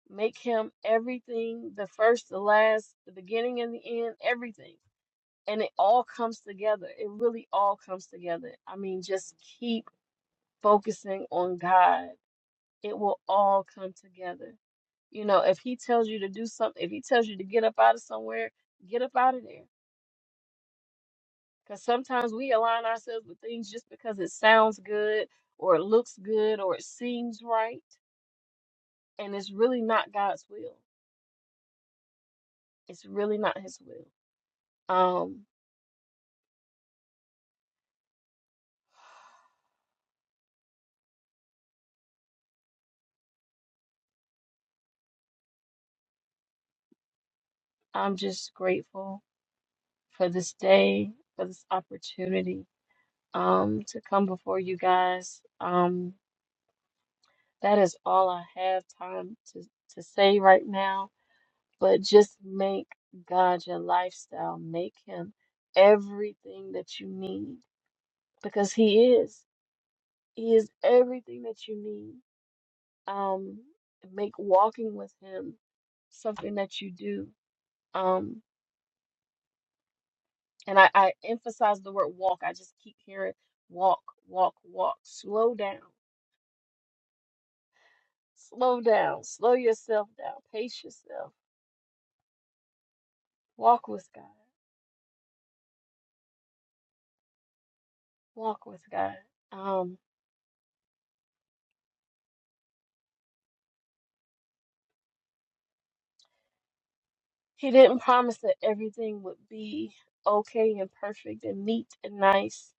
Make him everything, the first, the last, the beginning and the end, everything. And it all comes together. It really all comes together. I mean, just keep focusing on God. It will all come together. You know, if he tells you to do something, if he tells you to get up out of somewhere, get up out of there. Because sometimes we align ourselves with things just because it sounds good or it looks good or it seems right. And it's really not God's will. It's really not his will. Um. I'm just grateful for this day, for this opportunity um, to come before you guys. Um, that is all I have time to, to say right now. But just make God your lifestyle, make Him everything that you need because He is. He is everything that you need. Um, make walking with Him something that you do. Um, And I, I emphasize the word walk. I just keep hearing walk, walk, walk. Slow down, slow down, slow yourself down, pace yourself. Walk with God, walk with God. Um, he didn't promise that everything would be okay and perfect and neat and nice.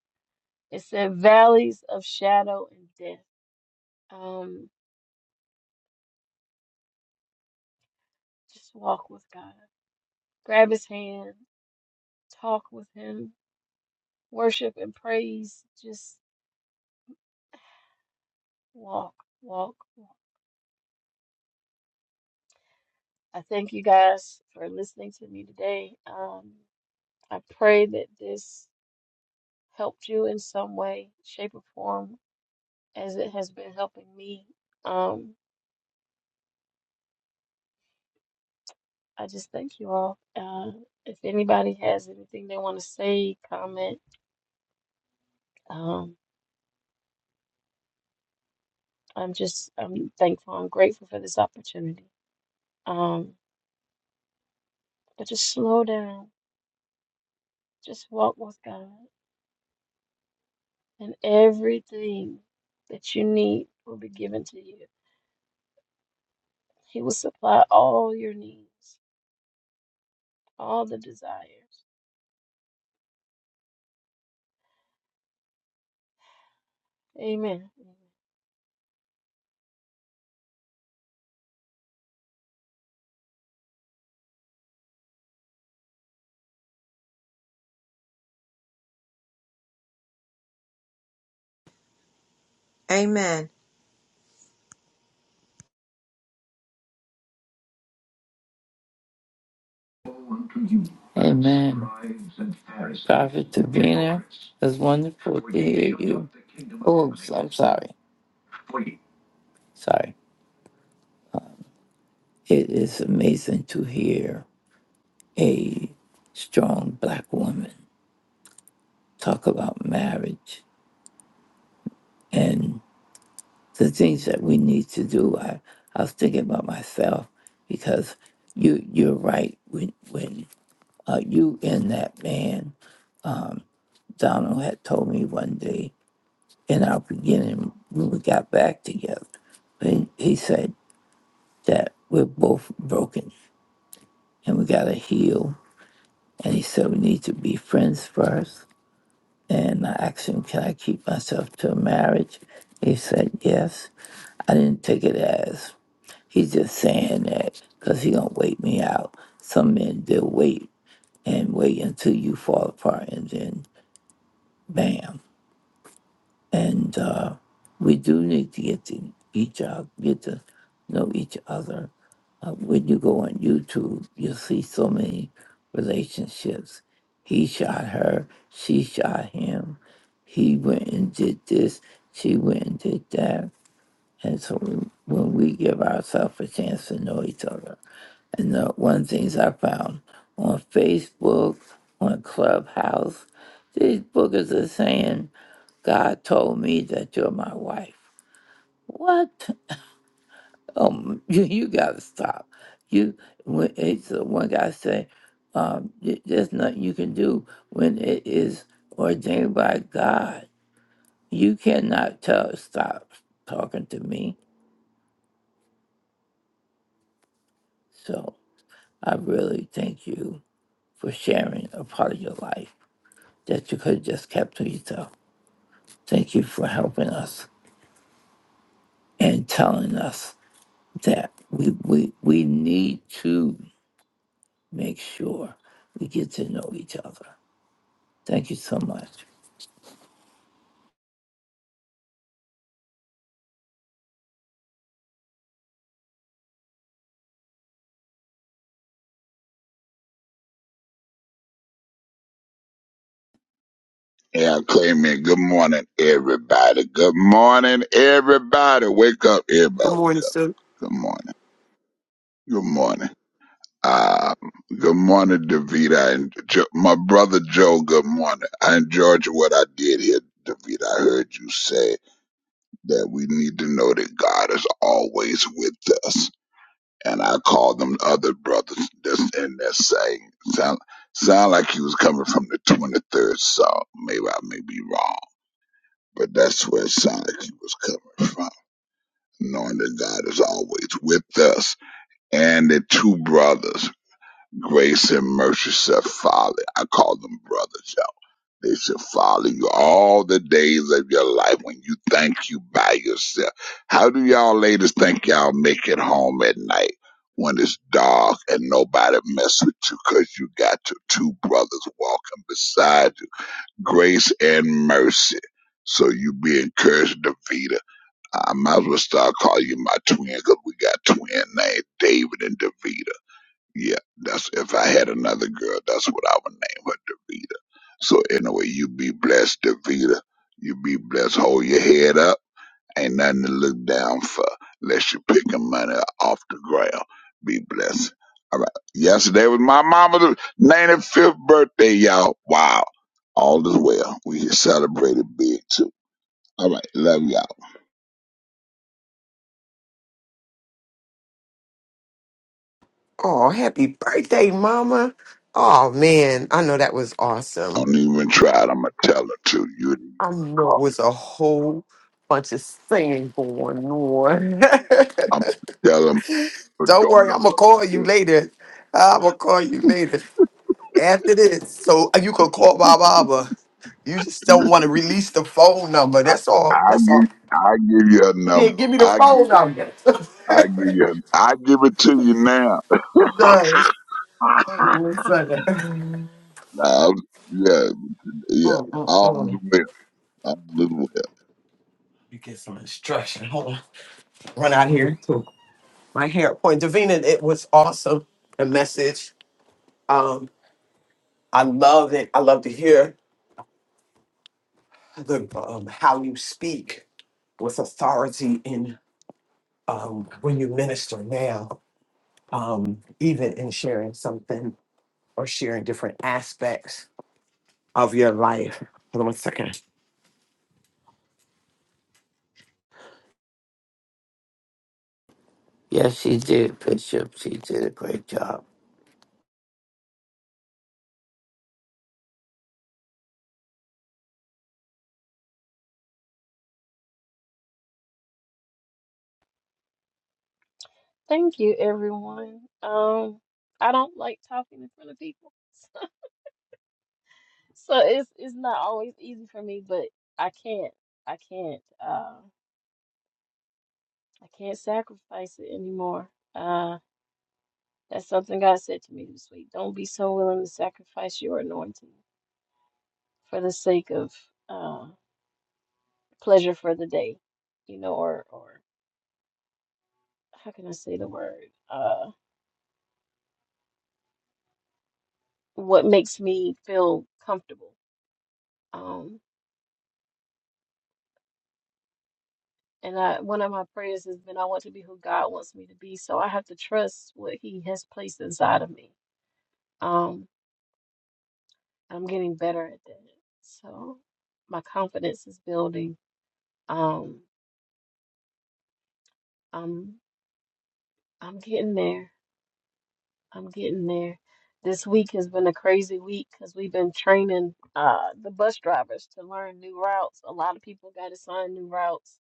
It said valleys of shadow and death. Um, just walk with God. Grab his hand, talk with him, worship and praise. Just walk, walk, walk. I thank you guys for listening to me today. Um, I pray that this helped you in some way, shape, or form, as it has been helping me. Um, I just thank you all. Uh, if anybody has anything they want to say, comment, um, I'm just I'm thankful. I'm grateful for this opportunity. Um, but just slow down. Just walk with God, and everything that you need will be given to you. He will supply all your needs, all the desires. Amen. Amen. Amen. Amen. Prophet Davina, it's wonderful to hear you. Oh, I'm sorry. Sorry. It is amazing to hear a strong black woman talk about marriage and the things that we need to do. I, I was thinking about myself because you you're right. When when uh, you and that man Donald had told me one day in our beginning when we got back together, he, he said that we're both broken and we gotta heal. And he said we need to be friends first And I asked him, Can I keep myself to a marriage? He said, Yes. I didn't take it as he's just saying that because he going to wait me out. Some men, they'll wait and wait until you fall apart and then bam. And uh, we do need to get to each other, get to know each other. Uh, when you go on YouTube, you'll see so many relationships. He shot her, she shot him. He went and did this, she went and did that. And so when we give ourselves a chance to know each other, and the one of the things I found on Facebook, on Clubhouse, these bookers are saying, God told me that you're my wife. What? Um, you, you gotta stop. You when it's the one guy say, um, y- there's nothing you can do when it is ordained by God. You cannot tell stop talking to me. So I really thank you for sharing a part of your life. that you could have just kept to yourself. Thank you for helping us and telling us that we, we, we need to make sure we get to know each other. Thank you so much. Yeah, claim it. Good morning, everybody. Good morning, everybody. Wake up, everybody. Good morning, Wake up. sir. Good morning. Good morning. Um, good morning, Davita and jo- my brother Joe. Good morning. I enjoyed what I did here, Davita. I heard you say that we need to know that God is always with us, and I call them other brothers. That's in that saying. Sound sound like he was coming from the twenty third Psalm. Maybe I may be wrong But that's where it sounded like he was coming from, knowing that God is always with us. And the two brothers, Grace and Mercy, shall follow. I call them brothers, y'all. They shall follow you all the days of your life when you think you by yourself. How do y'all ladies think y'all make it home at night when it's dark and nobody mess with you? Cause you got your two brothers walking beside you, Grace and Mercy? So you be encouraged, Davida. I might as well start calling you my twin because we got twin names, David and Davita. Yeah, that's if I had another girl, that's what I would name her, Davita. So anyway, you be blessed, Davita. You be blessed. Hold your head up. Ain't nothing to look down for unless you're picking money off the ground. Be blessed. All right. Yesterday was my mama's 95th birthday, y'all. Wow. All is well. We celebrated big too. All right. Love y'all. Oh, happy birthday, Mama. Oh, man. I know that was awesome. Don't even try it. I'm gonna tell her to you. didn't I know it call. was a whole bunch of singing going on. I'm gonna tell her my Don't worry, daughter I'm going for to call you this. later. I'm going to call you later after this. So uh, you can call my mama. You just don't want to release the phone number. That's all. I That's all. give I give you a Yeah, number. give me the I give phone you- number. I give you a, I give it to you now. no. Hold on one second. Mm, Now, yeah, yeah. mm, All mm. is well. All is well. You get some instruction. Hold on. run out here to my hair point. Davina, it was awesome. The message. Um, I love it. I love to hear the um, how you speak with authority in um, when you minister now, um, even in sharing something or sharing different aspects of your life. Hold on one second. Yes, she did, Bishop. She did a great job. Thank you, everyone. Um, I don't like talking in front of people, so it's it's not always easy for me. But I can't, I can't, uh, I can't sacrifice it anymore. Uh, that's something God said to me this week. Don't be so willing to sacrifice your anointing for the sake of uh, pleasure for the day, you know, or or how can I say the word? uh. what makes me feel comfortable. Um, and I, one of my prayers has been, I want to be who God wants me to be. So I have to trust what He has placed inside of me. Um, I'm getting better at that. So my confidence is building. Um, I'm, I'm getting there. I'm getting there. This week has been a crazy week because we've been training uh, the bus drivers to learn new routes. A lot of people got assigned new routes,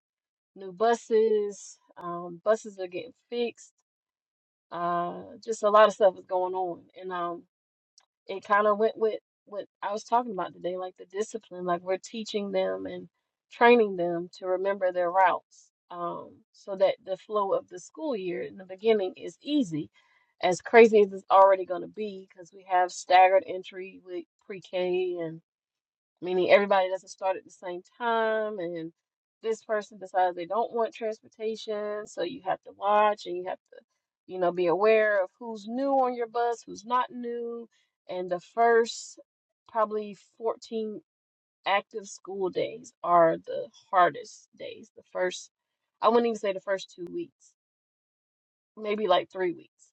new buses. Um, buses are getting fixed Uh, just a lot of stuff was going on, and um, it kind of went with what I was talking about today, like the discipline, like we're teaching them and training them to remember their routes, um, so that the flow of the school year in the beginning is easy. As crazy as it's already going to be, because we have staggered entry with pre-K and meaning everybody doesn't start at the same time and this person decides they don't want transportation so you have to watch and you have to you know be aware of who's new on your bus who's not new and the first probably 14 active school days are the hardest days the first i wouldn't even say the first two weeks maybe like three weeks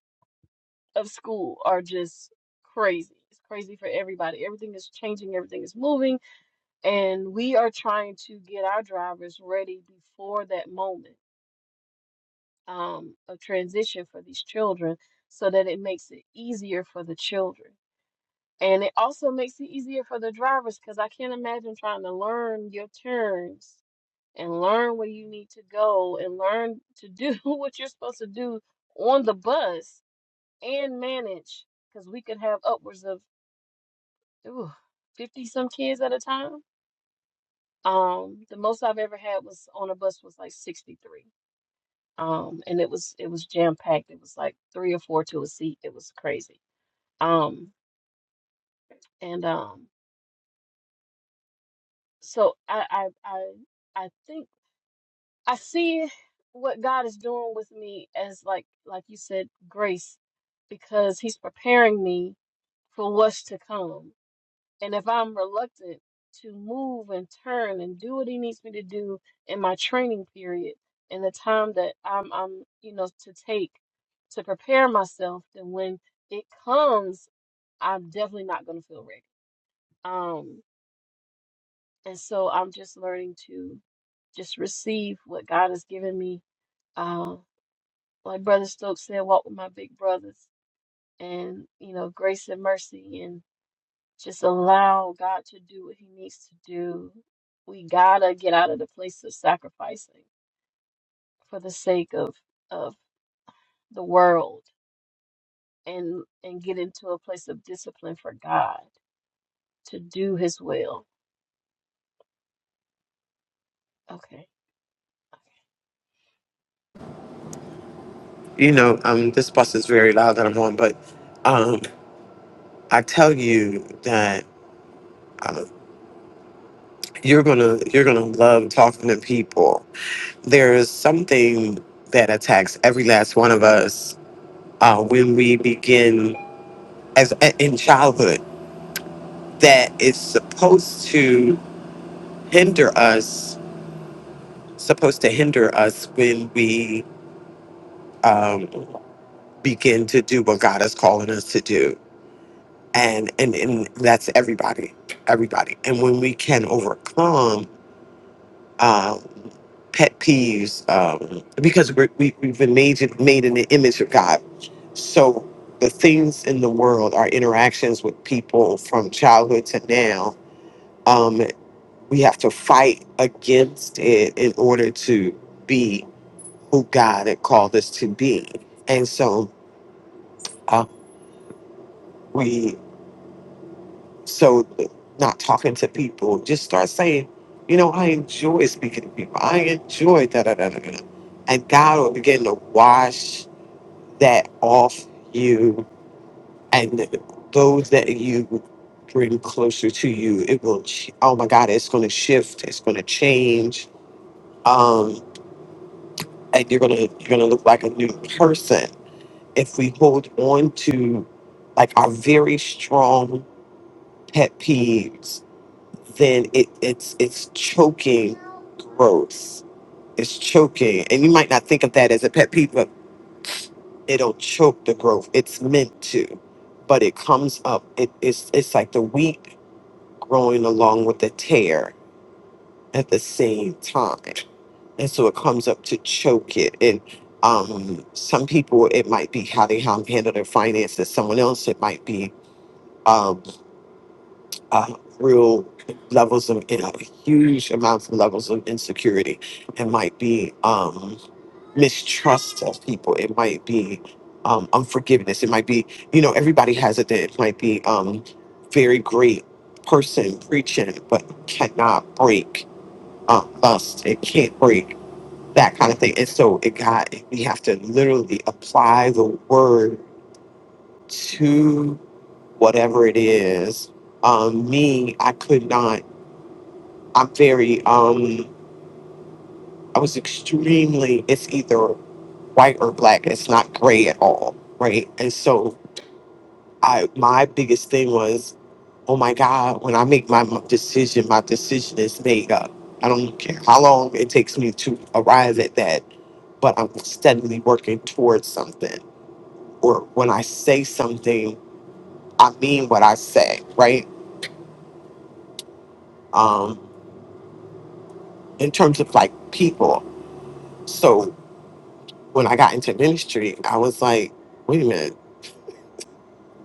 of school are just crazy it's crazy for everybody everything is changing everything is moving and we are trying to get our drivers ready before that moment um, of transition for these children so that it makes it easier for the children and it also makes it easier for the drivers because i can't imagine trying to learn your turns and learn where you need to go and learn to do what you're supposed to do on the bus and manage because we could have upwards of ooh, 50 some kids at a time Um, the most I've ever had was on a bus was like 63. Um, and it was it was jam packed. It was like three or four to a seat. It was crazy. Um, and um, so I I I I think I see what God is doing with me as like like you said, grace, because He's preparing me for what's to come And if I'm reluctant to move and turn and do what he needs me to do in my training period and the time that I'm I'm you know to take to prepare myself, then when it comes, I'm definitely not gonna feel ready. Um and so I'm just learning to just receive what God has given me. Uh, like Brother Stokes said, walk with my big brothers and you know, grace and mercy Just allow God to do what He needs to do. We gotta get out of the place of sacrificing for the sake of of the world and and get into a place of discipline for God to do His will. Okay. You know, um, this bus is very loud that I'm on, but um, I tell you that uh, you're gonna you're gonna love talking to people there is something that attacks every last one of us uh, when we begin as in childhood that is supposed to hinder us supposed to hinder us when we um, begin to do what god is calling us to do and and, and that's everybody everybody and when we can overcome uh, pet peeves um, because we're, we, we've been made, made in the image of God. So the things in the world, our interactions with people from childhood to now, um, we have to fight against it in order to be who God had called us to be. And so uh, we So, not talking to people, just start saying, you know, I enjoy speaking to people. I enjoy da da da da da. And God will begin to wash that off you and those that you bring closer to you. It will, ch- oh my God, it's going to shift. It's going to change. Um, and you're gonna you're gonna look like a new person if we hold on to like our very strong pet peeves then it, it's it's choking growth. It's choking, and you might not think of that as a pet peeve, but it'll choke the growth. It's meant to, but it comes up. It, it's it's like the wheat growing along with the tear at the same time, and so it comes up to choke it. And um, some people, it might be how they um, handle their finances. Someone else, it might be. um, uh, real levels of uh, huge amounts of levels of insecurity. It might be um, mistrust of people. It might be um, unforgiveness. It might be you know everybody has it. That it might be um, very great person preaching, but cannot break uh, lust. It can't break that kind of thing. And so it got we have to literally apply the word to whatever it is um, me, I could not. I'm very um I was extremely it's either white or black. It's not gray at all, right? And so I my biggest thing was, oh my God, when I make my m- decision, my decision is made up. I don't care how long it takes me to arrive at that, but I'm steadily working towards something. Or when I say something, I mean what I say, right? Um, in terms of like people. So when I got into ministry, I was like, wait a minute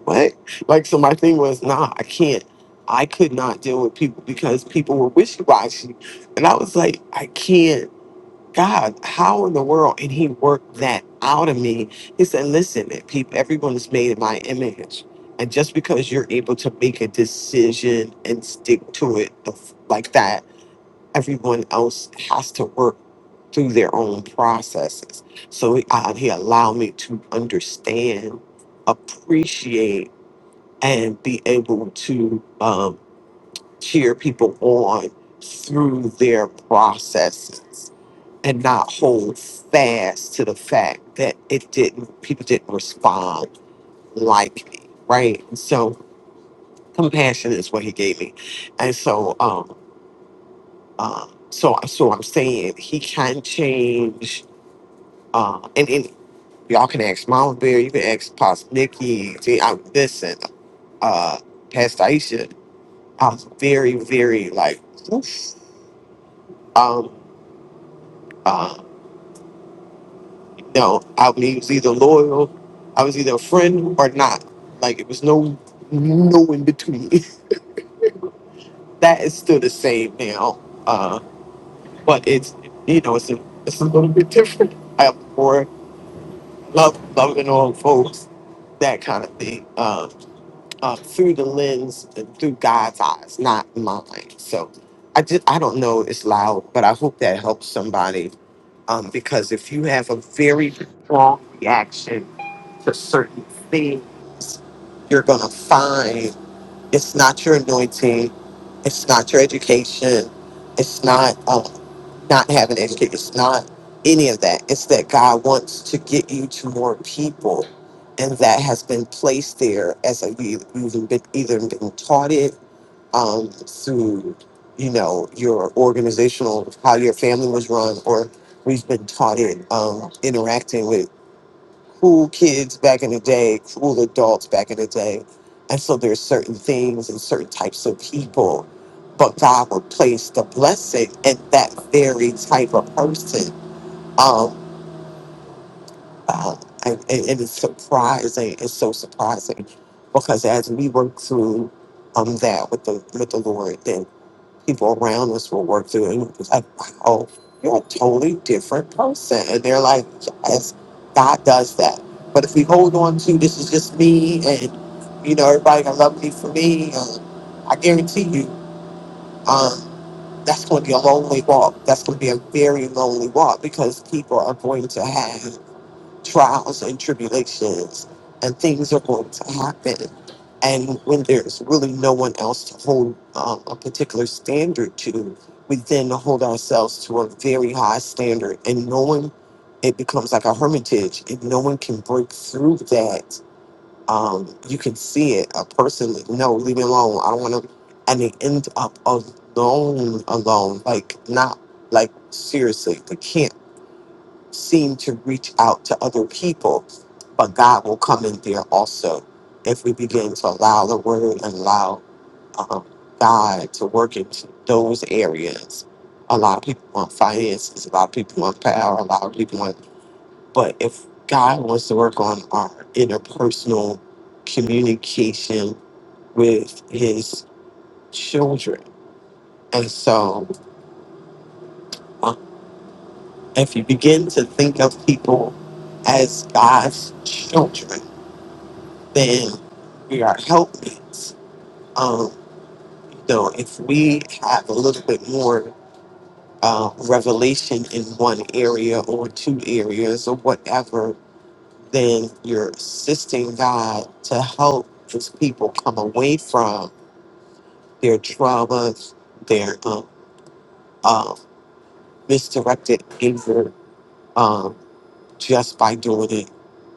what? Like, so my thing was, nah, I can't. I could not deal with people because people were wishy washy. And I was like, I can't. God, how in the world? And he worked that out of me. He said, listen, people, everyone is made in my image. And just because you're able to make a decision and stick to it the f- like that, everyone else has to work through their own processes. So he, uh, he allowed me to understand, appreciate, and be able to um, cheer people on through their processes and not hold fast to the fact that it didn't people didn't respond like me right And so compassion is what he gave me and so um uh, so so i'm saying he can change uh and, and y'all can ask mama bear you can ask pops nikki see i'm listen uh pastor aisha I'm very, very like, oof. um, uh, you know, I was either loyal, I was either a friend or not. Like it was no, no in between. that is still the same now, uh, but it's, you know, it's a, it's a little bit different. I have more love, loving all folks, that kind of thing, uh, uh, through the lens, through God's eyes, not mine. So. I just I don't know. It's loud, but I hope that helps somebody Um, because if you have a very strong reaction to certain things, you're going to find it's not your anointing, it's not your education, it's not uh, not having an education, it's not any of that. It's that God wants to get you to more people, and that has been placed there as a, you, you've been either been taught it um, through you know your organizational how your family was run or we've been taught it um, interacting with cool kids back in the day cool adults back in the day and so there's certain things and certain types of people but god would place the blessing in that very type of person um, uh, and, and and it's surprising it's so surprising because as we work through um, that with the with the lord people around us will work through it. It's like, wow, you're a totally different person. And they're like, yes, God does that. But if we hold on to this is just me and, you know, everybody got love me for me, um, I guarantee you um, that's going to be a lonely walk. That's going to be a very lonely walk because people are going to have trials and tribulations and things are going to happen and when there's really no one else to hold um, a particular standard to we then hold ourselves to a very high standard and no one it becomes like a hermitage if no one can break through that um, you can see it a person like no leave me alone i don't want to and they end up alone alone like not like seriously they can't seem to reach out to other people, but God will come in there also if we begin to allow the word and allow um, God to work in those areas. A lot of people want finances, a lot of people want power, a lot of people want, but if God wants to work on our interpersonal communication with his children. And so um, if you begin to think of people as God's children, then we are helpmates. Um, you know, if we have a little bit more uh, revelation in one area or two areas or whatever, then you're assisting God to help His people come away from their traumas, their um, um, misdirected anger, um, just by doing it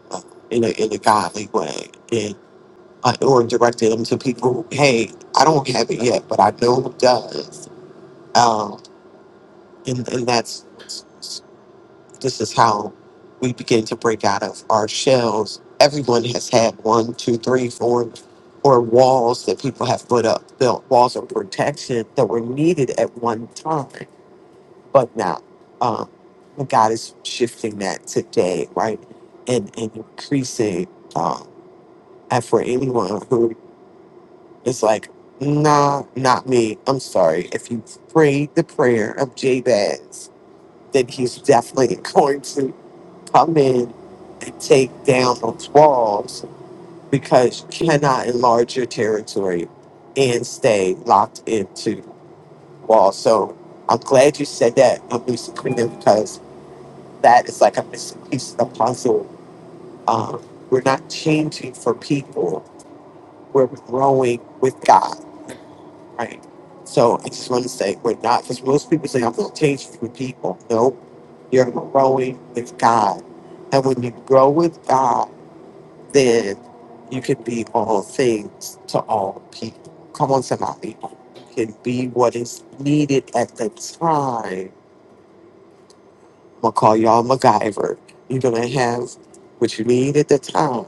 uh, in a in a godly way. uh, or directed them to people. Hey, I don't have it yet, but I know who does. Um, and and that's this is how we begin to break out of our shells. Everyone has had one, two, three, four, or walls that people have put up, built walls of protection that were needed at one time, but now um, God is shifting that today, right? And and increasing. Um, and for anyone who It's like, nah, not me. I'm sorry. If you prayed the prayer of Jabez, then he's definitely going to come in and take down those walls because you cannot enlarge your territory and stay locked into walls. So I'm glad you said that, um, Lucy Queen, because that is like a missing piece of the puzzle. Um, we're not changing for people, we're growing with God Right. So I just want to say we're not because most people say I'm going to change for people. No, you're growing with God, and when you grow with God, then you can be all things to all people. Come on, somebody, you can be what is needed at the time. I'm gonna call y'all MacGyver. You're gonna have what you need at the time: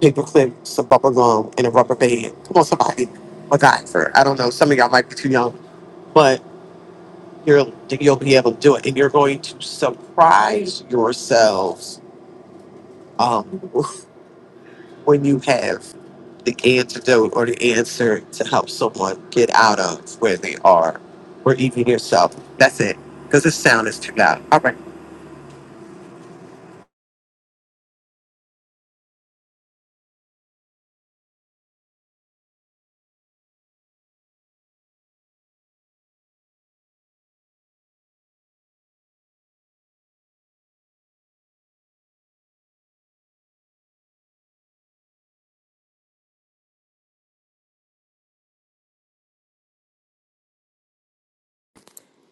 paper clips, some bubble gum, and a rubber band. Come on, somebody, MacGyver. I don't know. Some of y'all might be too young, but. you're you'll be able to do it and you're going to surprise yourselves um, when you have the antidote or the answer to help someone get out of where they are or even yourself that's it because the sound is too loud all right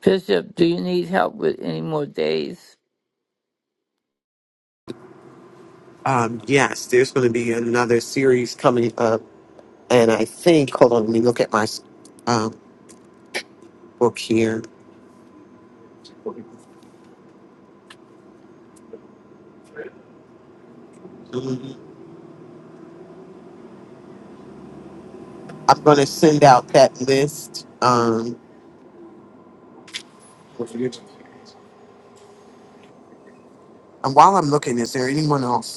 Bishop, do you need help with any more days? um, yes there's going to be another series coming up and i think hold on let me look at my um, book here Mhm. i'm going to send out that list um, and while i'm looking is there anyone else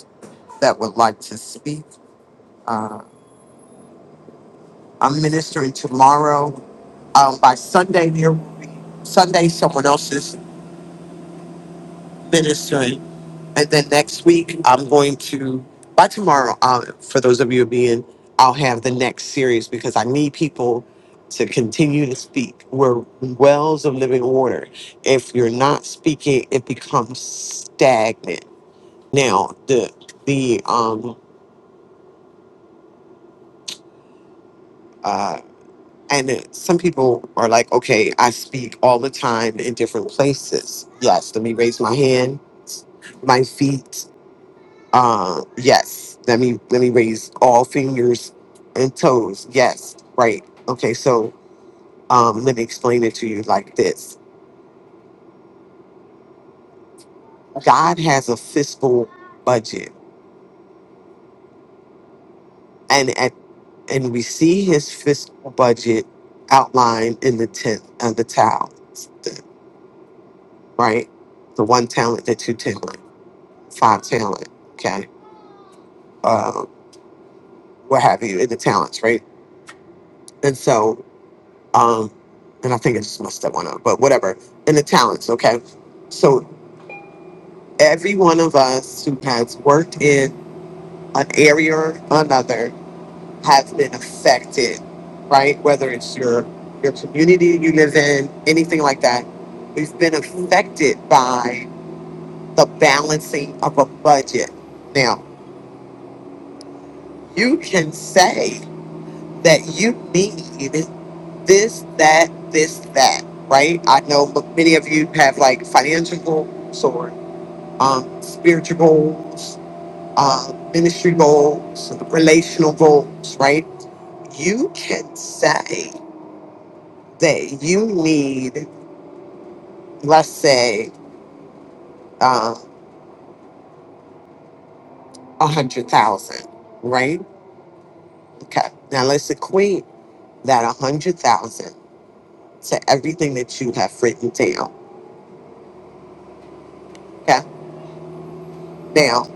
that would like to speak. Uh, I'm ministering tomorrow. Um, by Sunday, there will be Sunday, someone else is ministering. And then next week, I'm going to, by tomorrow, uh, for those of you who be in, I'll have the next series because I need people to continue to speak. We're wells of living water. If you're not speaking, it becomes stagnant. Now, the, the, um, uh, And it, some people are like, okay, I speak all the time in different places. Yes, let me raise my hand, my feet. Uh, yes, let me let me raise all fingers and toes. Yes, right. Okay, so um, let me explain it to you like this: God has a fiscal budget, and at and we see His fiscal budget outlined in the tenth and the talents, right? The one talent, the two talent, five talent. Okay uh, what have you, in the talents, right? And so, um, and I think I just messed that one up, but whatever, in the talents, okay? So, every one of us who has worked in an area or another has been affected, right? Whether it's your your community you live in, anything like that, we've been affected by the balancing of a budget. Now, you can say that you need this, that, this, that, right? I know m- many of you have like financial goals or um, spiritual goals, uh, ministry goals, relational goals, right? You can say that you need, let's say, um, a hundred thousand, right? Okay. Now let's equate that a hundred thousand to everything that you have written down. Okay. Now,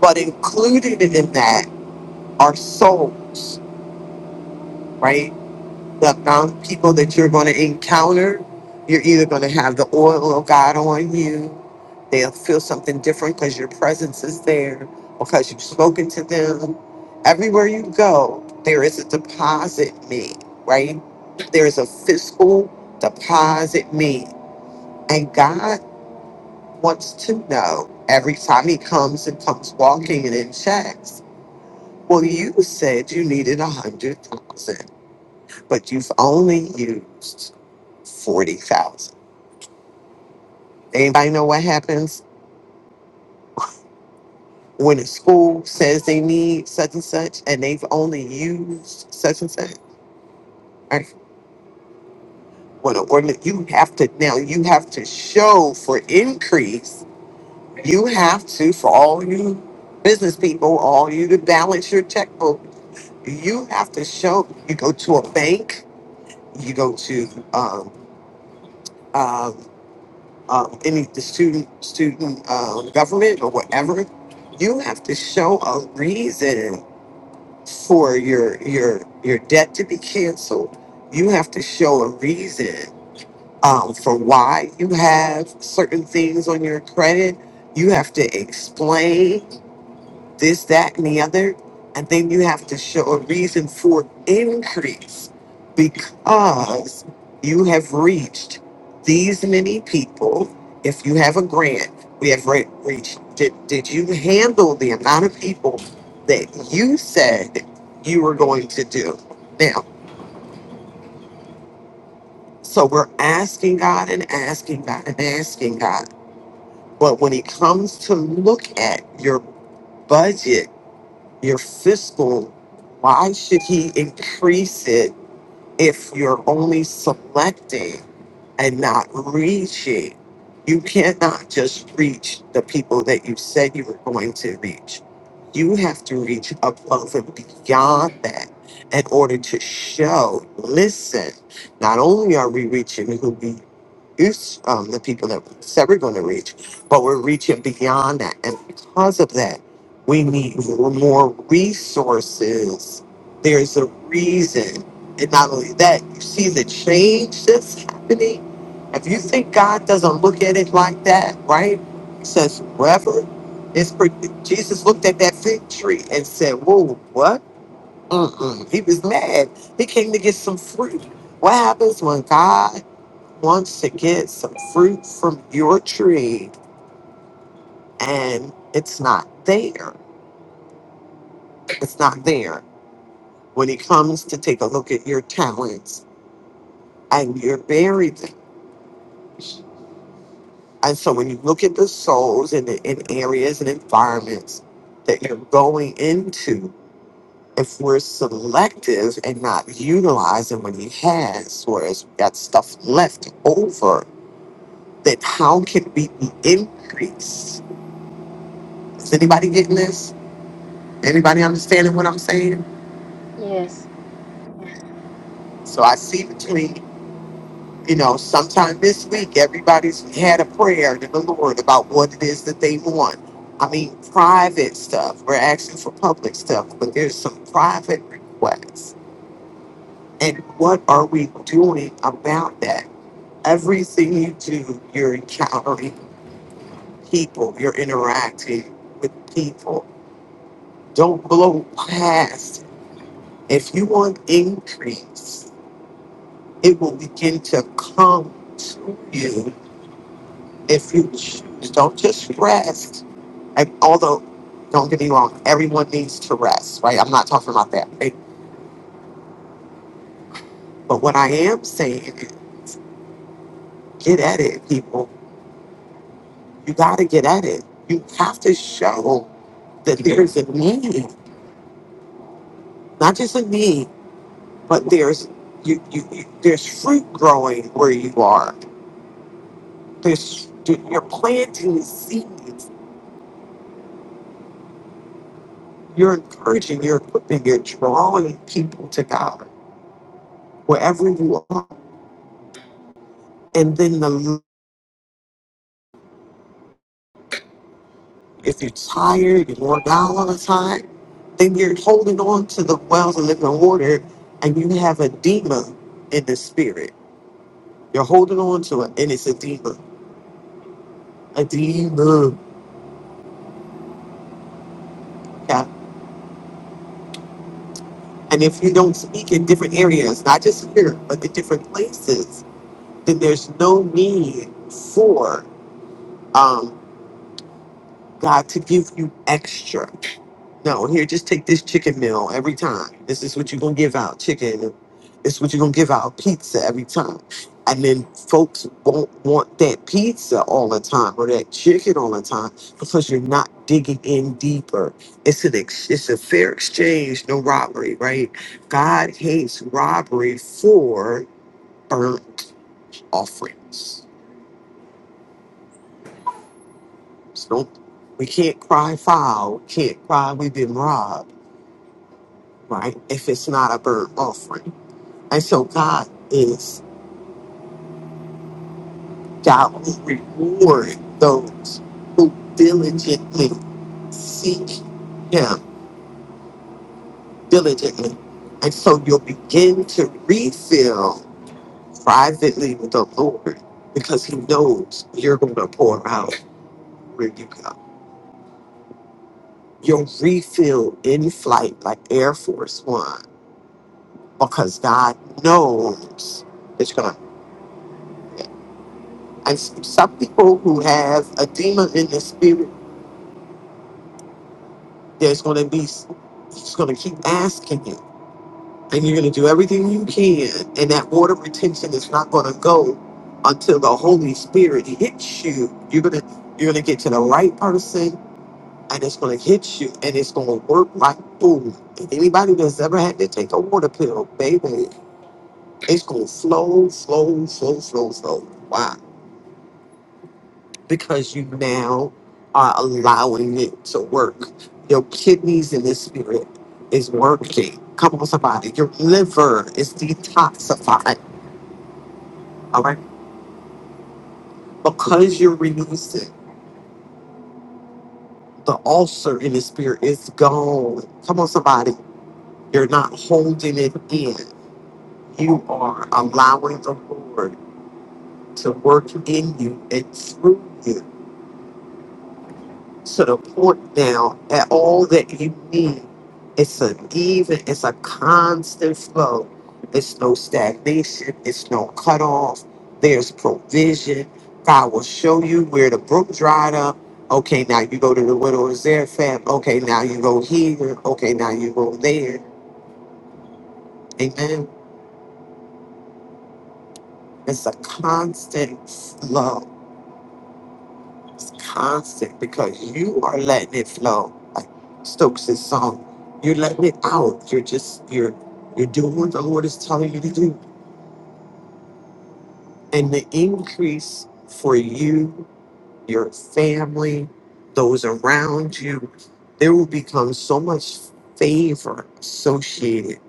but included in that are souls right? The amount of people that you're going to encounter, you're either going to have the oil of God on you, they'll feel something different because your presence is there, because you've spoken to them. Everywhere you go, there is a deposit made, right? There is a fiscal deposit made. And God wants to know every time He comes and comes walking and in checks. Well, you said you needed a hundred thousand but you've only used forty thousand. Anybody know what happens when a school says they need such and such and they've only used such and such? Right? When an ordinance, you have to now you have to show for increase. You have to for all you business people, all you to balance your checkbook. You have to show. You go to a bank. You go to um, um, um, any the student student um, government or whatever, you have to show a reason for your your your debt to be canceled. You have to show a reason um, for why you have certain things on your credit. You have to explain this, that, and the other. And then you have to show a reason for increase because you have reached these many people. If you have a grant, we have re- reached. Did, did you handle the amount of people that you said you were going to do? Now, so we're asking God and asking God and asking God. But when it comes to look at your budget, Your fiscal, why should he increase it if you're only selecting and not reaching? You cannot just reach the people that you said you were going to reach. You have to reach above and beyond that in order to show, listen, not only are we reaching who we it's um, the people that we said we're going to reach, but we're reaching beyond that. And because of that, we need more more resources. There's a reason. And not only that, you see the change that's happening. If you think God doesn't look at it like that, right? He says, whoever is, pro- Jesus looked at that fig tree and said, whoa, what? Mm-mm. He was mad. He came to get some fruit. What happens when God wants to get some fruit from your tree and it's not there. It's not there. When he comes to take a look at your talents and you're buried them. And so when you look at the souls and in, in areas and environments that you're going into, if we're selective and not utilizing what he has, whereas we got stuff left over, then how can we be increased? Is anybody getting this? Anybody understanding what I'm saying? Yes. So I see between, you know, sometime this week, everybody's had a prayer to the Lord about what it is that they want. I mean, private stuff. We're asking for public stuff, but there's some private requests. And what are we doing about that? Everything you do, you're encountering people, you're interacting with people. Don't blow past. If you want increase, it will begin to come to you if you don't just rest. And although, don't get me wrong, everyone needs to rest, right? I'm not talking about that. right? But what I am saying is get at it, people. You got to get at it. You have to show that there's a need, not just a need, but there's you, you, you there's fruit growing where you are. There's you're planting seeds. You're encouraging, you're equipping, you're drawing people to God wherever you are. And then the If you're tired, you're worn out all the time, then you're holding on to the wells of living water and you have edema in the spirit. You're holding on to it and it's edema. Edema. Yeah. And if you don't speak in different areas, not just here, but in different places, then there's no need for um, God to give you extra. No, here, just take this chicken meal every time. This is what you're gonna give out, chicken. This is what you're gonna give out, pizza every time. And then folks won't want that pizza all the time or that chicken all the time because you're not digging in deeper. It's an ex- it's a fair exchange, no robbery, right? God hates robbery for burnt offerings. So don't- we can't cry foul, can't cry we've been robbed, right? If it's not a burnt offering And so God is God will reward those who diligently seek Him diligently. And so you'll begin to refill privately with the Lord because He knows you're going to pour out where you go. You'll refill in flight like Air Force One because God knows it's going to. And s- some people who have edema in the spirit there's going to be he's going to keep asking you and you're going to do everything you can and that water retention is not going to go until the holy spirit hits you you're going to you're going to get to the right person and it's going to hit you and it's going to work like boom and anybody that's ever had to take a water pill baby it's going to flow flow flow flow flow wow because you now are allowing it to work. Your kidneys in the spirit is working. Come on, somebody. Your liver is detoxified. All right. Because you're releasing, the ulcer in the spirit is gone. Come on, somebody. You're not holding it in. You are allowing the Lord to work in you and through you. to the point now at all that you need. It's an even, it's a constant flow. It's no stagnation, it's no cutoff. There's provision. God will show you where the brook dried up. Okay, now you go to the widow's there, fam. Okay, now you go here. Okay, now you go there. Amen. It's a constant flow It's constant because you are letting it flow. Like Stokes' song, you're letting it out. You're just you're you're doing what the Lord is telling you to do, and the increase for you, your family, those around you, there will become so much favor associated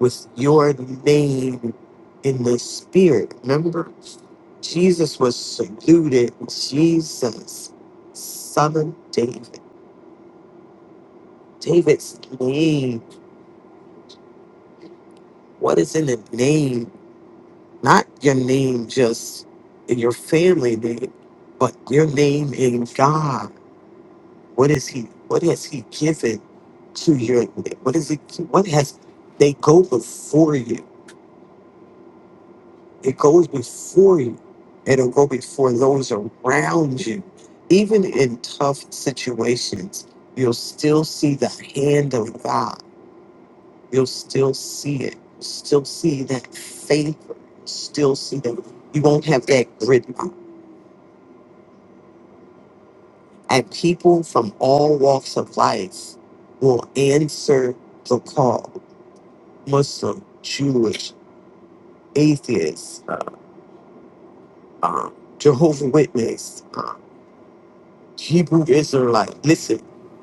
with your name in the spirit. Remember, Jesus was saluted. Jesus, son of David. David's name, what is in the name, not your name just in your family name, but your name in God. What is he? What has he given to your? name? What is it? What has they go before you? It goes before you. It'll go before those around you. Even in tough situations, you'll still see the hand of God you'll still see it. Still see that favor. Still see that you won't have that grit. And people from all walks of life will answer the call. Muslim, Jewish, atheist, uh, uh, Jehovah Witness, uh, Hebrew Israelite. Listen,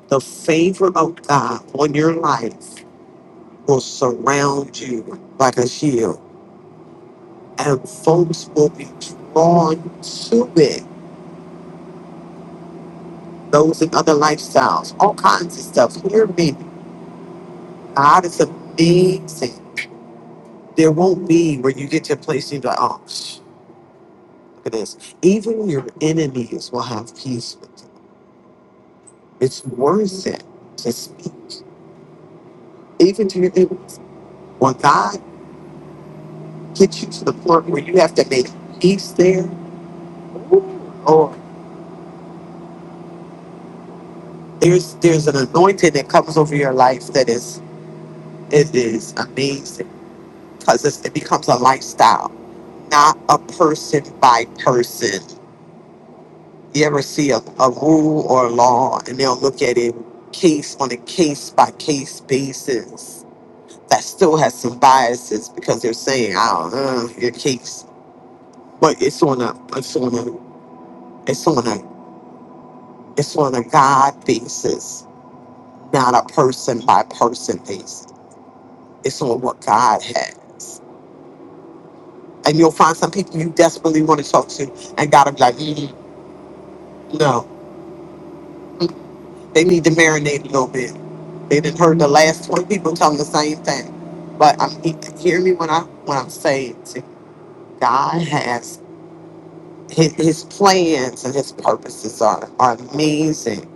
the favor of God on your life will surround you like a shield, and folks will be drawn to it those in other lifestyles, all kinds of stuff. Hear me. God is amazing. There won't be where you get to a place and you're like, oh, psh, look at this. Even your enemies will have peace with you. It's worth it to speak. Even to your enemy. When God gets you to the point where you have to make peace there, or there's there's an anointing that comes over your life that is it is amazing because it's, it becomes a lifestyle, not a person by person. You ever see a, a rule or a law and they'll look at it case on a case by case basis. That still has some biases because they're saying, I don't know, your case, but it's on a it's on a it's on a it's on a God basis, not a person by person basis. It's on what God has. And you'll find some people you desperately want to talk to and gotta be like, mm, no. They need to marinate a little bit. They didn't heard the last twenty people telling the same thing. But I'm he- hear me when I when I'm saying to God has his, his plans and his purposes are, are amazing,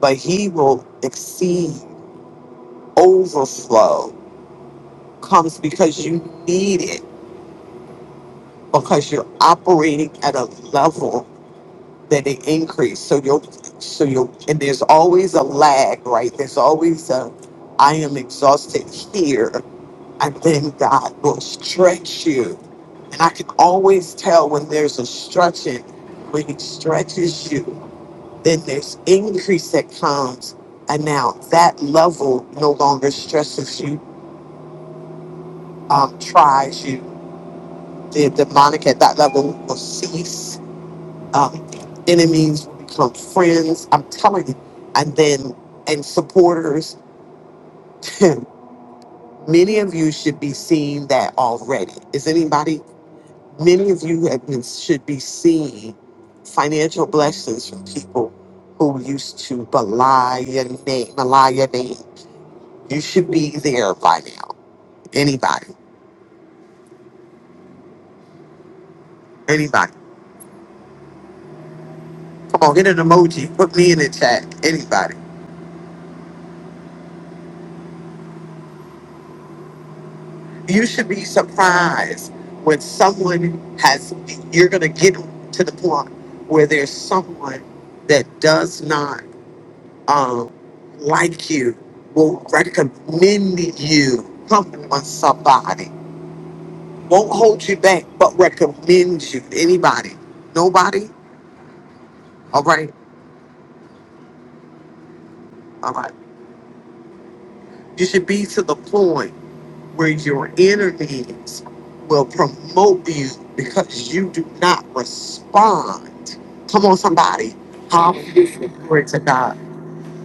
but he will exceed overflow comes because you need it because you're operating at a level that it increase. So you'll so you'll and there's always a lag, right? There's always a I am exhausted here and then God will stretch you. And I can always tell when there's a stretching, when He stretches you, then there's increase that comes. And now that level no longer stresses you, um, tries you. The demonic at that level will cease. Um, enemies will become friends. I'm telling you. And then, and supporters. Many of you should be seeing that already. Is anybody? many of you have been should be seeing financial blessings from people who used to belie your name, belie your name. You should be there by now. Anybody, anybody. Come on, hit an emoji. Put me in the chat. Anybody. You should be surprised when someone has. You're gonna get to the point where there's someone that does not um, like you will recommend you. Come on, somebody. won't hold you back, but recommends you. Anybody? Nobody? All right, all right. You should be to the point where your enemies will promote you because you do not respond. Come on, somebody. Now, if you Hallelujah. remember, Glory to God.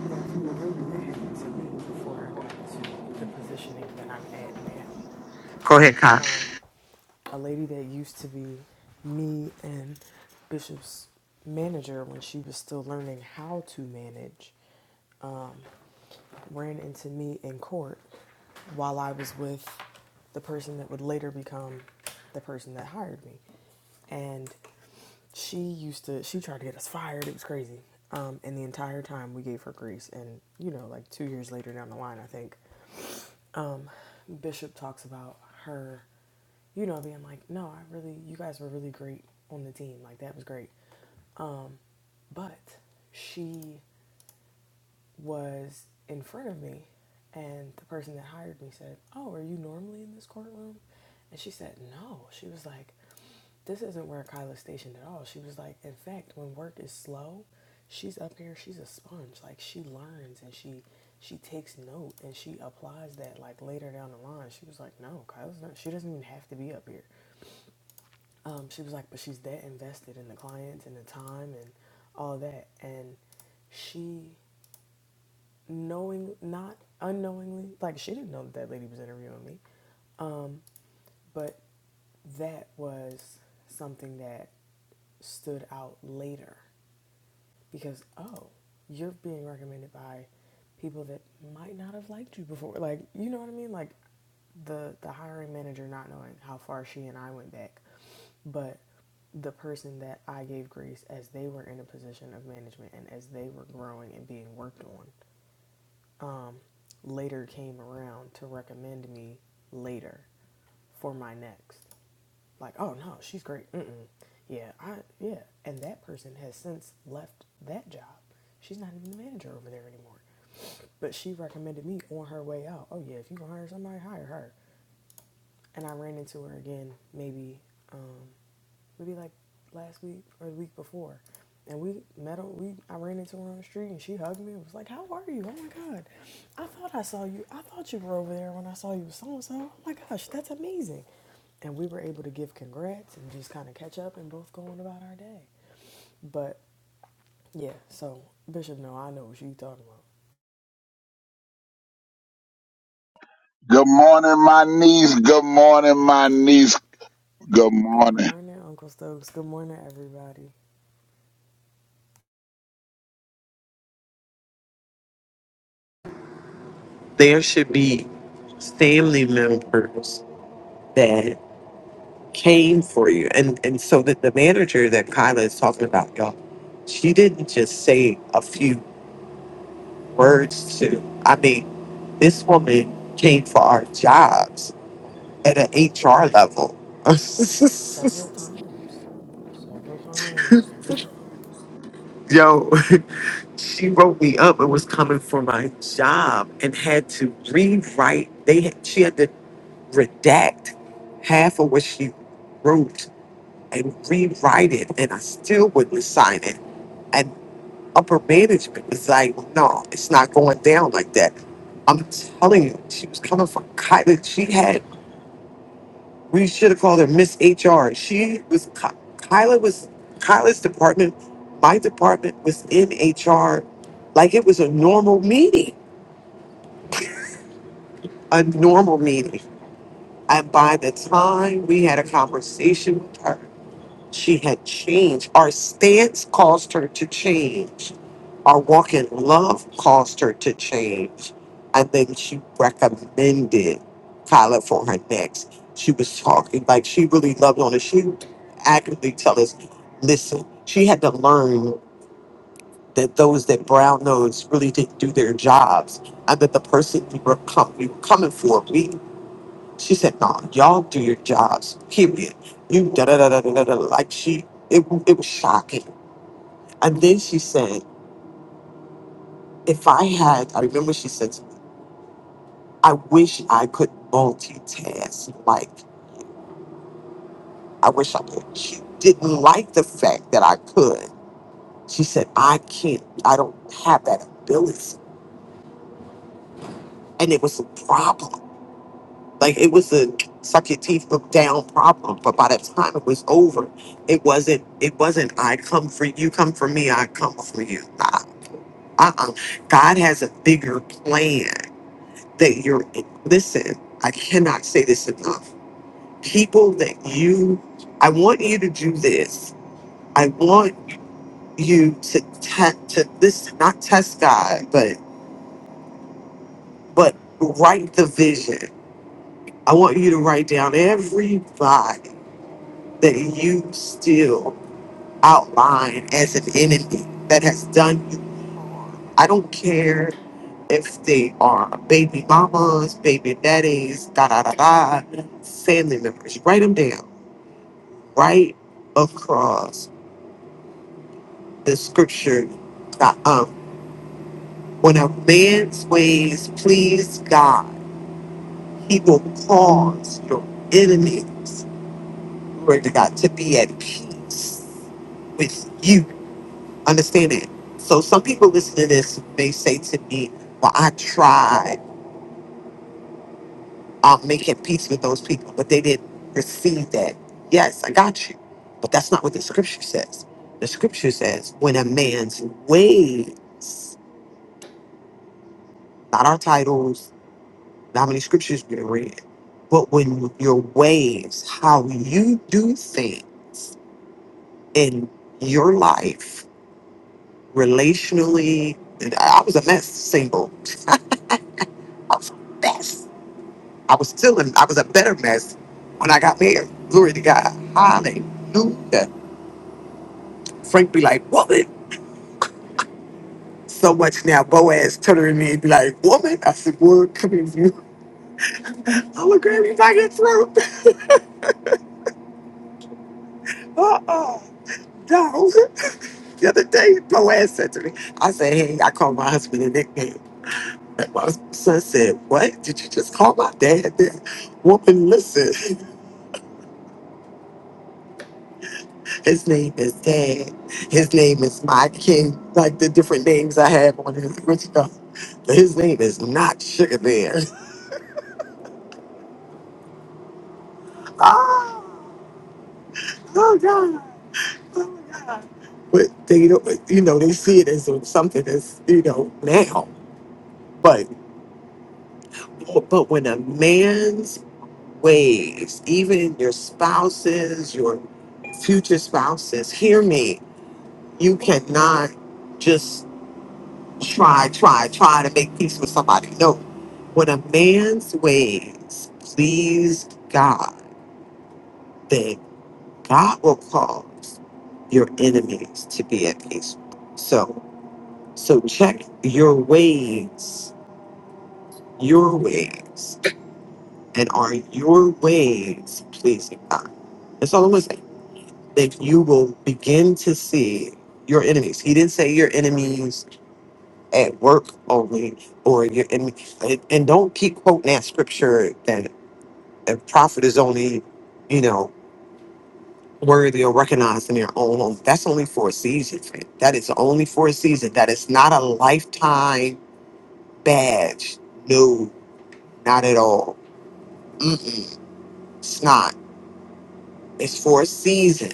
now if you remember, that happened to me before I got to the positioning that I'm at now. Go ahead, Kai. Um, a lady that used to be me and Bishop's manager when she was still learning how to manage. ran into me in court while I was with the person that would later become the person that hired me. And she used to, she tried to get us fired. It was crazy. Um, and the entire time we gave her grace. And, you know, like two years later down the line, I think, um, Bishop talks about her, you know, being like, no, I really, you guys were really great on the team. Like, that was great. Um, but she was in front of me, and the person that hired me said, "Oh, are you normally in this courtroom?" And she said, "No." She was like, "This isn't where Kyla's stationed at all." She was like, "In fact, when work is slow, she's up here. She's a sponge. Like she learns and she she takes note and she applies that like later down the line." She was like, "No, Kyla's not. She doesn't even have to be up here." Um, she was like, "But she's that invested in the clients and the time and all that." And she knowing, not unknowingly, like she didn't know that that lady was interviewing me, um, but that was something that stood out later because oh, you're being recommended by people that might not have liked you before. Like you know what I mean? Like the the hiring manager not knowing how far she and I went back, but the person that I gave grace as they were in a position of management and as they were growing and being worked on um, later came around to recommend me later for my next. Like, oh no, she's great. Mm-mm. Yeah, I yeah. And that person has since left that job. She's not even the manager over there anymore. But she recommended me on her way out. Oh yeah, if you can hire somebody, hire her and I ran into her again maybe um, maybe like last week or the week before. And we met on we I ran into her on the street and she hugged me and was like, How are you? Oh my god. I thought I saw you. I thought you were over there when I saw you with so and so. Oh my gosh, that's amazing. And we were able to give congrats and just kind of catch up and both go on about our day. But yeah, so Bishop, no, I know what you talking about. Good morning, my niece. Good morning, my niece. Good Good morning. morning, Uncle Stokes. Good morning, everybody. There should be family members that came for you. And and so that the manager that Kyla is talking about, y'all, she didn't just say a few words to. I mean, this woman came for our jobs at an HR level. Several times. Several times. Yo, she wrote me up and was coming for my job and had to rewrite. They had, she had to redact half of what she wrote and rewrite it, and I still wouldn't sign it. And upper management was like, "No, it's not going down like that." I'm telling you, she was coming for Kylie. She had We should have called her Miss HR. She was Ky- Kyla was Kyla's department. My department was in HR, like it was a normal meeting, a normal meeting. And by the time we had a conversation with her, she had changed. Our stance caused her to change Our walk in love caused her to change. And then she recommended Kyla for her next. She was talking like she really loved on us. She actively tell us, listen, she had to learn that those that brown nosed really didn't do their jobs and that the person we were, com- we were coming for, we, she said, no, y'all do your jobs, period. You da da da da da da. da." Like she, it, it was shocking. And then she said, if I had, I remember she said. I wish I could multitask. Like, I wish I could. She didn't like the fact that I could. She said, I can't, I don't have that ability. And it was a problem. Like, it was a suck your teeth, look down problem. But by the time it was over, it wasn't, it wasn't, I come for you, come for me, I come for you. Nah, uh-uh. God has a bigger plan that you're, listen, I cannot say this enough people that you i want you to do this i want you to te- to this not test god but but write the vision i want you to write down everybody that you still outline as an enemy that has done you i don't care if they are baby mamas baby daddies da da da da family members write them down right across the scripture uh, um, When a man's ways please God, he will cause your enemies, glory to God, to be at peace with you. Understand that? So some people listening to this may say to me, Well, I tried uh, making peace with those people, but they didn't receive that. Yes, I got you. But that's not what the scripture says. The scripture says, When a man's ways, not our titles, how many scriptures you read, but when your ways, how you do things in your life, relationally, and I I was a mess single. I was a mess. I was still in, I was a better mess when I got married. Glory to God. Hallelujah. Frank be like, woman. So much now, Boaz turning to me and be like, woman. I said, word, come here, you. I'll grab you by your throat. Uh-uh. dog. the other day, my ass said to me, I said, hey, I called my husband a nickname. And my son said, what? Did you just call my dad that? Woman, listen, his name is Dad. His name is my king. Like the different names I have on his rich stuff. But his name is not Sugar Bear. oh, oh, God. Oh, my God. But they don't, you know, they see it as something that's, you know, now. But but when a man's ways, even your spouses, your future spouses. Hear me. You cannot just try, try, try to make peace with somebody. No. When a man's ways please God, then God will cause your enemies to be at peace. So, so check your ways, your ways, and are your ways pleasing God? That's all I'm saying. that you will begin to see your enemies. He didn't say your enemies at work only or your enemy. And and don't keep quoting that scripture that a prophet is only, you know, worthy or recognized in their own home. That's only for a season, friend. That is only for a season. That is not a lifetime badge. No, not at all. Mm-mm, it's not. It's for a season.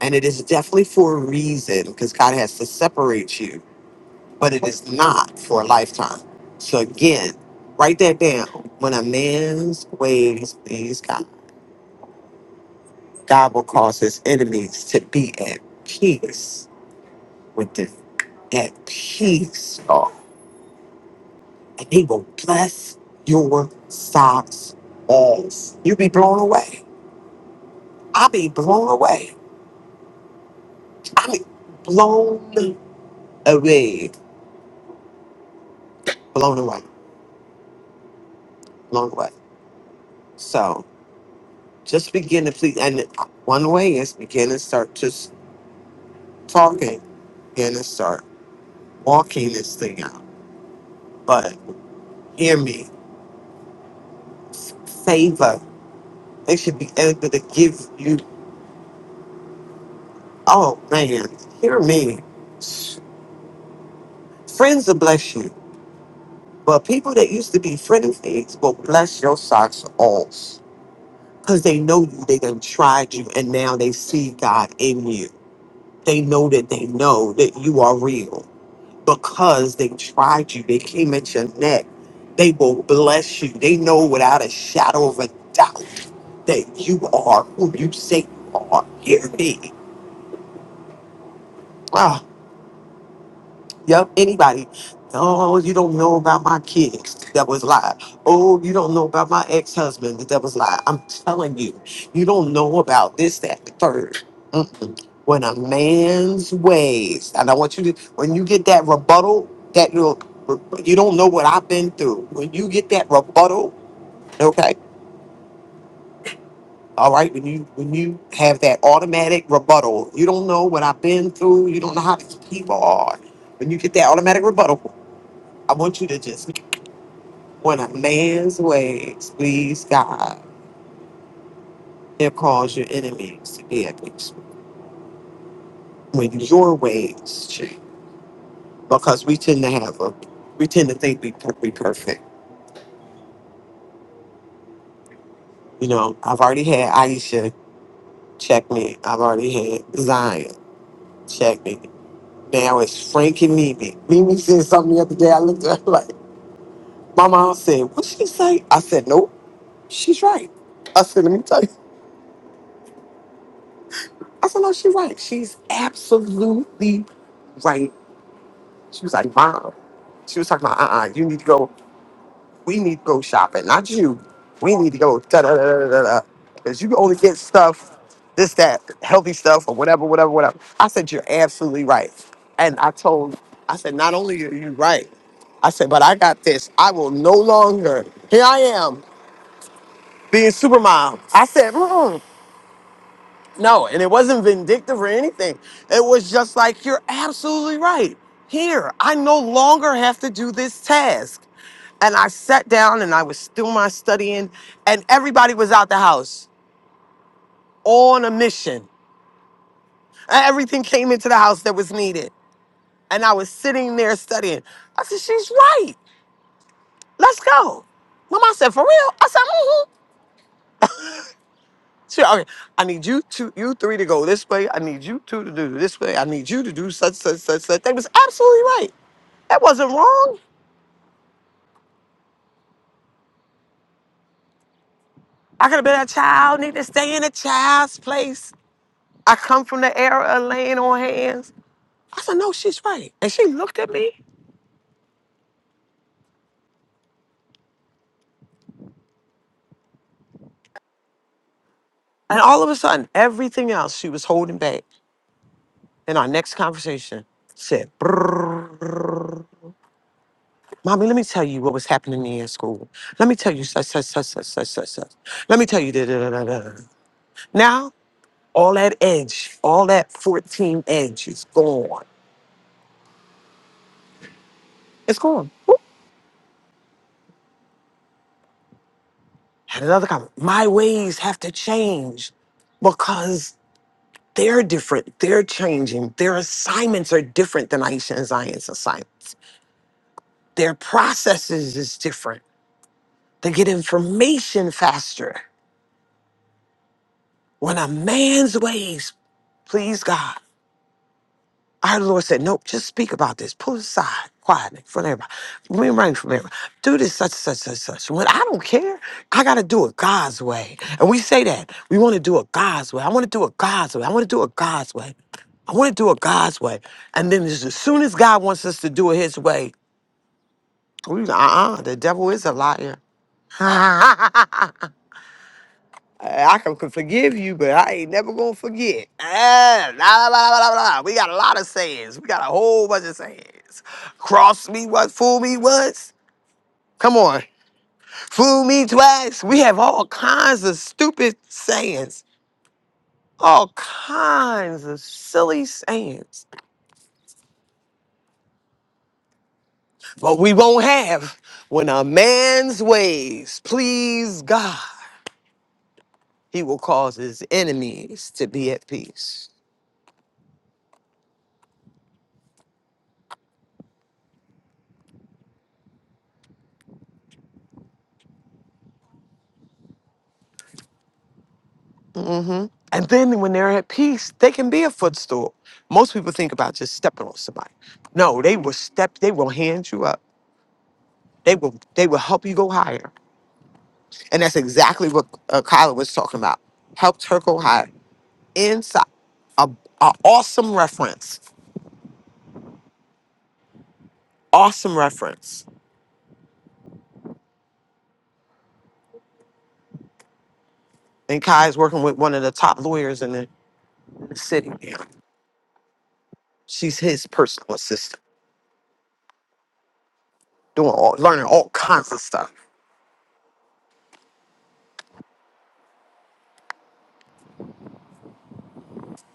And it is definitely for a reason because God has to separate you but it is not for a lifetime. So again, write that down. When a man's ways please God, God will cause his enemies to be at peace with them. At peace, y'all. And he will bless your socks off. You be blown away. I be blown away. I mean blown away. Blown away. Blown away. So just begin to please and one way is begin to start just talking and to start walking this thing out. But hear me, favor. They should be able to give you. Oh man, hear me. Friends will bless you, but people that used to be friendlies will bless your socks off because they know you. They done tried you, and now they see God in you. They know that they know that you are real. because they tried you, they came at your neck. They will bless you. They know without a shadow of a doubt that you are who you say you are. Hear me. Yep, anybody. Oh, you don't know about my kids. That was lie. Oh, you don't know about my ex-husband. That was lie. I'm telling you, you don't know about this, that, the third. Mm-mm. When a man's ways, and I want you to, when you get that rebuttal, that you you don't know what I've been through. When you get that rebuttal, okay, all right. When you when you have that automatic rebuttal, you don't know what I've been through. You don't know how these people are. When you get that automatic rebuttal, I want you to just When a man's ways please God, he'll cause your enemies to be at peace. When your ways change, because we tend to have a, we tend to think we per- we perfect. You know, I've already had Aisha check me. I've already had Zion check me. Now it's Frank and Mimi. Mimi said something the other day. I looked at her like, my mom said, what she say? I said, nope, she's right. I said, let me tell you. I said, no, she's right. She's absolutely right She was like, Mom, she was talking about, uh uh you need to go, we need to go shopping, not you. We need to go, da da da da da da. Because you can only get stuff, this, that, healthy stuff, or whatever, whatever, whatever. I said, You're absolutely right. And I told, I said, Not only are you right, I said, But I got this. I will no longer, here I am, being super mom. I said, mm no, and it wasn't vindictive or anything. It was just like, you're absolutely right. Here, I no longer have to do this task. And I sat down and I was doing my studying, and everybody was out the house on a mission. And Everything came into the house that was needed. And I was sitting there studying. I said, She's right. Let's go. Mama said, For real? I said, "Mm-hmm." She, okay, I need you two, you three to go this way. I need you two to do this way. I need you to do such, such, such, such. They was absolutely right. That wasn't wrong. I could have been a child, need to stay in a child's place. I come from the era of laying on hands. I said, no, she's right. And she looked at me, and all of a sudden, everything else she was holding back in our next conversation said, "Brrrr. Mommy, let me tell you what was happening to me in school. Let me tell you such, such, such, such, such, such, such. Let me tell you da da da da. da." Now, all that edge, all that 14 edge is gone. It's gone. Had another comment. My ways have to change because they're different. They're changing. Their assignments are different than Aisha and Zion's assignments. Their processes is different. They get information faster. When a man's ways please God, Our Lord said, Nope, just speak about this. Pull it aside, quietly, in front of everybody. Bring rain from everybody. Do this, such, such, such, such. When I don't care, I got to do it God's way. And we say that. We want to do it God's way. I want to do it God's way. I want to do it God's way. I want to do it God's way. And then as as soon as God wants us to do it His way, we uh uh the devil is a liar. Uh, I can forgive you, but I ain't never gonna forget. Ah, la, la, la, la, la. We got a lot of sayings. We got a whole bunch of sayings. Cross me once, fool me once. Come on, fool me twice. We have all kinds of stupid sayings, all kinds of silly sayings. But we won't have when a man's ways please God, he will cause his enemies to be at peace. hmm And then when they're at peace, they can be a footstool. Most people think about just stepping on somebody. No, they will step, they will hand you up. They will they will help you go higher. And that's exactly what uh, Kyla was talking about. Helped her go higher. Inside. A, a awesome reference. Awesome reference. And Kai is working with one of the top lawyers in the, in the city now. She's his personal assistant, doing all learning all kinds of stuff.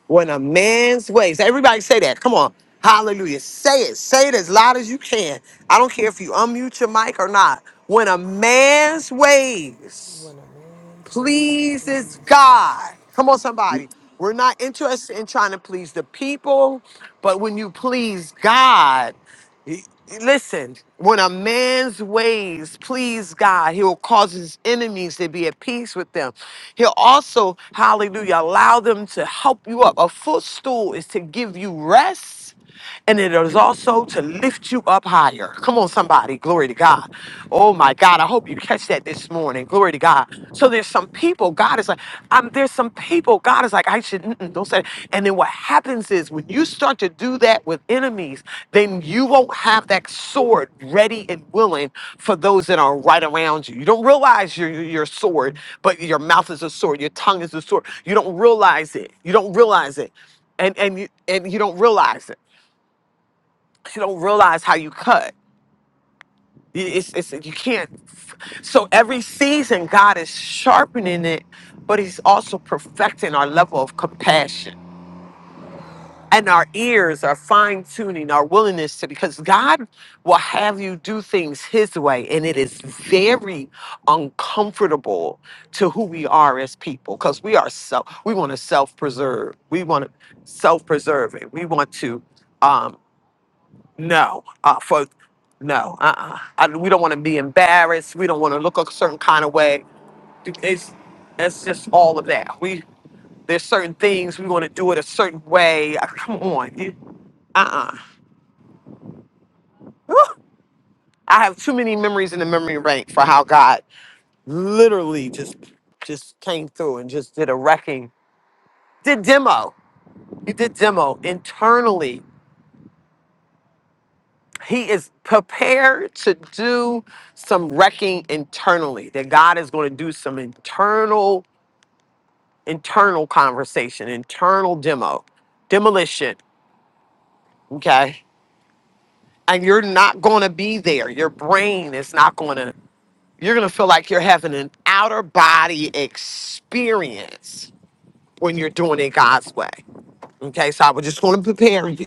when a man's ways. Everybody say that. Come on. Hallelujah. Say it. Say it as loud as you can. I don't care if you unmute your mic or not. When a man's ways When a man's ways pleases please God, God. Come on, somebody. We're not interested in trying to please the people, but when you please God, Listen, when a man's ways please God, he will cause his enemies to be at peace with them. He'll also, hallelujah, allow them to help you up. A footstool is to give you rest. And it is also to lift you up higher. Come on, somebody. Glory to God. Oh, my God. I hope you catch that this morning. Glory to God. So there's some people god is like i'm there's some people god is like i should mm-mm, don't say that. and then what happens is when you start to do that with enemies then you won't have that sword ready and willing for those that are right around you you don't realize your your your sword but your mouth is a sword your tongue is a sword you don't realize it you don't realize it and and you and you don't realize it you don't realize how you cut it's, it's, you can't. So every season, God is sharpening it, but He's also perfecting our level of compassion and our ears, our fine tuning, our willingness to, because God will have you do things His way. And it is very uncomfortable to who we are as people because we are self, we want to self preserve. We want to self preserve it. We want to. Um, no, uh, for no, uh-uh. I, we don't want to be embarrassed. We don't want to look a certain kind of way. It's it's just all of that. We there's certain things we want to do it a certain way. Uh, Come on, you- uh-uh. Whew. I have too many memories in the memory bank for how God literally just just came through and just did a wrecking. Did demo. He did demo internally he is prepared to do some wrecking internally that god is going to do some internal internal conversation internal demo demolition okay and you're not going to be there your brain is not going to you're going to feel like you're having an outer body experience when you're doing it god's way okay so i was just going to prepare you